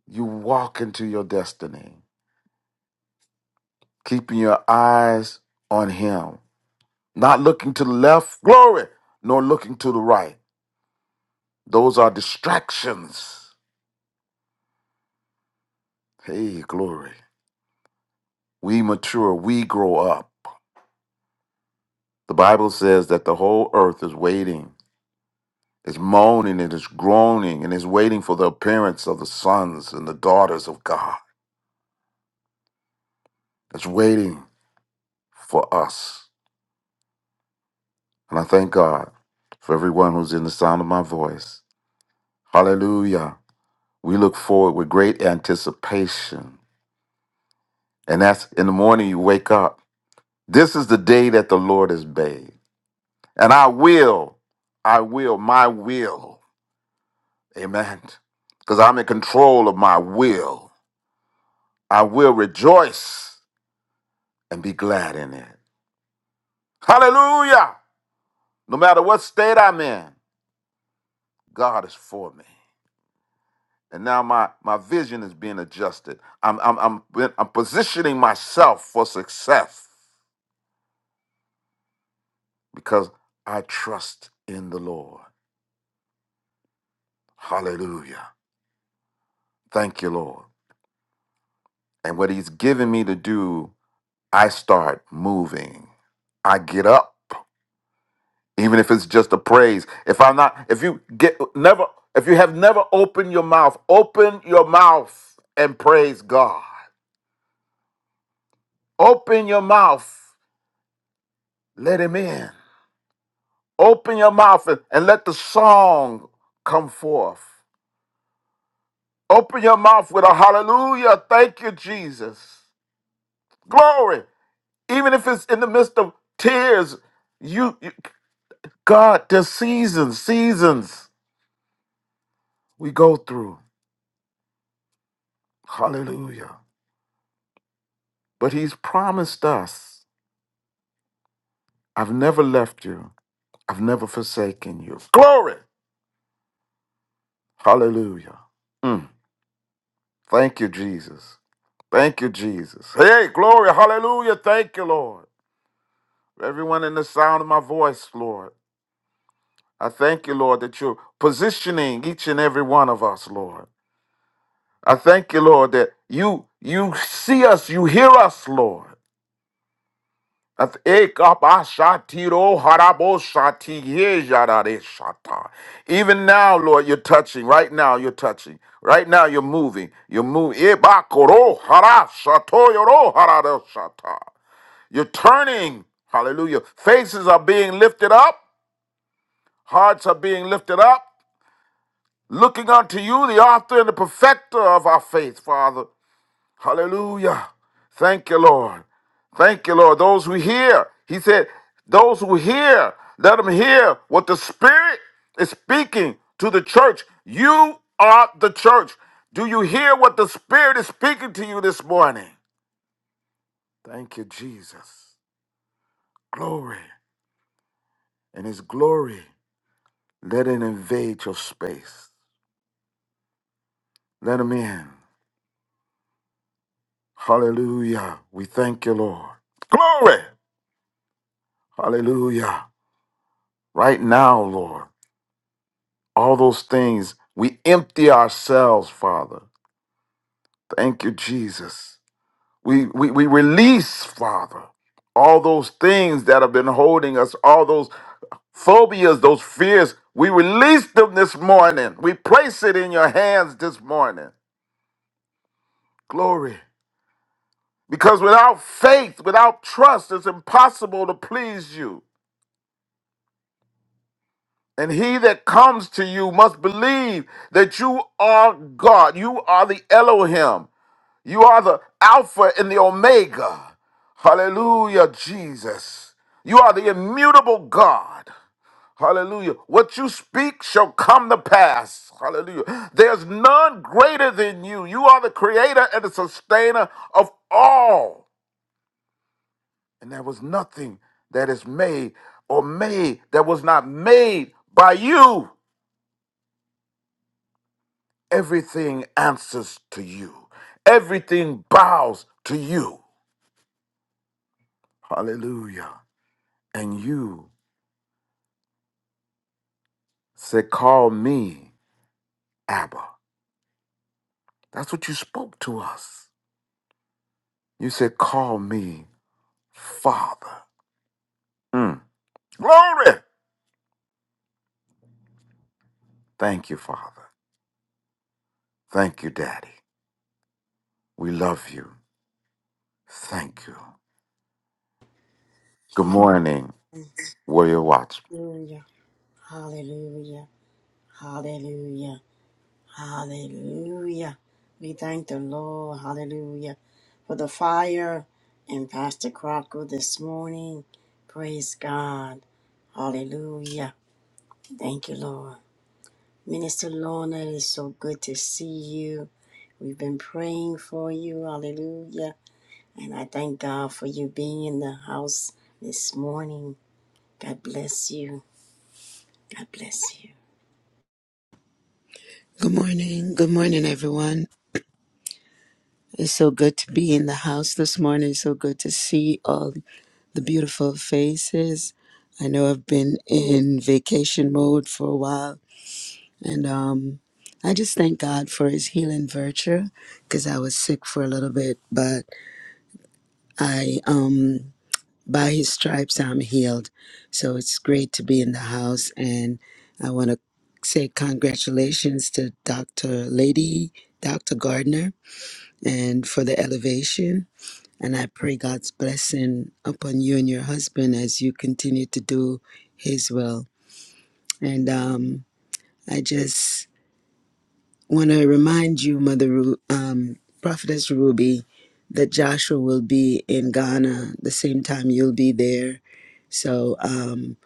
G: you walk into your destiny, keeping your eyes on him, not looking to the left, glory, nor looking to the right Those are distractions. Hey, glory. We mature, we grow up. The Bible says that the whole earth is waiting, is moaning, and is groaning, and is waiting for the appearance of the sons and the daughters of God. It's waiting for us. And I thank God for everyone who's in the sound of my voice. Hallelujah. We look forward with great anticipation. And that's in the morning you wake up. This is the day that the Lord has made. And I will, I will, my will, amen. Because I'm in control of my will. I will rejoice and be glad in it. Hallelujah! No matter what state I'm in, God is for me. And now my, my vision is being adjusted. I'm, I'm, I'm, I'm positioning myself for success because I trust in the Lord. Hallelujah. Thank you, Lord. And what He's given me to do I start moving. I get up, even if it's just a praise. If I'm not, if you get never, if you have never opened your mouth, open your mouth and praise God. Open your mouth, let Him in. Open your mouth and, and let the song come forth. Open your mouth with a hallelujah. Thank you, Jesus. Glory. Even if it's in the midst of tears, you, you God, there's seasons, seasons. we go through. Hallelujah. But he's promised us, I've never left you, I've never forsaken you. Glory. Hallelujah. Mm. Thank you, Jesus. Thank you, Jesus. Hey, glory. Hallelujah. Thank you, Lord. Everyone in the sound of my voice, Lord. I thank you, Lord, that you're positioning each and every one of us, Lord. I thank you, Lord, that you you see us, you hear us, Lord. Ath- Ekabashatiro harabosati yejarareshata. Even now, Lord, you're touching. Right now, you're touching. Right now, you're moving. You're moving. Ebakoro harashatoyoro hararashata. You're turning. Hallelujah. Faces are being lifted up. Hearts are being lifted up. Looking unto you, the author and the perfecter of our faith, Father. Hallelujah. Thank you, Lord. Thank you, Lord. Those who hear, he said, those who hear, let them hear what the Spirit is speaking to the church. You are the church. Do you hear what the Spirit is speaking to you this morning? Thank you, Jesus. Glory. And His glory, let it invade your space. Let Him in. Hallelujah. We thank you, Lord. Glory. Hallelujah. Right now, Lord. all those things. We empty ourselves, Father. Thank you, Jesus. We, we, we release, Father, all those things that have been holding us, all those phobias, those fears. We release them this morning. We place it in your hands this morning. Glory. Because without faith, without trust, it's impossible to please you. And he that comes to you must believe that you are God. You are the Elohim. You are the Alpha and the Omega. Hallelujah, Jesus. You are the immutable God. Hallelujah. What you speak shall come to pass. Hallelujah. There's none greater than you. You are the creator and the sustainer of all. And there was nothing that is made or made that was not made by you. Everything answers to you, everything bows to you. Hallelujah. And you said, Call me Abba. That's what you spoke to us. You said, Call me Father. Mm. Glory! Thank you, Father. Thank you, Daddy. We love you. Thank you. Good morning, Warrior Watch.
A: Hallelujah. Hallelujah. Hallelujah. Hallelujah. We thank the Lord. Hallelujah. For the fire in Pastor Crocker this morning. Praise God. Hallelujah. Thank you, Lord. Minister Lorna, it is so good to see you. We've been praying for you. Hallelujah. And I thank God for you being in the house this morning. God bless you. God bless you.
H: Good morning. Good morning, everyone. It's so good to be in the house this morning. It's so good to see all the beautiful faces. I know I've been in vacation mode for a while, and um, I just thank God for His healing virtue because I was sick for a little bit, but I, um, by His stripes, I'm healed. So it's great to be in the house, and I want to say congratulations to Dr. Lady, Dr. Gardner and for the elevation. And I pray God's blessing upon you and your husband as you continue to do His will. And um, I just want to remind you, Mother Ru- um, Prophetess Ruby, that Joshua will be in Ghana the same time you'll be there. So um,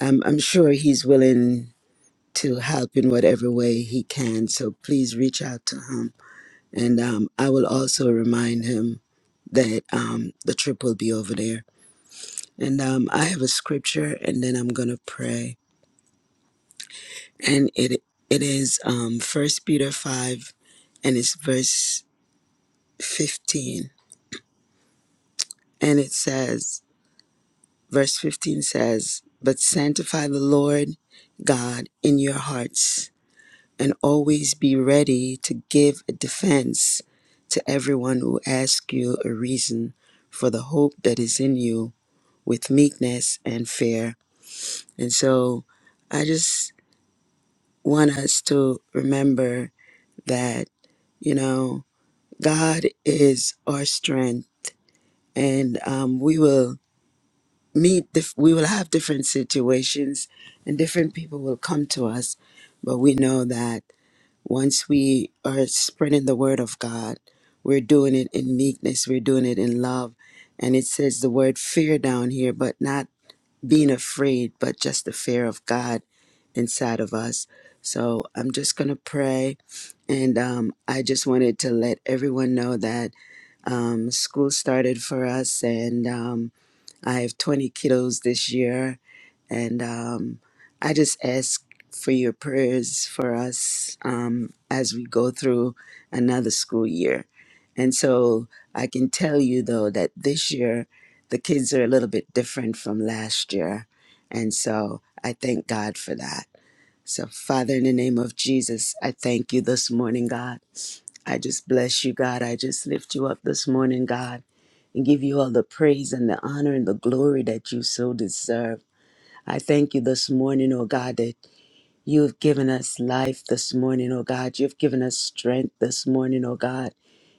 H: I'm, I'm sure he's willing to help in whatever way he can. So please reach out to him And um, I will also remind him that um, the trip will be over there. And um, I have a scripture, and then I'm gonna pray. And it it is um, First Peter five, and it's verse fifteen, and it says, verse fifteen says, "But sanctify the Lord God in your hearts, and always be ready to give a defense to everyone who asks you a reason for the hope that is in you." with meekness and fear. And so I just want us to remember that, you know, God is our strength and um, we will meet, dif- we will have different situations and different people will come to us. But we know that once we are spreading the word of God, we're doing it in meekness, we're doing it in love. And it says the word fear down here, but not being afraid, but just the fear of God inside of us. So I'm just going to pray. And um, I just wanted to let everyone know that um, school started for us, and um, I have 20 kiddos this year. And um, I just ask for your prayers for us um, as we go through another school year. And so I can tell you, though, that this year the kids are a little bit different from last year. And so I thank God for that. So, Father, in the name of Jesus, I thank you this morning, God. I just bless you, God. I just lift you up this morning, God, and give you all the praise and the honor and the glory that you so deserve. I thank you this morning, oh God, that you have given us life this morning, oh God. You've given us strength this morning, oh God.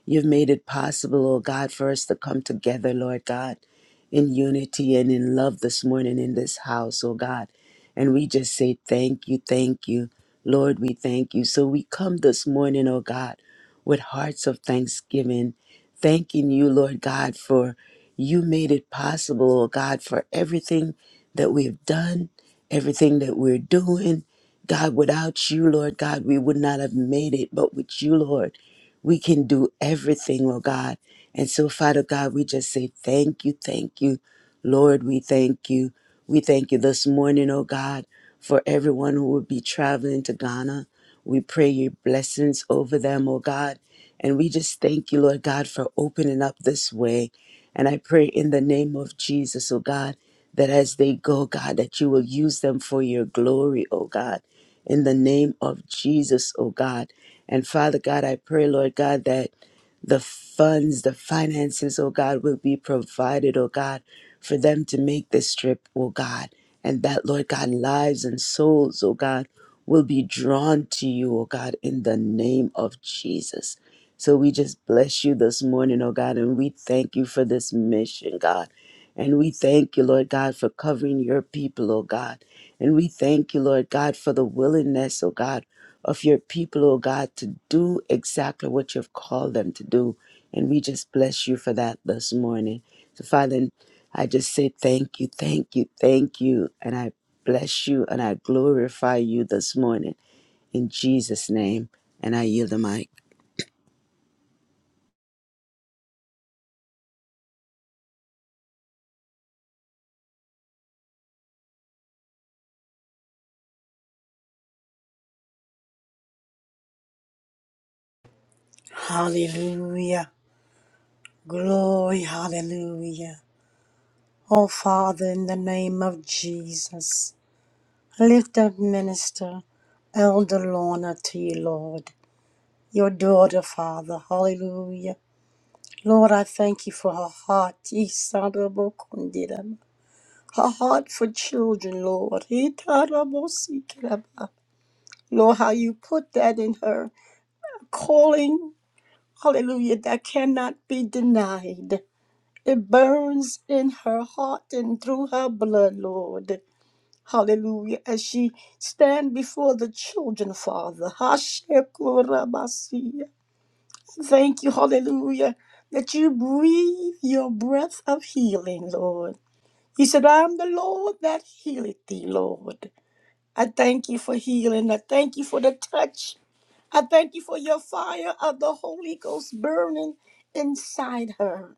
H: You've made it possible, oh God, for us to come together, Lord God, in unity and in love this morning in this house, oh God. And we just say thank you, thank you. Lord, we thank you. So we come this morning, oh God, with hearts of thanksgiving, thanking you, Lord God, for you made it possible, oh God, for everything that we've done, everything that we're doing God, without you, Lord God, we would not have made it. But with you, Lord, we can do everything, Lord God. And so, Father God, we just say thank you, thank you. Lord, we thank you. We thank you this morning, oh God, for everyone who will be traveling to Ghana. We pray your blessings over them, oh God. And we just thank you, Lord God, for opening up this way. And I pray in the name of Jesus, oh God, that as they go, God, that you will use them for your glory, oh God, in the name of Jesus, oh God. And Father God, I pray, Lord God, that the funds, the finances, oh God, will be provided, oh God, for them to make this trip, oh God. And that, Lord God, lives and souls, oh God, will be drawn to you, oh God, in the name of Jesus. So we just bless you this morning, oh God, and we thank you for this mission, God. And we thank you, Lord God, for covering your people, oh God. And we thank you, Lord God, for the willingness, oh God, of your people, oh God, to do exactly what you've called them to do. And we just bless you for that this morning. So, Father, I just say thank you, thank you, thank you. And I bless you and I glorify you this morning in Jesus' name. And I yield the mic.
A: Hallelujah. Glory. Hallelujah. Oh, Father, in the name of Jesus, lift up minister Elder Lorna to you, Lord, your daughter, Father. Hallelujah. Lord, I thank you for her heart. Isarabokundidam. Her heart for children, Lord. Itarabosikiraba. Lord, how you put that in her calling, hallelujah, that cannot be denied. It burns in her heart and through her blood, Lord. Hallelujah. As she stand before the children, Father. Hashekurabasiya. Thank you, hallelujah, that you breathe your breath of healing, Lord. He said, I am the Lord that healeth thee, Lord. I thank you for healing. I thank you for the touch. I thank you for your fire of the Holy Ghost burning inside her.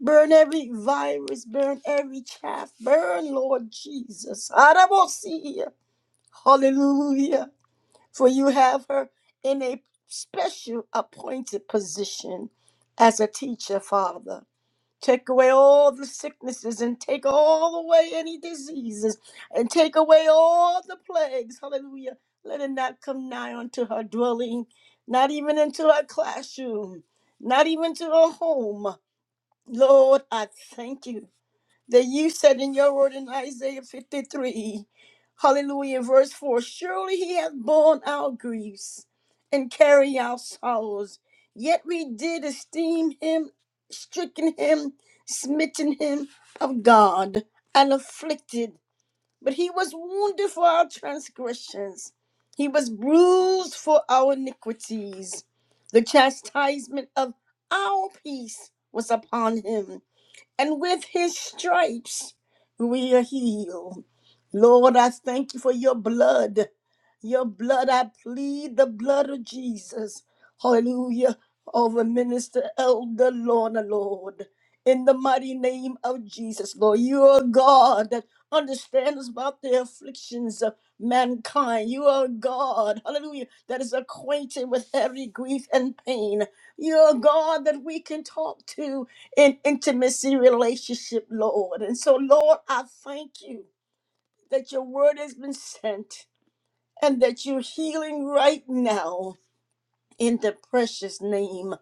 A: Burn every virus, burn every chaff, burn, Lord Jesus. Arabosia. Hallelujah. For you have her in a special appointed position as a teacher, Father. Take away all the sicknesses and take all away any diseases and take away all the plagues. Hallelujah. Let it not come nigh unto her dwelling, not even into her classroom, not even to her home. Lord, I thank you that you said in your word in Isaiah 53, hallelujah, verse 4 Surely he hath borne our griefs and carried our sorrows, yet we did esteem him, stricken him, smitten him of God, and afflicted. But he was wounded for our transgressions, he was bruised for our iniquities. The chastisement of our peace was upon him and with his stripes we are healed. Lord, I thank you for your blood. Your blood, I plead the blood of Jesus. Hallelujah. Over Minister Elder Lorna, Lord. In the mighty name of Jesus, Lord, you are God that understands about the afflictions of mankind. You are God, hallelujah, that is acquainted with every grief and pain. You are God that we can talk to in intimacy relationship, Lord. And so, Lord, I thank you that your word has been sent and that you're healing right now in the precious name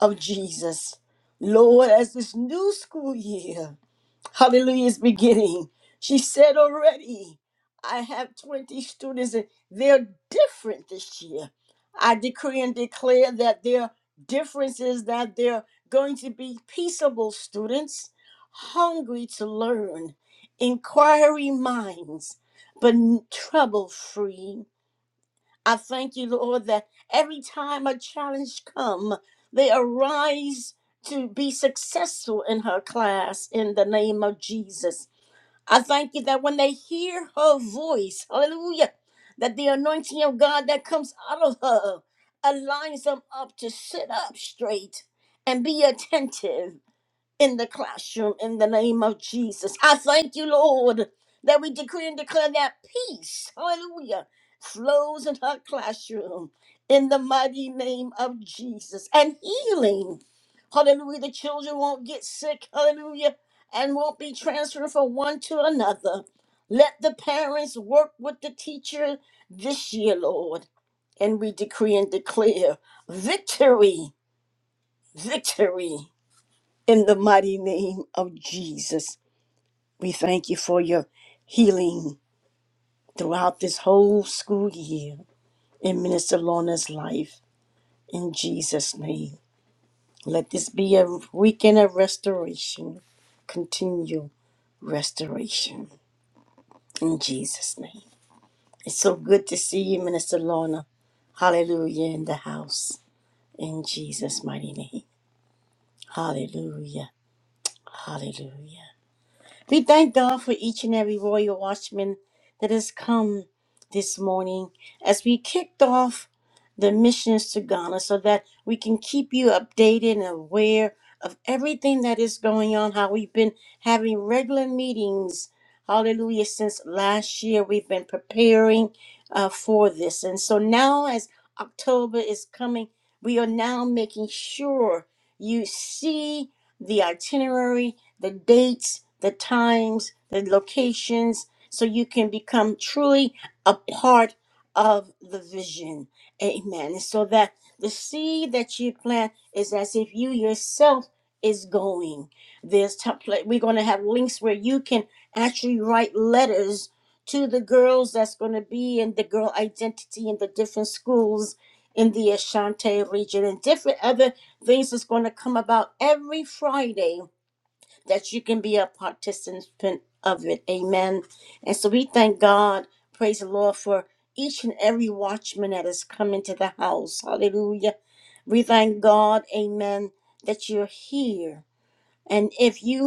A: of Jesus. Lord, as this new school year Hallelujah is beginning. She said already, I have 20 students and they're different this year. I decree and declare that their difference is that they're going to be peaceable students, hungry to learn, inquiry minds, but trouble free. I thank you, Lord, that every time a challenge come, they arise to be successful in her class in the name of Jesus. I thank you that when they hear her voice, hallelujah, that the anointing of God that comes out of her aligns them up to sit up straight and be attentive in the classroom in the name of Jesus. I thank you, Lord, that we decree and declare that peace, hallelujah, flows in her classroom in the mighty name of Jesus and healing. Hallelujah. The children won't get sick, hallelujah, and won't be transferred from one to another. Let the parents work with the teacher this year, Lord. And we decree and declare victory, victory in the mighty name of Jesus, we thank you for your healing throughout this whole school year in Minister Lorna's life. In Jesus' name, let this be a weekend of restoration, continual restoration. In Jesus' name. It's so good to see you, Minister Lorna. Hallelujah in the house. In Jesus' mighty name. Hallelujah. Hallelujah. We thank God for each and every royal watchman that has come this morning as we kicked off the missions to Ghana so that we can keep you updated and aware of everything that is going on, how we've been having regular meetings. Hallelujah. Since last year, we've been preparing uh, for this. And so now, as October is coming, we are now making sure you see the itinerary the dates, the times, the locations, so you can become truly a part of the vision. Amen. And so that the seed that you plant is as if you yourself is going. There's t- pla- we're going to have links where you can actually write letters to the girls that's going to be in the girl identity in the different schools in the Ashanti region and different other things that's going to come about every Friday that you can be a participant of it. Amen. And so we thank God, praise the Lord, for each and every watchman that has come into the house. Hallelujah. We thank God, amen, that you're here. And if you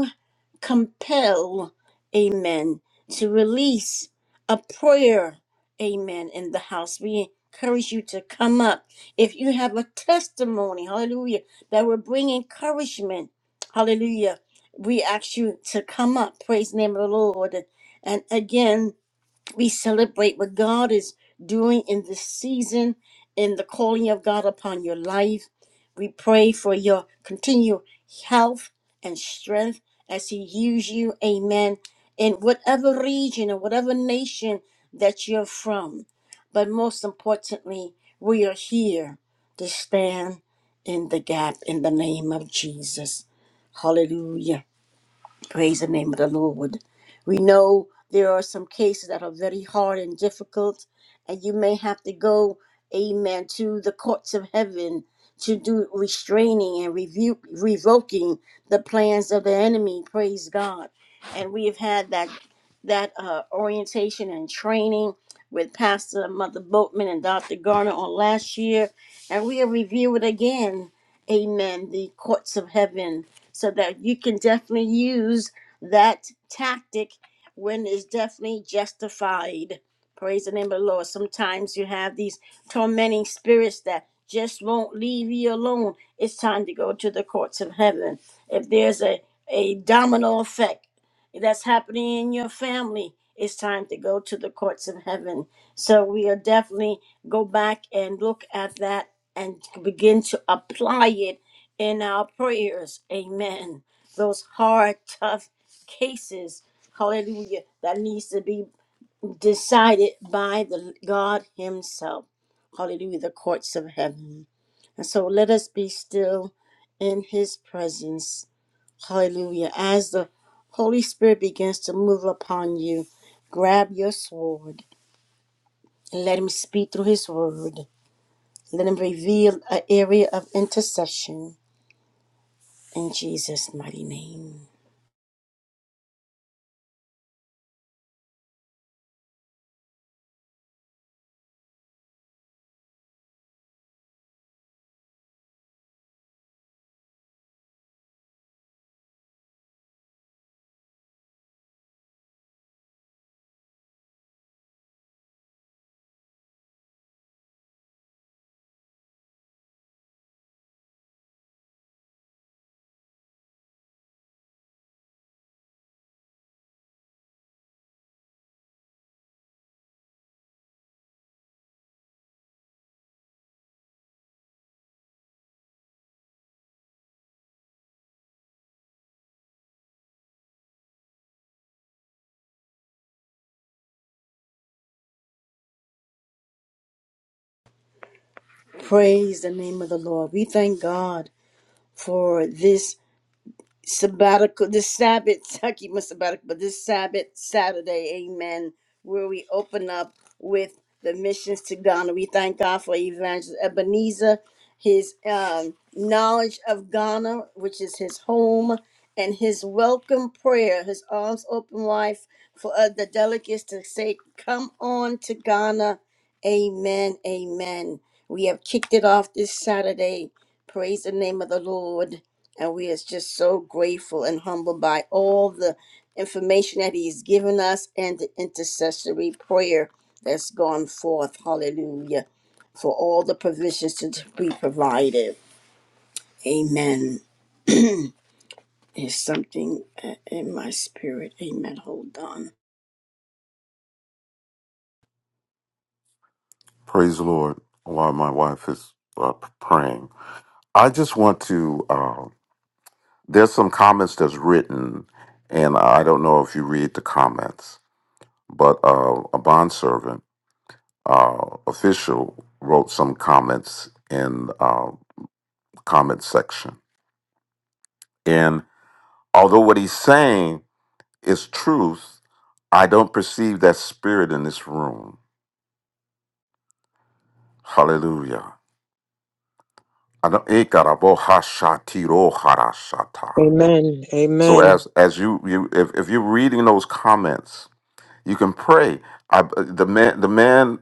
A: compel, amen, to release a prayer, amen, in the house. We encourage you to come up. If you have a testimony, hallelujah, that will bring encouragement, hallelujah, we ask you to come up. Praise the name of the Lord. And again, we celebrate what God is doing in this season in the calling of God upon your life. We pray for your continued health and strength as He uses you, amen, in whatever region or whatever nation that you're from. But most importantly, we are here to stand in the gap in the name of Jesus. Hallelujah. Praise the name of the Lord. We know there are some cases that are very hard and difficult, and you may have to go, amen, to the courts of heaven to do restraining and revu- revoking the plans of the enemy. Praise God. And we have had that that uh, orientation and training with Pastor Mother Boatman and Dr. Garner on last year, and we will review it again. Amen. The courts of heaven so that you can definitely use that tactic when it's definitely justified. Praise the name of the Lord. Sometimes you have these tormenting spirits that just won't leave you alone. It's time to go to the courts of heaven. If there's a, a domino effect that's happening in your family, it's time to go to the courts of heaven. So we are definitely go back and look at that and begin to apply it in our prayers. Amen. Those hard, tough cases, hallelujah, that needs to be decided by the God Himself. Hallelujah, the courts of heaven. And so let us be still in His presence. Hallelujah. As the Holy Spirit begins to move upon you, grab your sword and let Him speak through His word. Let Him reveal an area of intercession in Jesus' mighty name. Praise the name of the Lord. We thank God for this sabbatical this Sabbath. I keep my sabbatical, but this Sabbath Saturday, Amen. Where we open up with the missions to Ghana. We thank God for Evangelist Ebenezer, his um, knowledge of Ghana, which is his home, and his welcome prayer, his arms open wide for uh, the delegates to say, "Come on to Ghana." Amen. Amen. We have kicked it off this Saturday. Praise the name of the Lord. And we are just so grateful and humbled by all the information that he's given us and the intercessory prayer that's gone forth. Hallelujah. For all the provisions to be provided. Amen. There's something uh, in my spirit. Amen. Hold on.
G: Praise the Lord while my wife is uh, praying. I just want to, uh, there's some comments that's written, and I don't know if you read the comments, but uh, a bondservant. uh, official wrote some comments in uh, comment section. And although what he's saying is truth, I don't perceive that spirit in this room. Hallelujah. I don't- Ikarabohashatiroharashata.
C: Amen.
G: So
C: Amen.
G: as as you you if, if you're reading those comments, you can pray. I, the man the man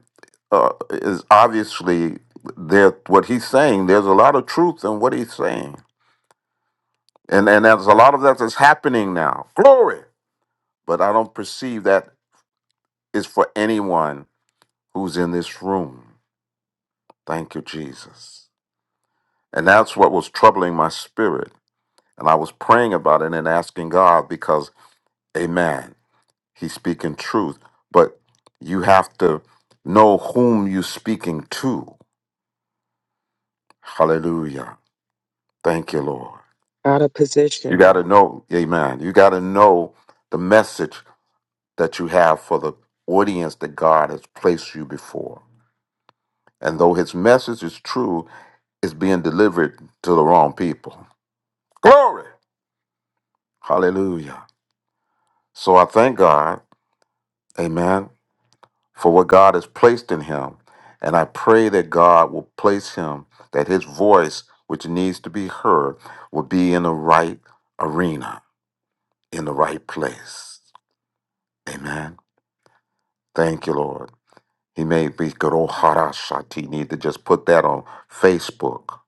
G: uh, is obviously there. What he's saying, there's a lot of truth in what he's saying And and there's a lot of that that's happening now. Glory. But I don't perceive that is for anyone who's in this room. Thank you, Jesus. And that's what was troubling my spirit. And I was praying about it and asking God because, amen, he's speaking truth. But you have to know whom you're speaking to. Hallelujah. Thank you, Lord.
C: Out of
G: You
C: position.
G: got to know, amen. You got to know the message that you have for the audience that God has placed you before. And though his message is true, it's being delivered to the wrong people. Glory! Hallelujah. So I thank God, amen, for what God has placed in him. And I pray that God will place him, that his voice, which needs to be heard, will be in the right arena, in the right place. Amen. Thank you, Lord. He may be Goroharashati. You need to just put that on Facebook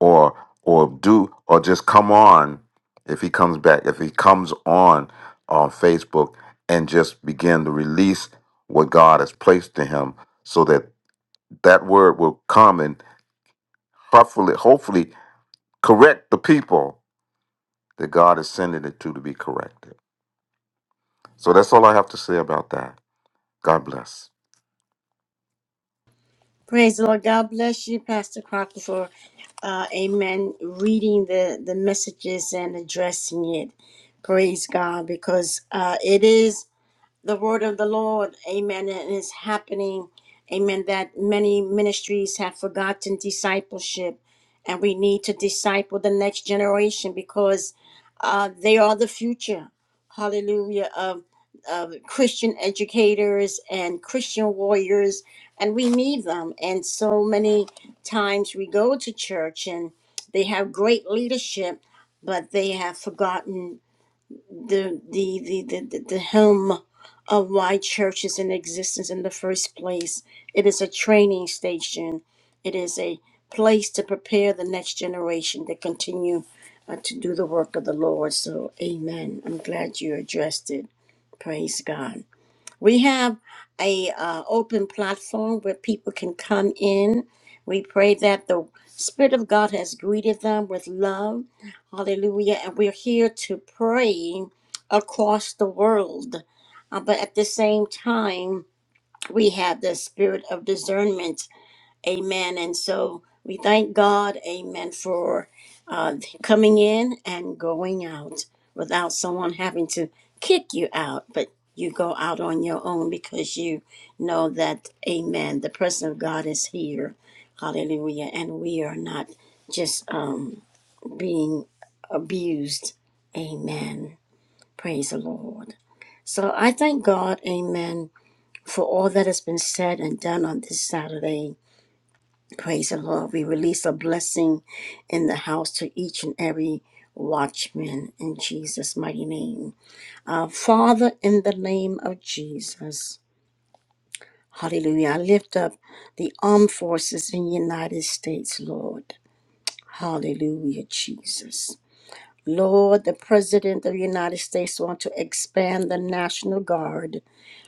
G: or or do or just come on if he comes back. If he comes on on Facebook and just begin to release what God has placed to him so that that word will come and hopefully hopefully correct the people that God is sending it to to be corrected. So that's all I have to say about that. God bless.
A: Praise the Lord. God bless you, Pastor Crocker, for uh, amen, reading the, the messages and addressing it. Praise God, because uh, it is the word of the Lord, amen, and it's happening, amen, that many ministries have forgotten discipleship, and we need to disciple the next generation because uh, they are the future, hallelujah, of, of Christian educators and Christian warriors, and we need them. And so many times we go to church and they have great leadership, but they have forgotten the the the the, the, helm of why church is in existence in the first place. It is a training station. It is a place to prepare the next generation to continue uh, to do the work of the Lord. So, Amen. I'm glad you addressed it. Praise God. We have a uh, open platform where people can come in. We pray that the Spirit of God has greeted them with love. Hallelujah. And we're here to pray across the world. Uh, but at the same time, we have the spirit of discernment Amen. And so we thank God, amen, for uh, coming in and going out without someone having to kick you out, but you go out on your own because you know that, amen, the presence of God is here. Hallelujah. And we are not just um, being abused. Amen. Praise the Lord. So I thank God, amen, for all that has been said and done on this Saturday. Praise the Lord. We release a blessing in the house to each and every watchman in Jesus' mighty name. Our Father, in the name of Jesus, hallelujah. I lift up the armed forces in the United States, Lord. Hallelujah, Jesus. Lord, the President of the United States want to expand the National Guard,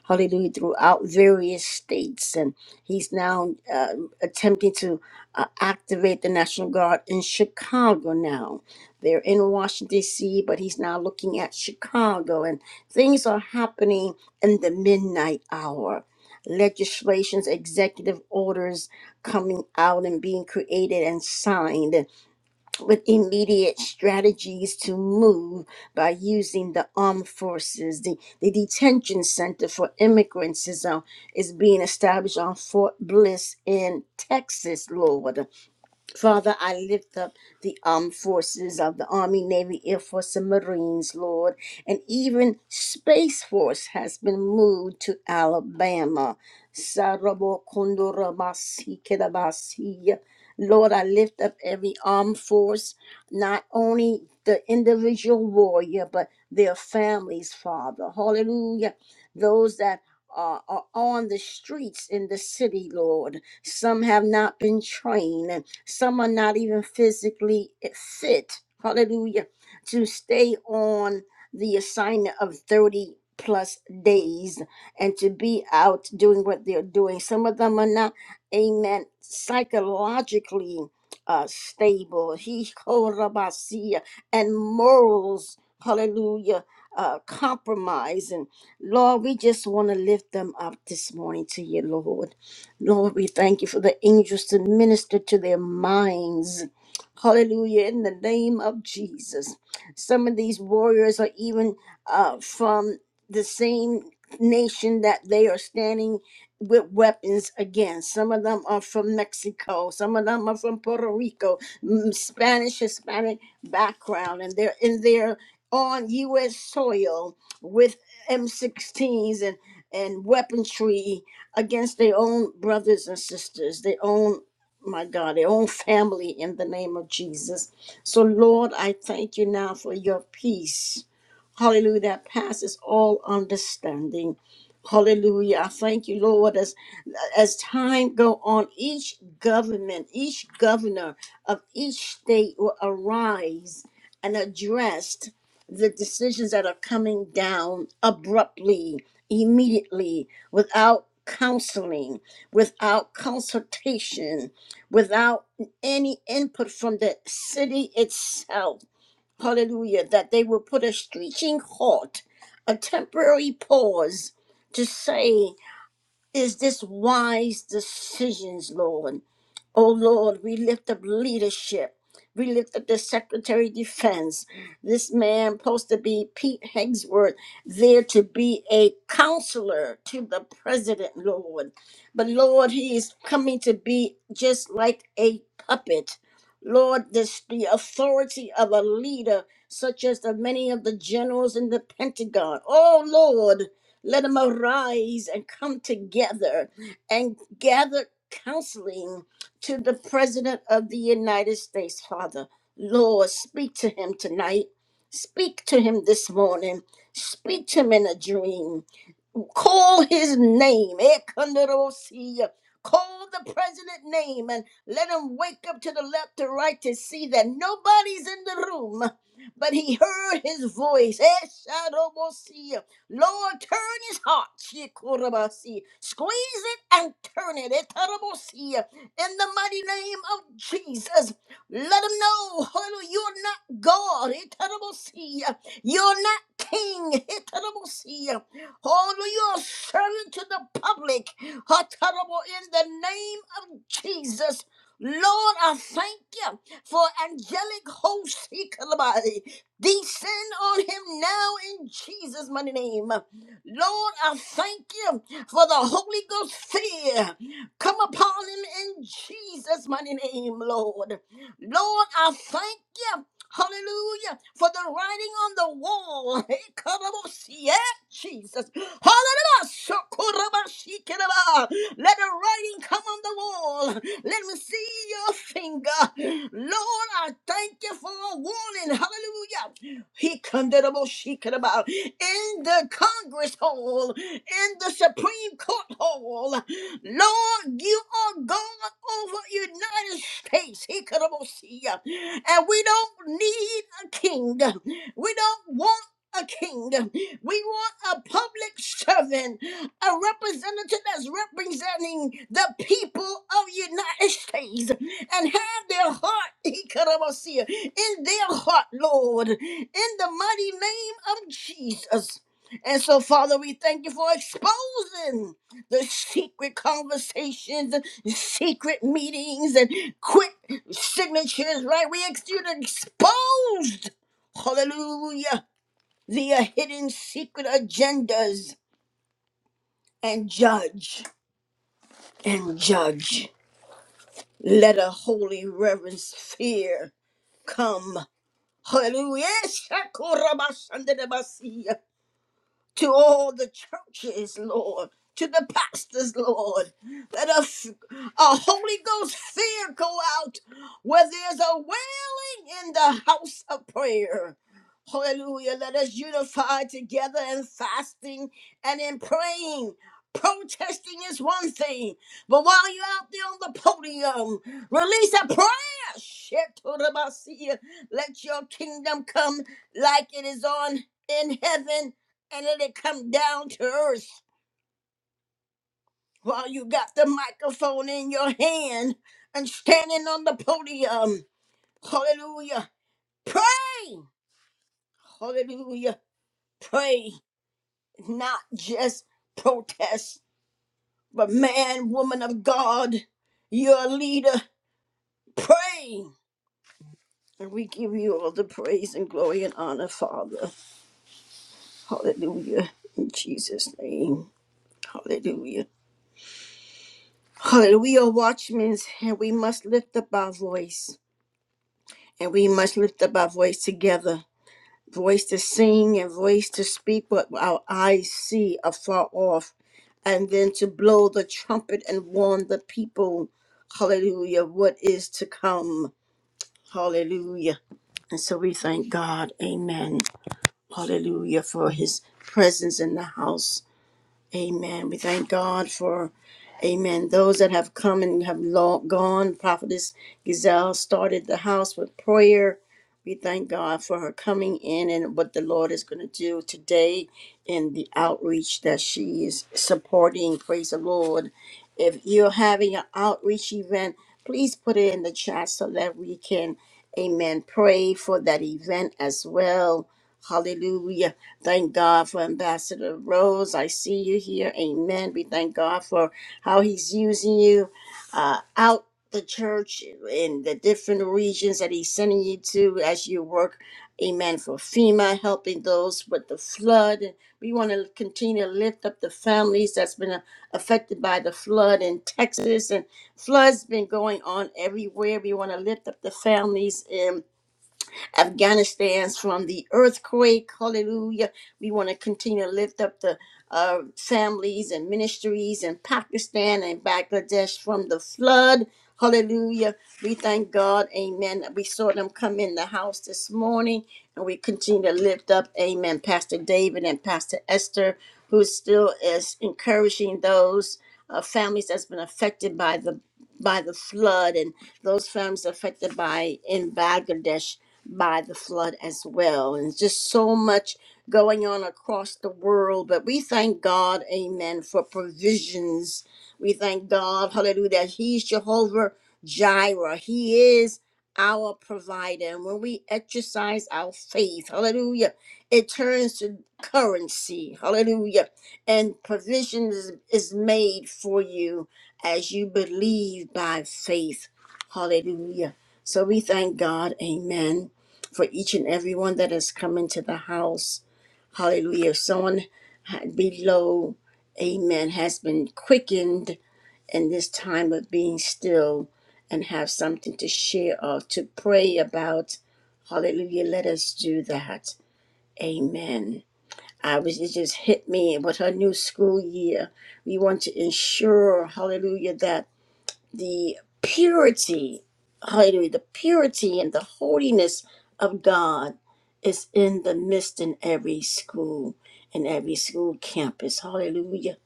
A: hallelujah, throughout various states. And he's now uh, attempting to uh, activate the National Guard in Chicago now. They're in Washington, D.C., but he's now looking at Chicago. And things are happening in the midnight hour. Legislations, executive orders coming out and being created and signed with immediate strategies to move by using the armed forces. The, the detention center for immigrants is, on, is being established on Fort Bliss in Texas, Lord. Father, I lift up the armed forces of the Army, Navy, Air Force, and Marines, Lord, and even Space Force has been moved to Alabama. Sarabo kondora basi kedabasi. Lord, I lift up every armed force, not only the individual warrior, but their families, Father. Hallelujah. Those that are, are on the streets in the city, Lord. Some have not been trained some are not even physically fit, hallelujah, to stay on the assignment of 30 plus days and to be out doing what they're doing. Some of them are not, amen, psychologically uh, stable. He korabasia, and morals, hallelujah, uh, compromise. And Lord, we just want to lift them up this morning to you, Lord. Lord, we thank you for the angels to minister to their minds. Hallelujah, in the name of Jesus. Some of these warriors are even uh, from the same nation that they are standing with weapons against. Some of them are from Mexico, some of them are from Puerto Rico, mm, Spanish, Hispanic background, and they're in there on U.S. soil with M16s and, and weaponry against their own brothers and sisters, their own, my God, their own family in the name of Jesus. So, Lord, I thank you now for your peace. Hallelujah, that passes all understanding. Hallelujah. I thank you, Lord, as as time go on, each government, each governor of each state will arise and address the decisions that are coming down abruptly immediately without counseling, without consultation, without any input from the city itself. Hallelujah. That they will put a screeching halt, a temporary pause to say, Is this wise decisions, Lord? Oh Lord, we lift up leadership. We lift up the Secretary of Defense. This man supposed to be Pete Hegsworth, there to be a counselor to the president, Lord. But Lord, he is coming to be just like a puppet. Lord, this the authority of a leader, such as the many of the generals in the Pentagon. Oh Lord, let him arise and come together and gather counseling to the President of the United States, Father. Lord, speak to him tonight. Speak to him this morning. Speak to him in a dream. Call his name. Ekandarosia. Call the president name and let him wake up to the left and right to see that nobody's in the room. But he heard his voice. Eshadomosia. Lord, turn his heart. Shikorabasi. Squeeze it and turn it. Etarabosia. In the mighty name of Jesus, let him know, hallelujah, you're not God. Etarabosia. You're not king. Etarabosia. Holy, you are serving to the public. How terrible in the name of Jesus. Lord, I thank you for angelic hosts. he could body. Descend on him now in Jesus' mighty name. Lord, I thank you for the Holy Ghost fear. Come upon him in Jesus' mighty name, Lord. Lord, I thank you. Hallelujah. For the writing on the wall. Jesus. Hallelujah. socorro ba Let the writing come on the wall. Let me see your finger. Lord, I thank you for a warning. Hallelujah. He condemnable shikera in the Congress Hall, in the Supreme Court Hall. Lord, you are God over United States. He condemnable-shia. And we don't need a king. We don't want a king. We want a public servant, a representative that's representing the people of United States and have their heart, he could almost see it, in their heart, Lord, in the mighty name of Jesus. And so, Father, we thank you for exposing the secret conversations, secret meetings, and quick signatures, right? We ask you to expose. Hallelujah via hidden secret agendas and judge and judge. Let a holy reverence fear come. Hallelujah. to all the churches, Lord, to the pastors, Lord. Let a, f- a Holy Ghost fear go out where there's a wailing in the house of prayer. Hallelujah. Let us unify together in fasting and in praying. Protesting is one thing, but while you're out there on the podium, release a prayer. Shetodabasiya. Let your kingdom come like it is on in heaven and let it come down to earth while you got the microphone in your hand and standing on the podium. Hallelujah. Pray. Hallelujah. Pray. Not just protest, but man, woman of God, you're a leader. Pray. And we give you all the praise and glory and honor, Father. Hallelujah. In Jesus' name. Hallelujah. Hallelujah. We are watchmen and we must lift up our voice. and we must lift up our voice together voice to sing and voice to speak what our eyes see afar off and then to blow the trumpet and warn the people hallelujah what is to come hallelujah and so we thank god amen hallelujah for his presence in the house Amen. We thank God for, amen, those that have come and have lo- gone. Prophetess Gazelle started the house with prayer. We thank God for her coming in and what the Lord is going to do today in the outreach that she is supporting. Praise the Lord. If you're having an outreach event, please put it in the chat so that we can, amen, pray for that event as well. Hallelujah. Thank God for Ambassador Rose. I see you here. Amen. We thank God for how He's using you uh, out the church in the different regions that He's sending you to as you work. Amen. For FEMA, helping those with the flood. We want to continue to lift up the families that's been uh, affected by the flood in Texas. And floods been going on everywhere. We want to lift up the families in Afghanistan's from the earthquake. Hallelujah. We want to continue to lift up the uh, families and ministries in Pakistan and Bangladesh from the flood. Hallelujah. We thank God. Amen. We saw them come in the house this morning and we continue to lift up. Amen. Pastor David and Pastor Esther, who still is encouraging those uh, families that's been affected by the by the flood and those families affected by in Bangladesh by the flood as well. And just so much going on across the world. But we thank God, amen, for provisions. We thank God, hallelujah, that He's Jehovah Jireh. He is our provider. And when we exercise our faith, hallelujah, it turns to currency, hallelujah. And provision is, is made for you as you believe by faith, hallelujah. So we thank God, amen for each and every one that has come into the house. Hallelujah. If someone below, amen, has been quickened in this time of being still and have something to share or to pray about, hallelujah, let us do that. Amen. I was, it just hit me with her new school year. We want to ensure, hallelujah, that the purity, hallelujah, the purity and the holiness of God is in the midst in every school, in every school campus. Hallelujah.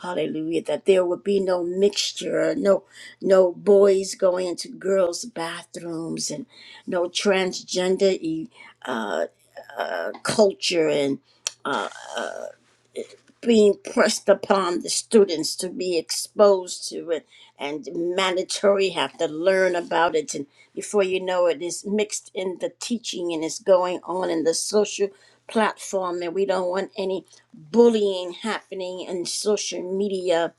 A: Hallelujah. That there would be no mixture, no no boys going into girls' bathrooms and no transgender e- uh, uh, culture and being pressed upon the students to be exposed to it and mandatory have to learn about it and before you know it is mixed in the teaching and is going on in the social platform and we don't want any bullying happening in social media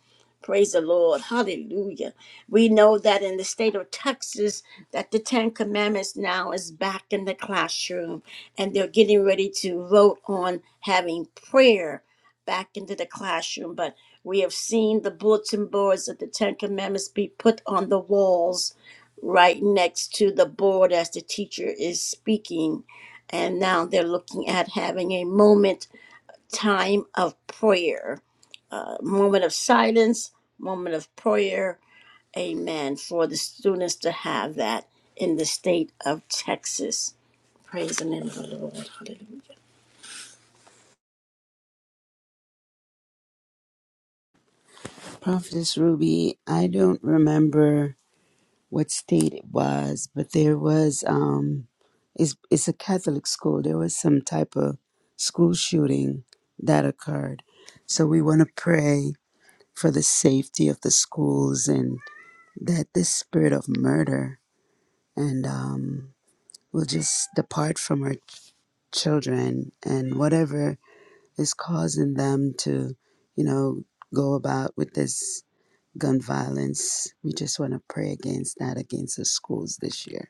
A: praise the lord hallelujah we know that in the state of texas that the ten commandments now is back in the classroom and they're getting ready to vote on having prayer back into the classroom, but we have seen the bulletin boards of the Ten Commandments be put on the walls right next to the board as the teacher is speaking. And now they're looking at having a moment time of prayer, uh, moment of silence, moment of prayer. Amen. For the students to have that in the state of Texas. Praise the name of the Lord. Hallelujah.
H: Prophetess Ruby, I don't remember what state it was, but there was um, it's it's a Catholic school. There was some type of school shooting that occurred, so we want to pray for the safety of the schools and that this spirit of murder and um, will just depart from our children and whatever is causing them to, you know, go about with this gun violence. We just want to pray against that against the schools this year.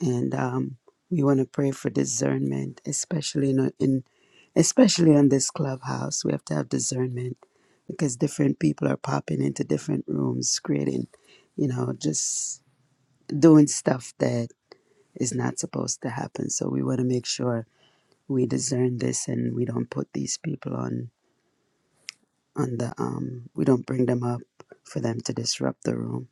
H: and um, we want to pray for discernment, especially in, in especially on this clubhouse. We have to have discernment because different people are popping into different rooms, creating, you know, just doing stuff that is not supposed to happen. So we want to make sure we discern this and we don't put these people on on the um we don't bring them up for them to disrupt the room.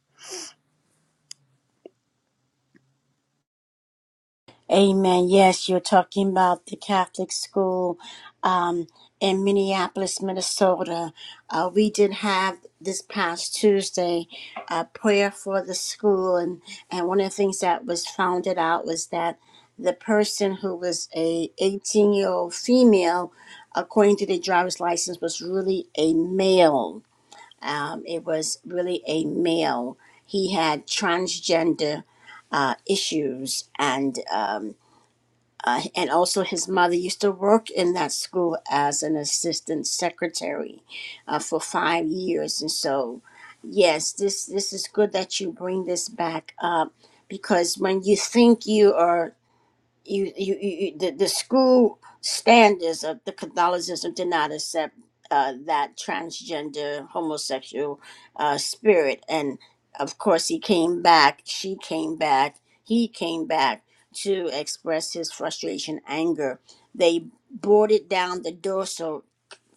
A: Amen. Yes, you're talking about the Catholic school um, in Minneapolis, Minnesota. Uh, we did have this past Tuesday a prayer for the school, and, and one of the things that was founded out was that the person who was a 18 year old female, according to the driver's license, was really a male. Um, it was really a male. He had transgender uh, issues and. Um, uh, and also, his mother used to work in that school as an assistant secretary uh, for five years. And so, yes, this this is good that you bring this back up because when you think you are you, you, you you- the, the school standards of the Catholicism did not accept uh, that transgender homosexual uh, spirit. And of course, he came back, she came back, he came back to express his frustration, anger. They boarded down the door so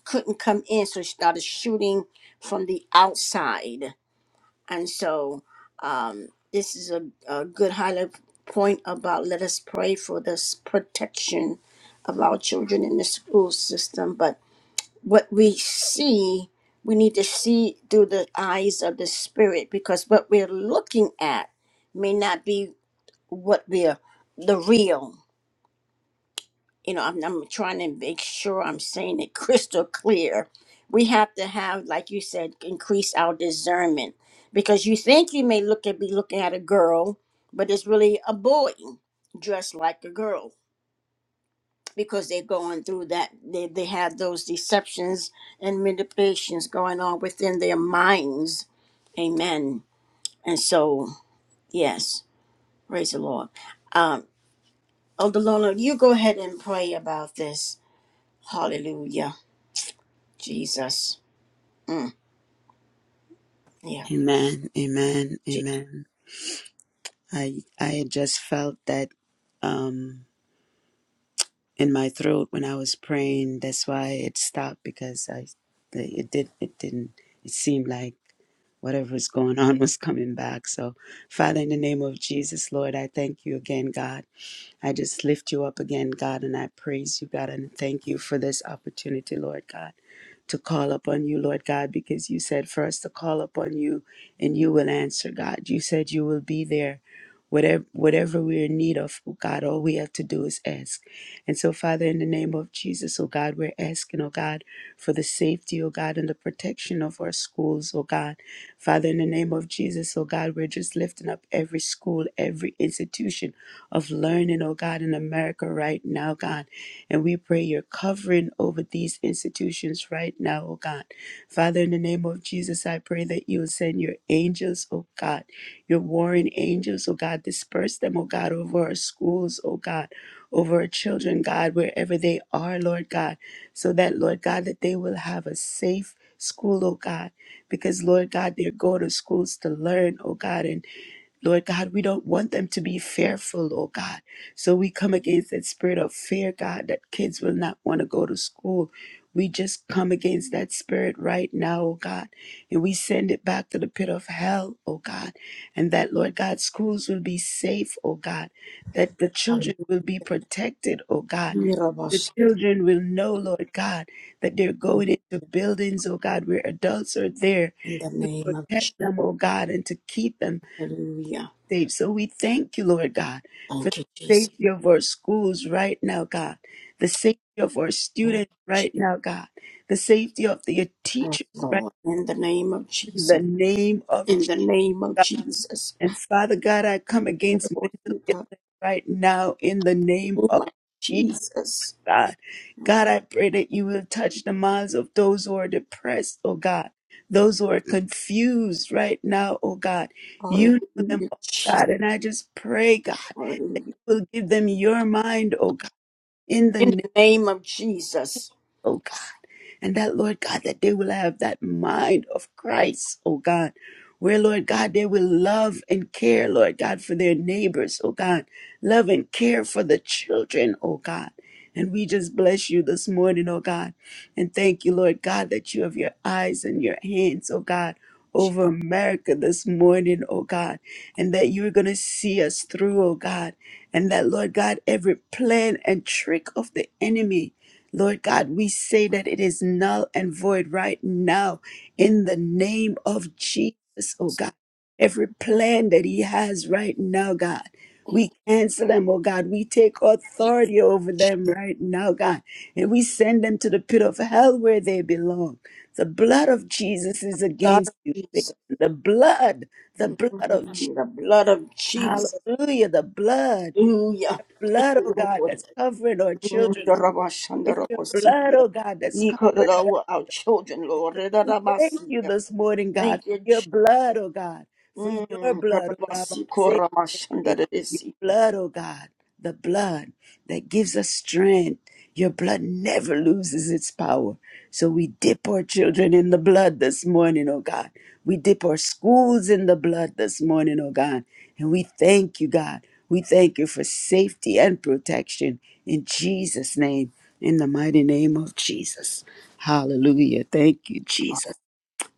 A: couldn't come in, so he started shooting from the outside and so um, this is a, a good highlight point about let us pray for this protection of our children in the school system. But what we see, we need to see through the eyes of the spirit because what we're looking at may not be what we're the real you know, I'm, I'm trying to make sure I'm saying it crystal clear. We have to have, like you said, increase our discernment because you think you may look at be looking at a girl, but it's really a boy dressed like a girl because they're going through that. They, they have those deceptions and manipulations going on within their minds. Amen. And so, yes, praise the Lord. Um, Elder Lona, you go ahead and pray about this. Hallelujah. Jesus. Mm, yeah.
H: Amen. Amen.
A: Je-
H: Amen. I I just felt that um in my throat when I was praying. That's why it stopped because I it did it didn't it seemed like whatever was going on was coming back. So Father, in the name of Jesus, Lord, I thank you again, God. I just lift you up again, God, and I praise you, God, and thank you for this opportunity, Lord God, to call upon you, Lord God, because you said for us to call upon you and you will answer, God. You said you will be there. Whatever, whatever we're in need of, oh God, all we have to do is ask. And so, Father, in the name of Jesus, oh God, we're asking, oh God, for the safety, oh God, and the protection of our schools, oh God. Father, in the name of Jesus, oh God, we're just lifting up every school, every institution of learning, oh God, in America right now, God. And we pray your covering over these institutions right now, oh God. Father, in the name of Jesus, I pray that you will send your angels, oh God, your warring angels, oh God, disperse them, oh God, over our schools, oh God, over our children, God, wherever they are, Lord God, so that, Lord God, that they will have a safe school, oh God, because, Lord God, they go to schools to learn, oh God, and. Lord God, we don't want them to be fearful, oh God. So we come against that spirit of fear, God, that kids will not want to go to school. We just come against that spirit right now, oh God, and we send it back to the pit of hell, oh God. And that, Lord God, schools will be safe, oh God, that the children will be protected, oh God. The children will know, Lord God, that they're going into buildings, oh God, where adults are there
A: In the
H: to
A: name of Jesus.
H: protect them, oh God, and to keep them
A: Hallelujah.
H: saved. So we thank you, Lord God, for the
A: Thank you, Jesus.
H: safety of our schools right now, God, the safety of our
A: Thank
H: students
A: you,
H: right now, God, the safety of the
A: Jesus,
H: teachers right
A: Lord. In the name of
H: in
A: Jesus.
H: the name of
A: In the name of
H: Jesus.
A: Jesus.
H: And Father God, I come against
A: Lord,
H: mental
A: you have
H: illness right now in the name
A: been
H: of
A: my
H: Jesus.
A: Jesus.
H: God. God, I pray that you will touch the minds of those who are depressed, oh God, those who are confused right now, oh God. You know them,
A: Hallelujah,
H: oh
A: Jesus.
H: God, and I just pray, God, that
A: Hallelujah.
H: you will give them your mind, oh God, in the
A: In
H: name,
A: the name of Jesus.
H: oh God. And that, Lord God, that they will have that mind of Christ, oh God, where, Lord God, they will love and care, Lord God, for their neighbors, oh God, love and care for the children, oh God. And we just bless you this morning, oh God. And thank you, Lord God, that you have your eyes and your hands, oh God, over America this morning, oh God. And that you're going to see us through, oh God. And that, Lord God, every plan and trick of the enemy, Lord God, we say that it is null and void right now in the name of Jesus, oh God. Every plan that he has right now, God, we cancel them, oh God. We take authority over them right now, God, and we send them to the pit of hell where they belong. The blood of Jesus is
A: Blood of
H: against you, Satan.
A: Jesus.
H: The blood, the
A: Mm, mm,
H: blood of Jesus.
A: mm. The blood of Jesus.
H: Hallelujah, the blood,
A: Hallelujah.
H: blood, oh God,
A: Lord.
H: that's covering our children it's your blood,
A: Rabashandarabosia.
H: oh God, that's covering us.
A: Ikaradawa, Our children,
H: And
A: Lord.
H: so we thank you
A: Redarabasia.
H: this morning, God,
A: Thank you,
H: for your
A: Jesus.
H: blood, oh God, for your
A: Mm.
H: blood, oh God. I say, Your
A: Rabasikoromashandarabesia.
H: blood, oh God, the blood that gives us strength your blood never loses its power. So we dip our children in the blood this morning, oh God. We dip our schools in the blood this morning, oh God. And we thank you, God. We thank you for safety and protection in Jesus' name, in the mighty name of Jesus. Hallelujah. Thank you, Jesus.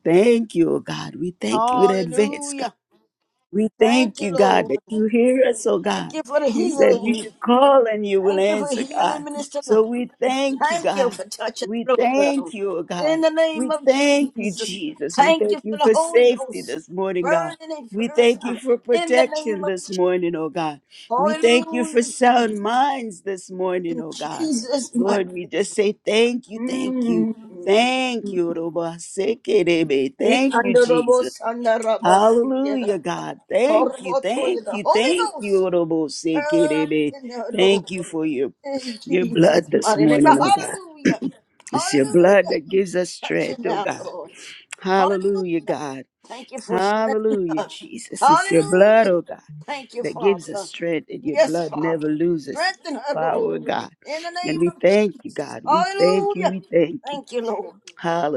H: Thank you, oh God. We thank you in advance, God.
A: Hallelujah.
H: We
A: Thank
H: thank
A: you,
H: you, God, that
A: Lord.
H: you hear us, oh
A: Thank
H: God.
A: you for the
H: You said we
A: healing.
H: should call and you will
A: Thank you for
H: answer,
A: healing,
H: God.
A: Minister
H: So
A: Lord.
H: we thank you,
A: Thank you
H: God.
A: for touching
H: We
A: Lord.
H: thank you, oh
A: In
H: God.
A: the name
H: We
A: of
H: thank you,
A: Jesus.
H: Jesus. We
A: Thank you
H: thank
A: for
H: you
A: the
H: for
A: Holy
H: safety
A: Ghost.
H: this morning, God.
A: Burning and
H: We thank
A: purifying.
H: you for
A: In the name
H: protection
A: of
H: this
A: Jesus.
H: morning, oh God. We thank you for
A: Hallelujah,
H: sound minds this morning,
A: In
H: oh God.
A: Jesus' mighty
H: Lord, we just say thank you, thank you,
A: name.
H: thank you, Roba Sekerebe.
A: We
H: Thank
A: can
H: you,
A: do
H: Jesus.
A: robots and the robots together.
H: Hallelujah, God. Thank you,
A: Horrible to you,
H: thank
A: the
H: you,
A: Holy
H: thank you,
A: Ghost.
H: Honorable
A: Fire up
H: Sekirebe.
A: in the
H: Thank you
A: Lord.
H: for your,
A: In
H: your blood
A: Jesus'
H: this
A: mighty name.
H: morning, oh God.
A: Hallelujah.
H: It's your blood
A: Hallelujah.
H: that gives us
A: Touch it
H: strength, oh
A: now,
H: God.
A: Lord. Hallelujah.
H: Hallelujah, God.
A: Thank you for shutting
H: Hallelujah,
A: up.
H: Jesus. It's your blood,
A: Hallelujah.
H: oh God,
A: Thank you,
H: that gives us
A: Father.
H: strength, and your
A: Yes,
H: blood
A: Father.
H: never loses
A: Strengthen her, Lord.
H: power, God.
A: In the
H: And
A: name
H: we
A: of
H: thank you,
A: Jesus.
H: God. We thank you,
A: Hallelujah.
H: we thank you.
A: Thank you, Lord.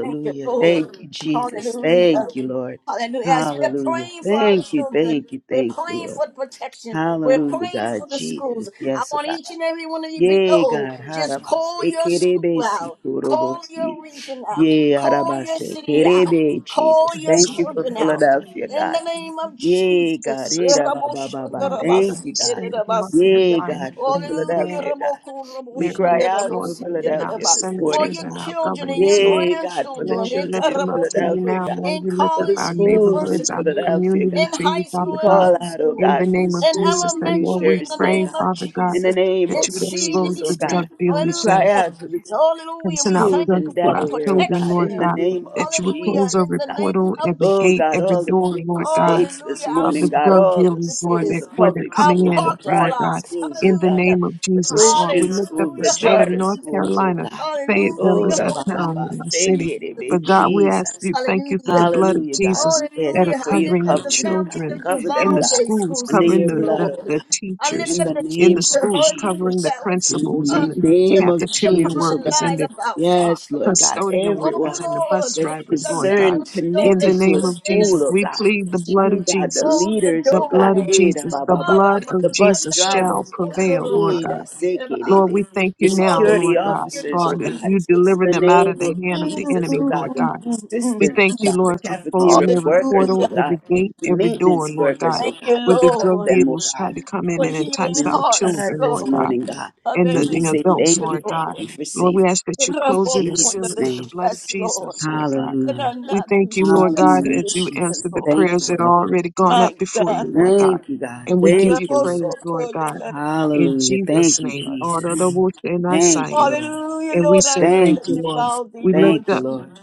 A: Thank you, Lord.
H: Thank you, Jesus.
A: Hallelujah.
H: Thank you, Lord.
A: Hallelujah. As we're
H: Hallelujah.
A: praying for our
H: Thank you,
A: children,
H: thank you,
A: we're
H: thank you,
A: praying
H: Lord.
A: for protection. We're
H: Hallelujah,
A: praying
H: God.
A: for the schools.
H: Jesus.
A: I
H: Yes, oh
A: want
H: God.
A: each and every one of you
H: Yea,
A: below.
H: God.
A: Just call
H: Harabase
A: your school
H: kerebesi
A: out. Call your
H: kurobosi.
A: region out.
H: Yea,
A: Call your
H: harabase
A: city out.
H: kerebe,
A: Call
H: Jesus.
C: and
A: your
C: so
H: Thank you
C: many
H: for
A: children
C: more
A: out.
H: Philadelphia,
A: In
C: communities
A: the
H: God.
A: name of
C: are
H: Yea,
A: Jesus.
H: God. Eh, da, ba, ba, ba, ba.
C: strongly from
H: Thank
C: the
H: you, God.
C: state of North
H: Yea,
C: Carolina
H: God, for
C: and the
A: Hallelujah.
C: mayor,
H: Philadelphia, God.
A: Raboko,
H: We
C: Mayor
H: cry
A: raboshanda,
C: Mitch,
H: out
C: Lord
H: for
C: God, and our
H: Philadelphia
A: rabosikendereba.
H: this
A: For
H: morning,
C: senators
A: your
C: and
H: God.
C: our
A: children and your
C: governors, Lord.
H: Yay, God, for the
A: grandchildren
C: Lord, we lift
H: children in
C: them up to you
A: etarabosokwe,
H: Philadelphia,
C: now.
H: God,
C: Lord,
A: in
C: we lift
H: for
C: up
H: the
A: college
C: our
A: and
H: schools in
C: neighborhoods,
A: university,
C: our
H: Philadelphia,
C: community
A: in
H: God.
C: to you,
A: high
H: We
C: Father
A: school and
C: God,
H: call
A: middle
H: out, oh
C: in the
H: God,
A: school,
H: for the
C: name of
A: in
H: schools
C: Jesus.
H: in
C: And
H: New
C: Lord,
A: elementary,
C: we
A: in the
H: Jersey, oh
C: pray,
A: name
H: God.
A: of
C: Father God,
H: In the
A: Jesus,
H: name
A: in
C: that
H: of
C: you would expose
H: Jesus, oh
C: the
A: CDC.
C: drug
H: God, we
C: dealers that
H: cry
A: Hallelujah.
H: out for this
C: can
A: Hallelujah.
C: send
A: We
C: out
A: thank
H: schools
A: you
C: drugs
H: in
C: to
A: for the
C: our
H: Delaware, oh
C: children,
H: God,
C: Lord
H: in
A: protection.
H: the
C: God,
H: name of
C: that you would
A: Hallelujah.
C: close
H: Jesus,
A: In
H: oh
C: every
A: the
H: God.
A: name
C: portal,
A: of
C: every
H: Oh
C: gate,
H: God,
A: Jesus.
C: every
H: all the
C: door,
H: 50
C: Lord God
H: states
A: Hallelujah.
H: this
A: Our
C: of
H: morning,
C: the
H: God,
A: school
C: drug
H: all the
C: dealers, Lord,
H: schools,
C: that
H: the
A: campuses,
C: where they're
H: public
A: our
C: coming
H: schools,
C: in,
H: the
C: at,
A: parking
C: Lord
H: private
C: God.
A: lots.
H: schools, oh
C: In the
H: God,
A: Hallelujah.
C: name of
H: the
C: Jesus, Lord, we
H: Christian
C: lift up
H: schools,
C: the
H: the
A: Hallelujah.
C: state
A: Hallelujah.
C: of
H: charter
C: North
H: schools, oh
C: Carolina.
H: God.
C: Fayetteville
A: Hallelujah.
H: Oh,
C: is
H: da
C: our
H: ba ba
C: town
H: ba,
C: and
A: Hallelujah.
C: our
H: thank
C: city.
H: you, it
A: Jesus.
H: be
C: But God, we ask
H: Jesus.
C: you, thank you for
A: Hallelujah.
C: the blood of
H: Hallelujah, God.
C: Jesus
H: We ask
C: that
A: Hallelujah.
C: are
H: for
A: I
H: your
A: lift
C: covering
A: up
C: the
A: the
H: covering, oh
A: families
H: God.
C: children
A: of
H: Cover
C: in
H: them,
C: the
H: God,
A: Uvalde
C: schools,
A: school
H: under
C: covering
H: your
A: system,
C: the, the,
H: blood, oh
A: Lord.
C: the
H: God
A: I lift
C: teachers
H: in
A: up
H: the
A: the
C: in the
H: name
A: teacher,
H: of
C: schools,
A: hallelujah,
C: covering the
H: Jesus.
A: that was
H: In the
C: principals
A: uh,
C: and the
H: ma-
A: to
H: name of
A: pick
C: cafeteria
A: upon
H: Jesus, oh
A: and
C: workers
H: God.
C: and
A: lied
C: the
A: about,
H: Yes, Lord
A: Father.
H: God.
C: custodial
A: Oh,
C: workers
H: Everyone
C: and the
A: Lord,
C: bus
H: that's
C: drivers,
A: the
C: Lord
A: video
C: God.
H: concerned,
A: showed
C: In
A: that
C: the
H: connected
A: she
H: to a
C: name
A: was
C: of Jesus,
H: school, oh
A: innocent.
C: we
H: God.
C: plead the
A: She
C: blood of
H: Mm, God, the
C: Jesus.
A: closed the
H: leaders,
C: The
H: oh God.
C: blood of
A: door.
H: Eh, da
C: Jesus,
H: ba
C: the
H: ba ba.
A: Hallelujah,
C: blood
H: The
C: of
H: bus
C: Jesus shall
H: drivers, oh God.
C: prevail, Lord
H: Eh, da
C: God.
H: se ke de
C: Lord,
H: be.
C: we thank
H: The
C: you now,
H: security
C: Lord God,
H: officers, oh
C: Lord, that
H: God.
C: you
A: Jesus.
H: In
C: deliver
H: the
C: them out
H: name
C: of the
A: Mm,
H: of
C: hand of the
A: mm,
H: Jesus,
C: enemy,
H: oh
A: mm,
C: Lord
H: God. The
C: God.
A: mm,
C: We
H: assistants,
A: mm.
C: thank
H: oh
C: you,
H: God. The
C: Lord, for
H: cafeteria
C: closing every
H: workers,
C: portal,
H: oh
A: Hallelujah.
H: God.
C: every gate,
H: The
C: every door,
H: maintenance
C: Lord
H: workers,
C: God,
H: oh
A: Thank you,
H: God.
C: where
H: We
C: the
H: cover
C: drug
A: Lord,
H: them, oh
C: dealers tried to
H: God.
C: come in
A: for
H: We
C: and
H: put them
C: entice
A: healing
H: in the
C: our
A: hearts,
H: blood
C: children,
H: this
C: Lord
A: Lord,
C: God
H: morning, God.
A: of
C: and
H: And
C: the,
H: we
A: every
C: the
H: say
C: adults,
H: thank
A: teacher,
H: you,
C: Lord God.
H: thank
A: Lord.
H: you for
C: Lord, we
H: safety.
C: ask that you
H: In
C: close it
A: Rabok
C: and
A: under
C: seal
H: Jesus'
C: it
A: the
C: with the
H: name.
C: blood of
A: stress, Lord,
C: Jesus, Lord God.
A: that
H: Hallelujah.
A: are
C: We
A: not in
C: thank you, Lord
A: stress
C: God,
A: with
H: Hallelujah,
C: as you
A: this year,
H: Jesus.
C: answer the
H: Thank
A: Lord.
C: prayers
H: you,
C: that
H: Lord.
C: are already gone
A: My
C: up before
A: God,
C: you,
A: my
C: Lord God.
H: Thank you, God.
C: And we
A: God.
C: give
H: Thank
C: you
H: you, Lord.
C: praise, Lord
A: Rabosotoya
C: God,
A: that
C: in
H: Hallelujah.
A: I
C: Jesus'
H: Thank you,
C: name.
A: us.
C: And
H: Jesus. Thank you, Lord.
A: Hallelujah,
C: we
A: Lord, I
C: say
A: lift
C: thank
A: up
H: Thank
C: you,
H: you,
C: Lord.
H: Jesus.
A: Vivaldi,
C: We lift
A: Lord.
H: Thank
C: up
H: you, Lord.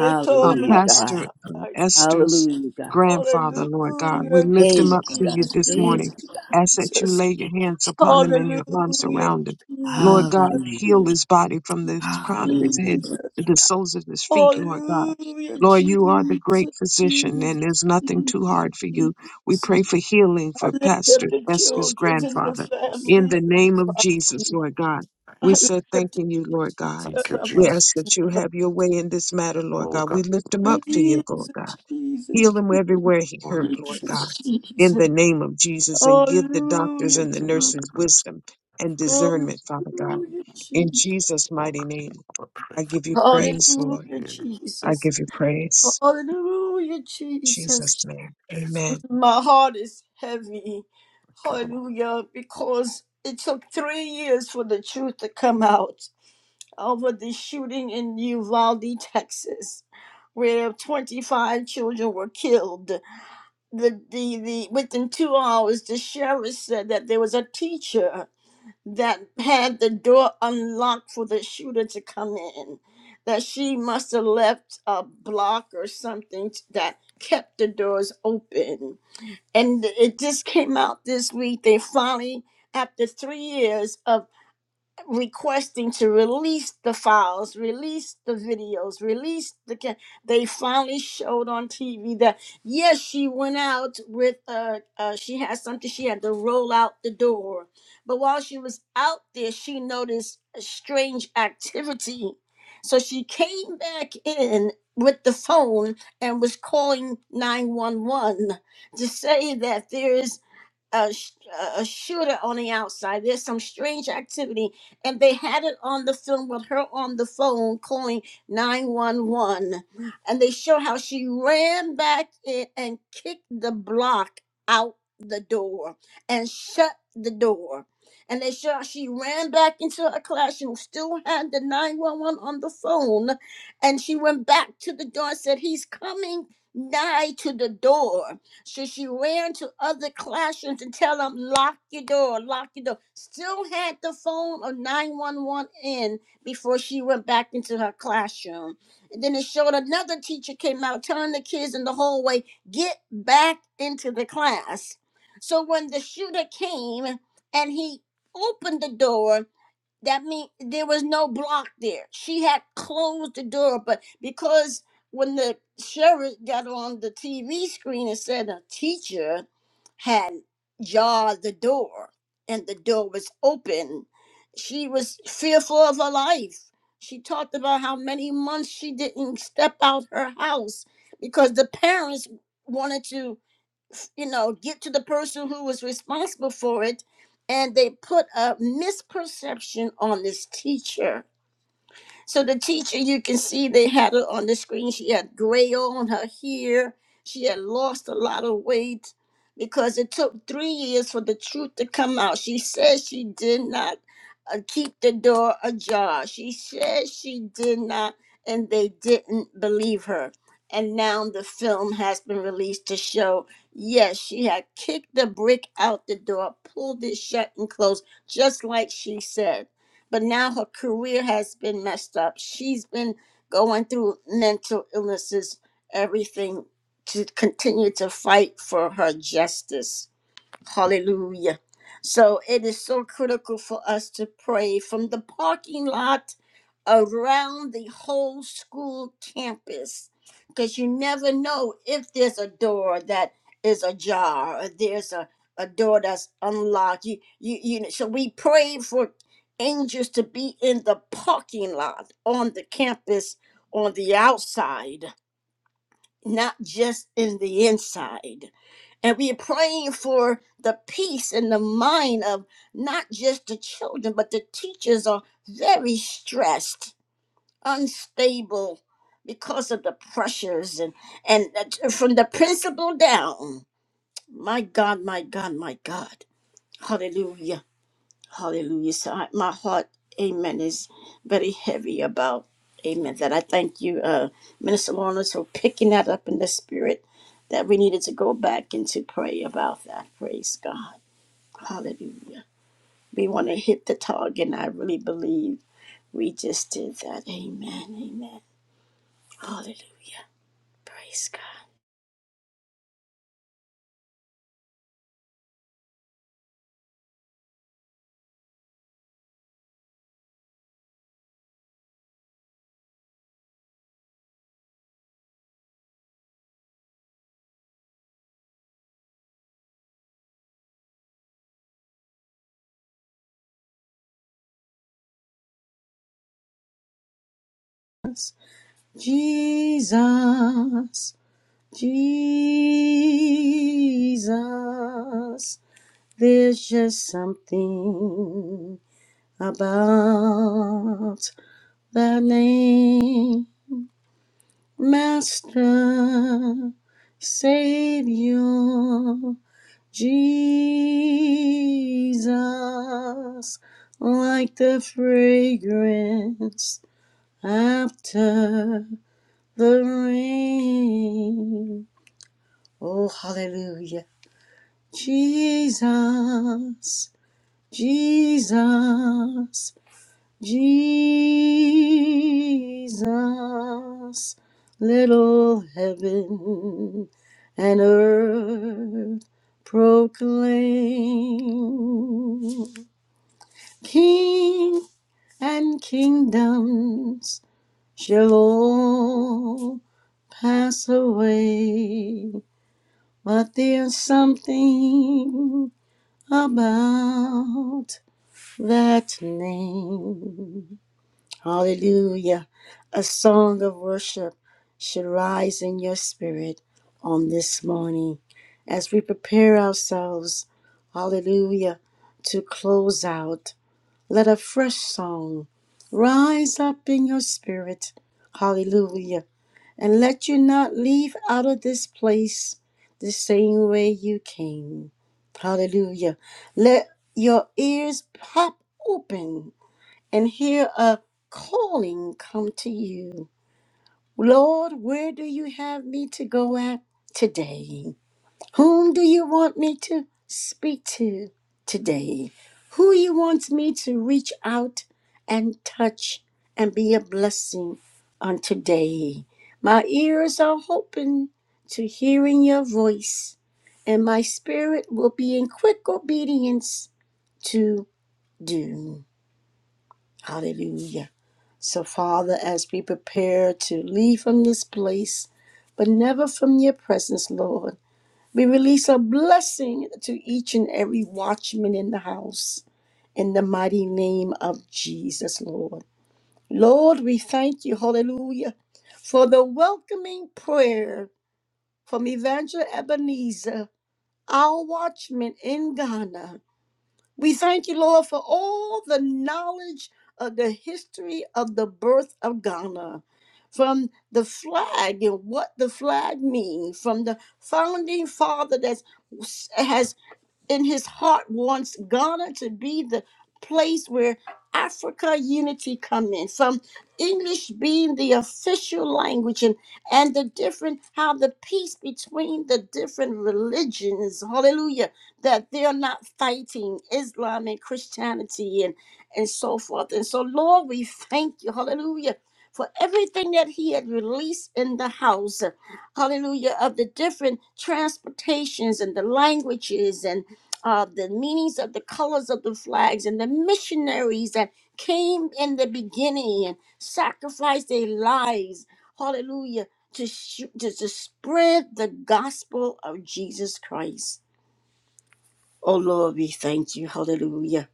A: Eto
C: uh, Pastor
H: God.
C: um,
A: Ramasatai.
C: Esther's
H: Hallelujah, God.
C: grandfather, Lord God. We
A: Hallelujah,
C: lift him up
H: Thank you,
C: to
H: God.
C: you
A: Jesus,
C: this
H: Thank
C: morning.
A: Jesus,
H: you, God.
C: Ask that
A: Jesus.
C: you lay your
H: Thank you.
C: hands upon him and your arms
A: Hallelujah,
C: around him. Lord God,
A: Jesus,
H: Hallelujah.
C: heal his body from the crown of his
H: Hallelujah.
C: head
A: Jesus.
C: to the soles of his feet, Lord God.
A: Hallelujah,
C: Lord, you are the great
A: Jesus,
C: physician,
A: Jesus.
C: and there's nothing too hard for you.
A: Jesus.
C: We pray for healing
A: I
C: for
A: lift up
C: Pastor
A: the
C: Esther's
A: children and the
C: grandfather. In the
A: families. and
C: name
A: the
C: of
A: lives.
C: Jesus, Lord God,
A: I
C: we
A: lift
C: said
A: up
C: thanking you, Lord God.
G: Thank you,
C: We
G: Jesus.
C: ask that you have your way in this matter, Lord
G: Oh
C: God. We
G: God,
C: lift him
G: thank
A: the
C: up to you, Lord
A: Jesus,
C: God.
A: Jesus,
C: Heal him everywhere he
G: you,
C: hurt,
G: Lord
C: Lord
A: Jesus,
C: God.
A: Jesus,
G: Jesus.
C: In
A: Jesus.
C: the name of Jesus, and give the doctors
A: Hallelujah,
C: and the
G: You know,
A: Jesus.
G: they're
C: nurses
G: going to set
C: wisdom and
G: free.
C: discernment, Father God.
A: Hallelujah,
C: In
A: Jesus.
C: Jesus'
G: Oh,
C: mighty
G: God,
C: name,
G: I pray
C: I
G: for
C: give you
G: these people.
C: praise, Lord.
A: Hallelujah,
G: Yeah,
C: I
A: Jesus.
C: give you praise.
A: Hallelujah,
C: In
A: Jesus.
C: Jesus' name,
G: Jesus.
C: amen.
A: My heart is heavy.
G: Thank you, Lord.
A: Hallelujah. Because it took three years for the truth to come out over the shooting in Uvalde, Texas, where 25 children were killed. The, the, the, within two hours, the sheriff said that there was a teacher that had the door unlocked for the shooter to come in, that she must have left a block or something that kept the doors open and it just came out this week. They finally, after three years of requesting to release the files, release the videos, release the. Ca- they finally showed on TV that yes, she went out with uh, uh she had something she had to roll out the door, but while she was out there, she noticed a strange activity, so she came back in with the phone and was calling 911 to say that there is a, sh- a shooter on the outside. There's some strange activity, and they had it on the film with her on the phone calling 911. And they show how she ran back in and kicked the block out the door and shut the door. And they show how she ran back into her classroom, still had the 911 on the phone, and she went back to the door and said, He's coming nigh to the door so she ran to other classrooms and tell them, lock your door, lock your door. Still had the phone of 911 in before she went back into her classroom. And then it showed another teacher came out telling the kids in the hallway, get back into the class. So when the shooter came and he opened the door, that means there was no block there. She had closed the door, but because when the sheriff got on the TV screen and said a teacher had jarred the door and the door was open, she was fearful of her life. She talked about how many months she didn't step out her house because the parents wanted to you know, get to the person who was responsible for it, and they put a misperception on this teacher so the teacher, you can see they had her on the screen. She had gray on her hair. She had lost a lot of weight because it took three years for the truth to come out. She said she did not uh, keep the door ajar. She said she did not, and they didn't believe her. And now the film has been released to show yes, she had kicked the brick out the door, pulled it shut and closed, just like she said but now her career has been messed up. She's been going through mental illnesses, everything to continue to fight for her justice. Hallelujah. So it is so critical for us to pray from the parking lot around the whole school campus because you never know if there's a door that is ajar or there's a, a door that's unlocked. You, you, you know, so we pray for angels to be in the parking lot on the campus on the outside, not just in the inside. And we are praying for the peace in the mind of not just the children, but the teachers are very stressed unstable because of the pressures and and that- uh, from the principal down. My God, my God, my God. Hallelujah. Hallelujah. So I, my heart, amen, is very heavy about amen. That I thank you, uh, Minister Lawrence, for picking that up in the spirit that we needed to go back and to pray about that. Praise God. Hallelujah. We want to hit the target, and I really believe we just did that. Amen. Amen. Hallelujah. Praise God. Jesus, Jesus, there's just something about the name, Master, Savior, Jesus, like the fragrance after. the rain. Oh, hallelujah. Jesus, Jesus, Jesus, little heaven and earth proclaim. King and kingdoms shall all pass away But there's something about that name. Hallelujah. A song of worship should rise in your spirit on this morning as we prepare ourselves, hallelujah, to close out. Let a fresh song rise up in your spirit, hallelujah, and let you not leave out of this place the same way you came. Hallelujah. Let your ears pop open and hear a calling come to you. Lord, where do you have me to go at today? Whom do you want me to speak to today? Who you wants me to reach out and touch and be a blessing on today? My ears are open to hearing your voice, and my spirit will be in quick obedience to do. Hallelujah. So, Father, as we prepare to leave from this place, but never from your presence, Lord. We release a blessing to each and every watchman in the house in the mighty name of Jesus, Lord. Lord, we thank you, hallelujah, for the welcoming prayer from Evangel Ebenezer, our watchman in Ghana. We thank you, Lord, for all the knowledge of the history of the birth of Ghana, from the flag and what the flag means, from the founding father that has in his heart wants Ghana to be the place where Africa unity come in from English being the official language and and the different how the peace between the different religions hallelujah that they're not fighting Islam and Christianity and and so forth and so Lord we thank you hallelujah for everything that he had released in the house hallelujah of the different transportations and the languages and uh, the meanings of the colors of the flags and the missionaries that came in the beginning and sacrificed their lives, hallelujah, to, sh- to, to spread the gospel of Jesus Christ. Oh Lord, we thank you, hallelujah,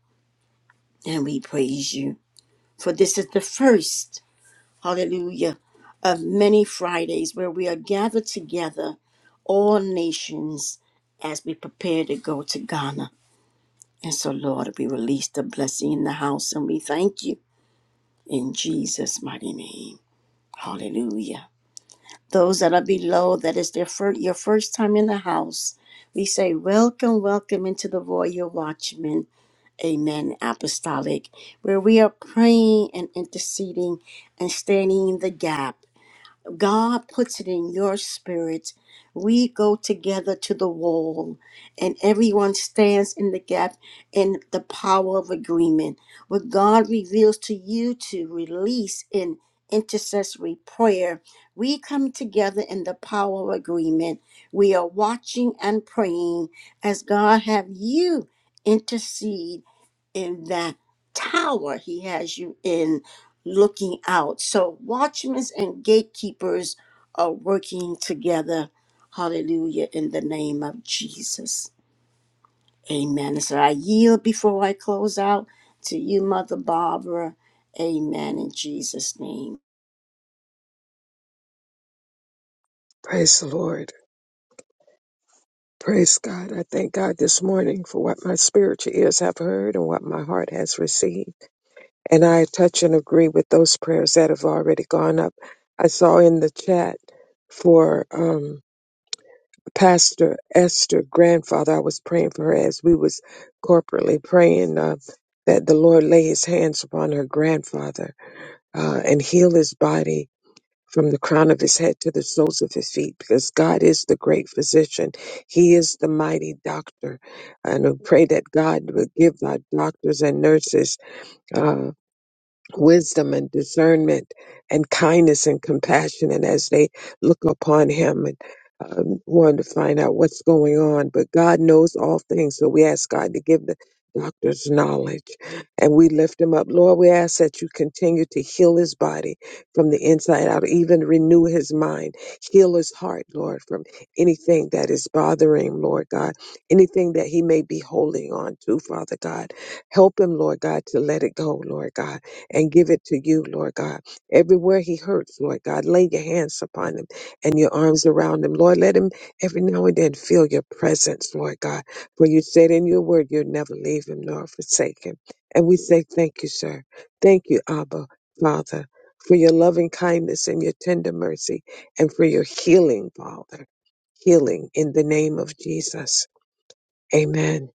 A: and we praise you. For this is the first, hallelujah, of many Fridays where we are gathered together, all nations, as we prepare to go to Ghana. And so, Lord, we release the blessing in the house and we thank you in Jesus' mighty name. Hallelujah. Those that are below, that is their fir- your first time in the house, we say, Welcome, welcome into the Royal Watchman. Amen. Apostolic, where we are praying and interceding and standing in the gap God puts it in your spirit. We go together to the wall, and everyone stands in the gap in the power of agreement. What God reveals to you to release in intercessory prayer, we come together in the power of agreement. We are watching and praying as God have you intercede in that tower he has you in looking out. So watchmen and gatekeepers are working together. Hallelujah in the name of Jesus. Amen. So I yield before I close out to you, Mother Barbara. Amen in Jesus' name.
C: Praise the Lord. Praise God. I thank God this morning for what my spiritual ears have heard and what my heart has received. And I touch and agree with those prayers that have already gone up. I saw in the chat for um, Pastor Esther grandfather. I was praying for her as we was corporately praying uh, that the Lord lay His hands upon her grandfather uh, and heal his body from the crown of his head to the soles of his feet, because God is the great physician. He is the mighty doctor, and we pray that God would give our doctors and nurses. uh, wisdom and discernment and kindness and compassion. And as they look upon him and um, want to find out what's going on, but God knows all things. So we ask God to give the doctor's knowledge and we lift him up. Lord, we ask that you continue to heal his body from the inside out, even renew his mind, heal his heart, Lord, from anything that is bothering him, Lord God, anything that he may be holding on to, Father God. Help him, Lord God, to let it go, Lord God and give it to you, Lord God. Everywhere he hurts, Lord God, lay your hands upon him and your arms around him. Lord, let him every now and then feel your presence, Lord God. For you said in your word, you'll never leave him nor forsake him. And we say thank you, sir. Thank you, Abba, Father, for your loving kindness and your tender mercy and for your healing, Father. Healing in the name of Jesus. Amen.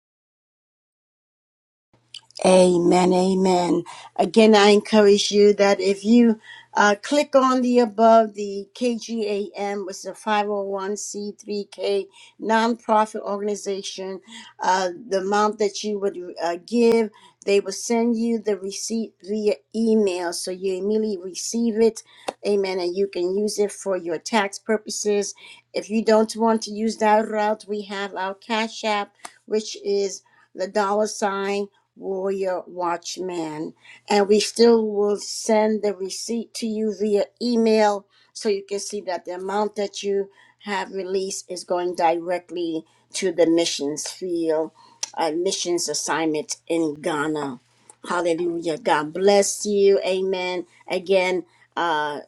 A: Amen, amen. Again, I encourage you that if you uh, click on the above, the KGAM was a 501c3k nonprofit organization. Uh, the amount that you would uh, give, they will send you the receipt via email. So you immediately receive it. Amen. And you can use it for your tax purposes. If you don't want to use that route, we have our Cash App, which is the dollar sign warrior watchman. And we still will send the receipt to you via email so you can see that the amount that you have released is going directly to the missions field, uh, missions assignment in Ghana. Hallelujah. God bless you. Amen. Again, uh,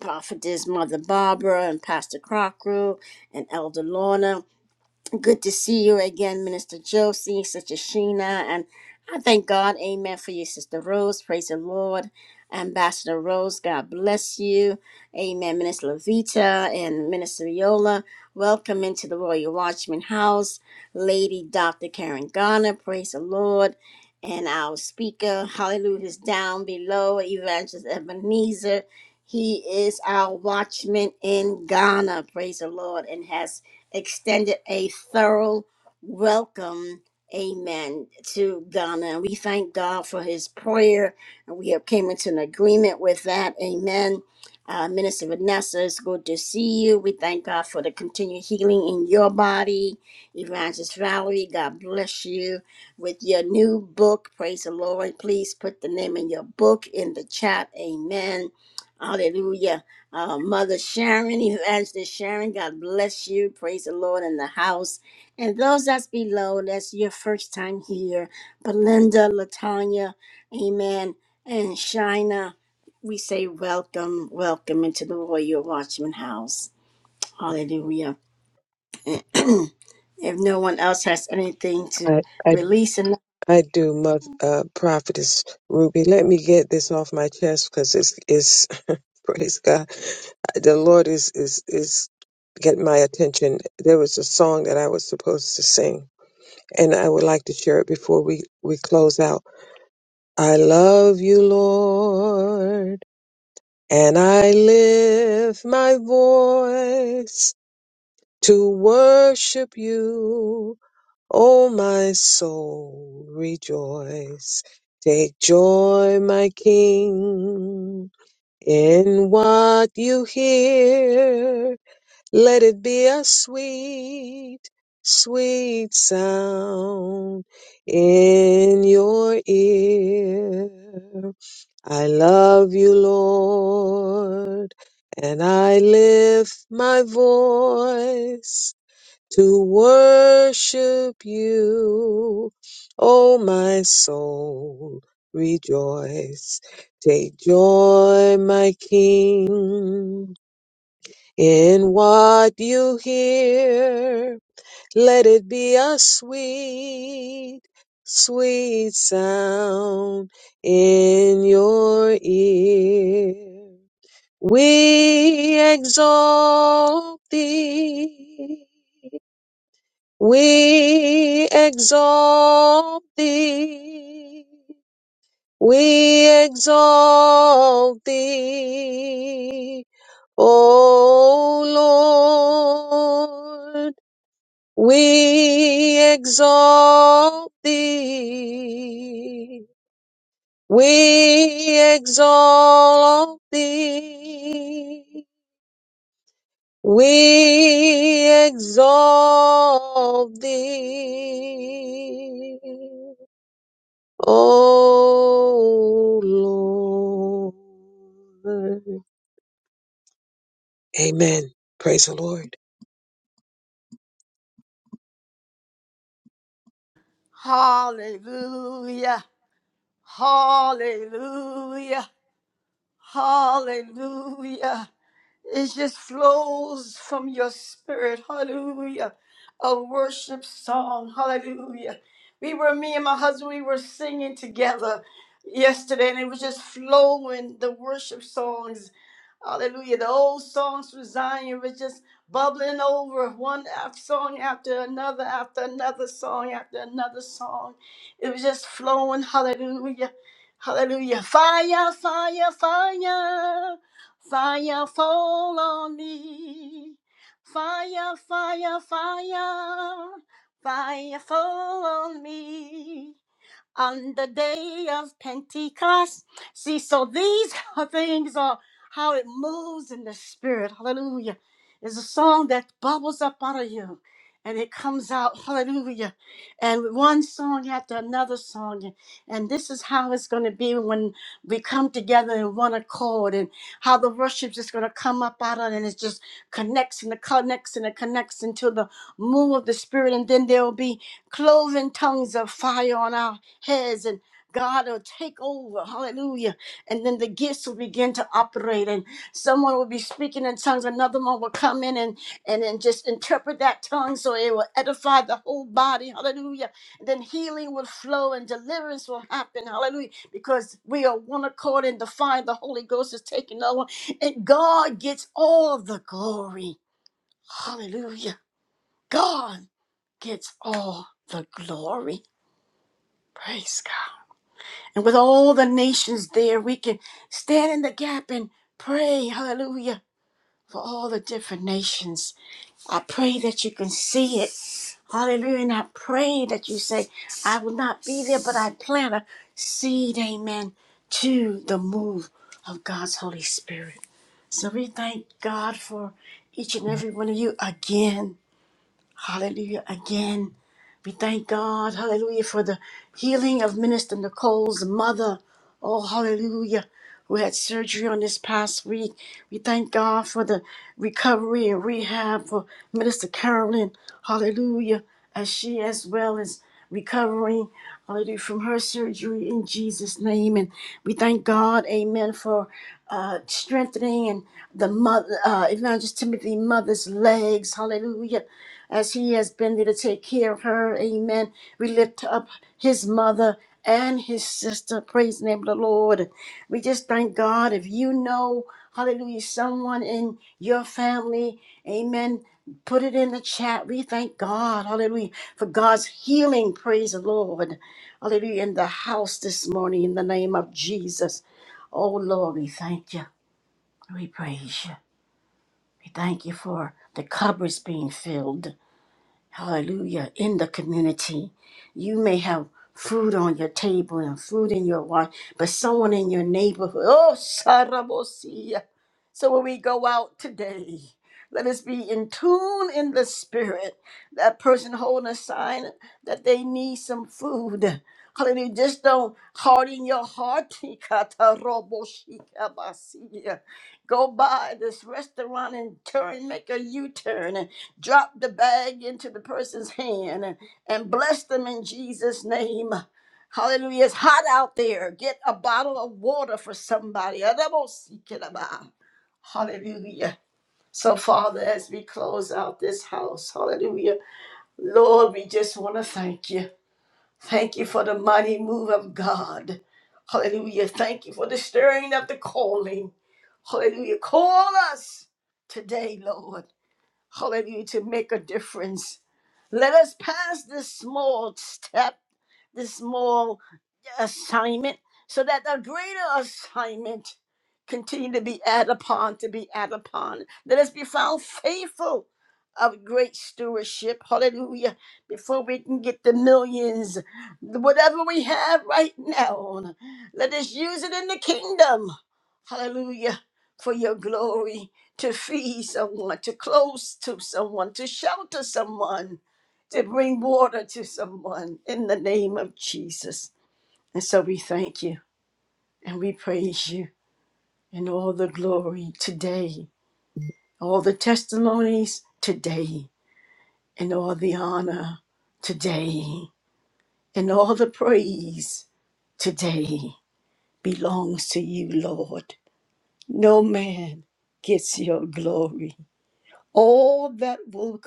A: prophetess Mother Barbara and Pastor Crocker and Elder Lorna. Good to see you again, Minister Josie, Sister Sheena, and I thank God, amen, for you, Sister Rose. Praise the Lord. Ambassador Rose, God bless you. Amen. Minister Levita and Minister Yola, welcome into the Royal Watchman House. Lady Dr. Karen Garner, praise the Lord. And our speaker, hallelujah, is down below, Evangelist Ebenezer. He is our watchman in Ghana, praise the Lord, and has extended a thorough welcome, amen, to Ghana. And we thank God for his prayer. And we have came into an agreement with that. Amen. Uh, Minister Vanessa, it's good to see you. We thank God for the continued healing in your body. Evangelist Valerie, God bless you with your new book. Praise the Lord. Please put the name in your book in the chat. Amen. Hallelujah. Uh, Mother Sharon, Evangelist Sharon, God bless you. Praise the Lord in the house. And those that's below, that's your first time here. Belinda, Latanya, Amen, and Shina, we say welcome, welcome into the Royal Watchman house. Hallelujah. if no one else has anything to release, and
C: I do, Mother uh, Prophetess Ruby. Let me get this off my chest because it's, it's praise God. The Lord is is is getting my attention. There was a song that I was supposed to sing, and I would like to share it before we we close out. I love you, Lord, and I lift my voice to worship you O my soul, rejoice. Take joy, my King, in what you hear. Let it be a sweet, sweet sound in your ear. I love you, Lord, and I lift my voice to worship you. O my soul, rejoice. Take joy, my King, in what you hear. Let it be a sweet, sweet sound in your ear. We exalt thee we exalt thee. We exalt thee. O Lord, we exalt thee. We exalt thee. We exalt thee. Oh Lord. Amen. Praise the Lord.
A: Hallelujah. Hallelujah. Hallelujah. It just flows from your spirit. Hallelujah. A worship song. Hallelujah. We were, me and my husband, we were singing together yesterday, and it was just flowing the worship songs Hallelujah. The old songs from Zion was just bubbling over one song after another, after another song, after another song. It was just flowing. Hallelujah. Hallelujah. Fire, fire, fire. Fire fall on me. Fire, fire, fire. Fire fall on me on the day of Pentecost. See, so these are things are how it moves in the spirit. Hallelujah. It's a song that bubbles up out of you and it comes out. Hallelujah. And one song after another song. And this is how it's going to be when we come together in one accord and how the worship is going to come up out of it and it just connects and it connects and it connects into the move of the spirit. And then there will be cloven tongues of fire on our heads and God will take over. Hallelujah. And then the gifts will begin to operate. And someone will be speaking in tongues. Another one will come in and, and then just interpret that tongue so it will edify the whole body. Hallelujah. And then healing will flow and deliverance will happen. Hallelujah. Because we are one accord and the fire of the Holy Ghost is taking over. And God gets all the glory. Hallelujah. God gets all the glory. Praise And with all the nations there, we can stand in the gap and pray, hallelujah, for all the different nations. I pray that you can see it. Hallelujah. And I pray that you say, I will not be there, but I plant a seed, amen, to the move of God's Holy Spirit. So we thank God for each and every one of you again. Hallelujah. Again. We thank God, hallelujah, for the healing of Minister Nicole's mother. Oh, hallelujah, who had surgery on this past week. We thank God for the recovery and rehab for Minister Carolyn. Hallelujah, as she as well as recovering, hallelujah, from her surgery in Jesus' name. And we thank God, amen, for uh, strengthening and the mother, uh, Evangelist Timothy mother's legs. Hallelujah as he has been there to take care of her. Amen. We lift up his mother and his sister. Praise the name of the Lord. We just thank God. If you know, hallelujah, someone in your family, amen. Put it in the chat. We thank God, hallelujah, for God's healing. Praise the Lord. Hallelujah. In the house this morning, in the name of Jesus. Oh, Lord, we thank you. We praise you. We thank you for the cupboards being filled. Hallelujah. In the community, you may have food on your table and food in your watch, but someone in your neighborhood, oh, Sarabosia. So when we go out today, let us be in tune in the spirit. That person holding a sign that they need some food. Hallelujah. Just don't harden your heart. go by this restaurant and turn, make a U turn and drop the bag into the person's hand and, and bless them in Jesus' name. Hallelujah. It's hot out there. Get a bottle of water for somebody. Hallelujah. So, Father, as we close out this house, hallelujah, Lord, we just want to thank you. Thank you for the mighty move of God. Hallelujah. Thank you for the stirring of the calling. Hallelujah. Call us today, Lord. Hallelujah. To make a difference. Let us pass this small step, this small assignment, so that the greater assignment continue to be added upon, to be added upon. Let us be found faithful of great stewardship. Hallelujah. Before we can get the millions, whatever we have right now, let us use it in the kingdom. Hallelujah. For your glory, to feed someone, to close to someone, to shelter someone to bring water to someone in the name of Jesus. And so we thank you and we praise you and all the glory today, all the testimonies today, and all the honor today, and all the praise today belongs to you, Lord. No man gets your glory. All that will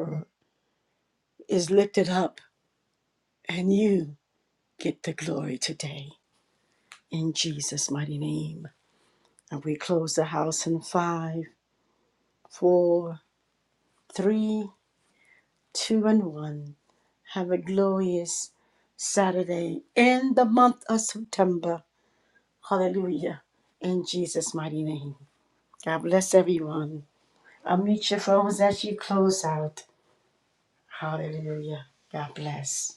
A: occur is lifted up, and you get the glory today. In Jesus' mighty name. And we close the house in five, four, three, two, and one. Have a glorious Saturday in the month of September. Hallelujah. In Jesus' mighty name. God bless everyone. Unmute your phones as you close out. Hallelujah. God bless.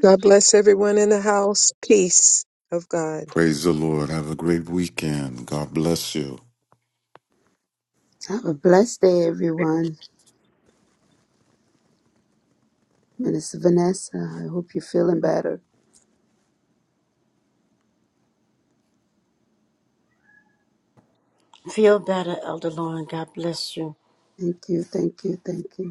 C: God bless everyone in the house. Peace of God.
G: Praise the Lord. Have a great weekend. God bless you.
H: Have a blessed day, everyone. Minister Vanessa, I hope you're feeling better.
A: Feel better, Elder Lauren. God bless you.
H: Thank you, thank you, thank you.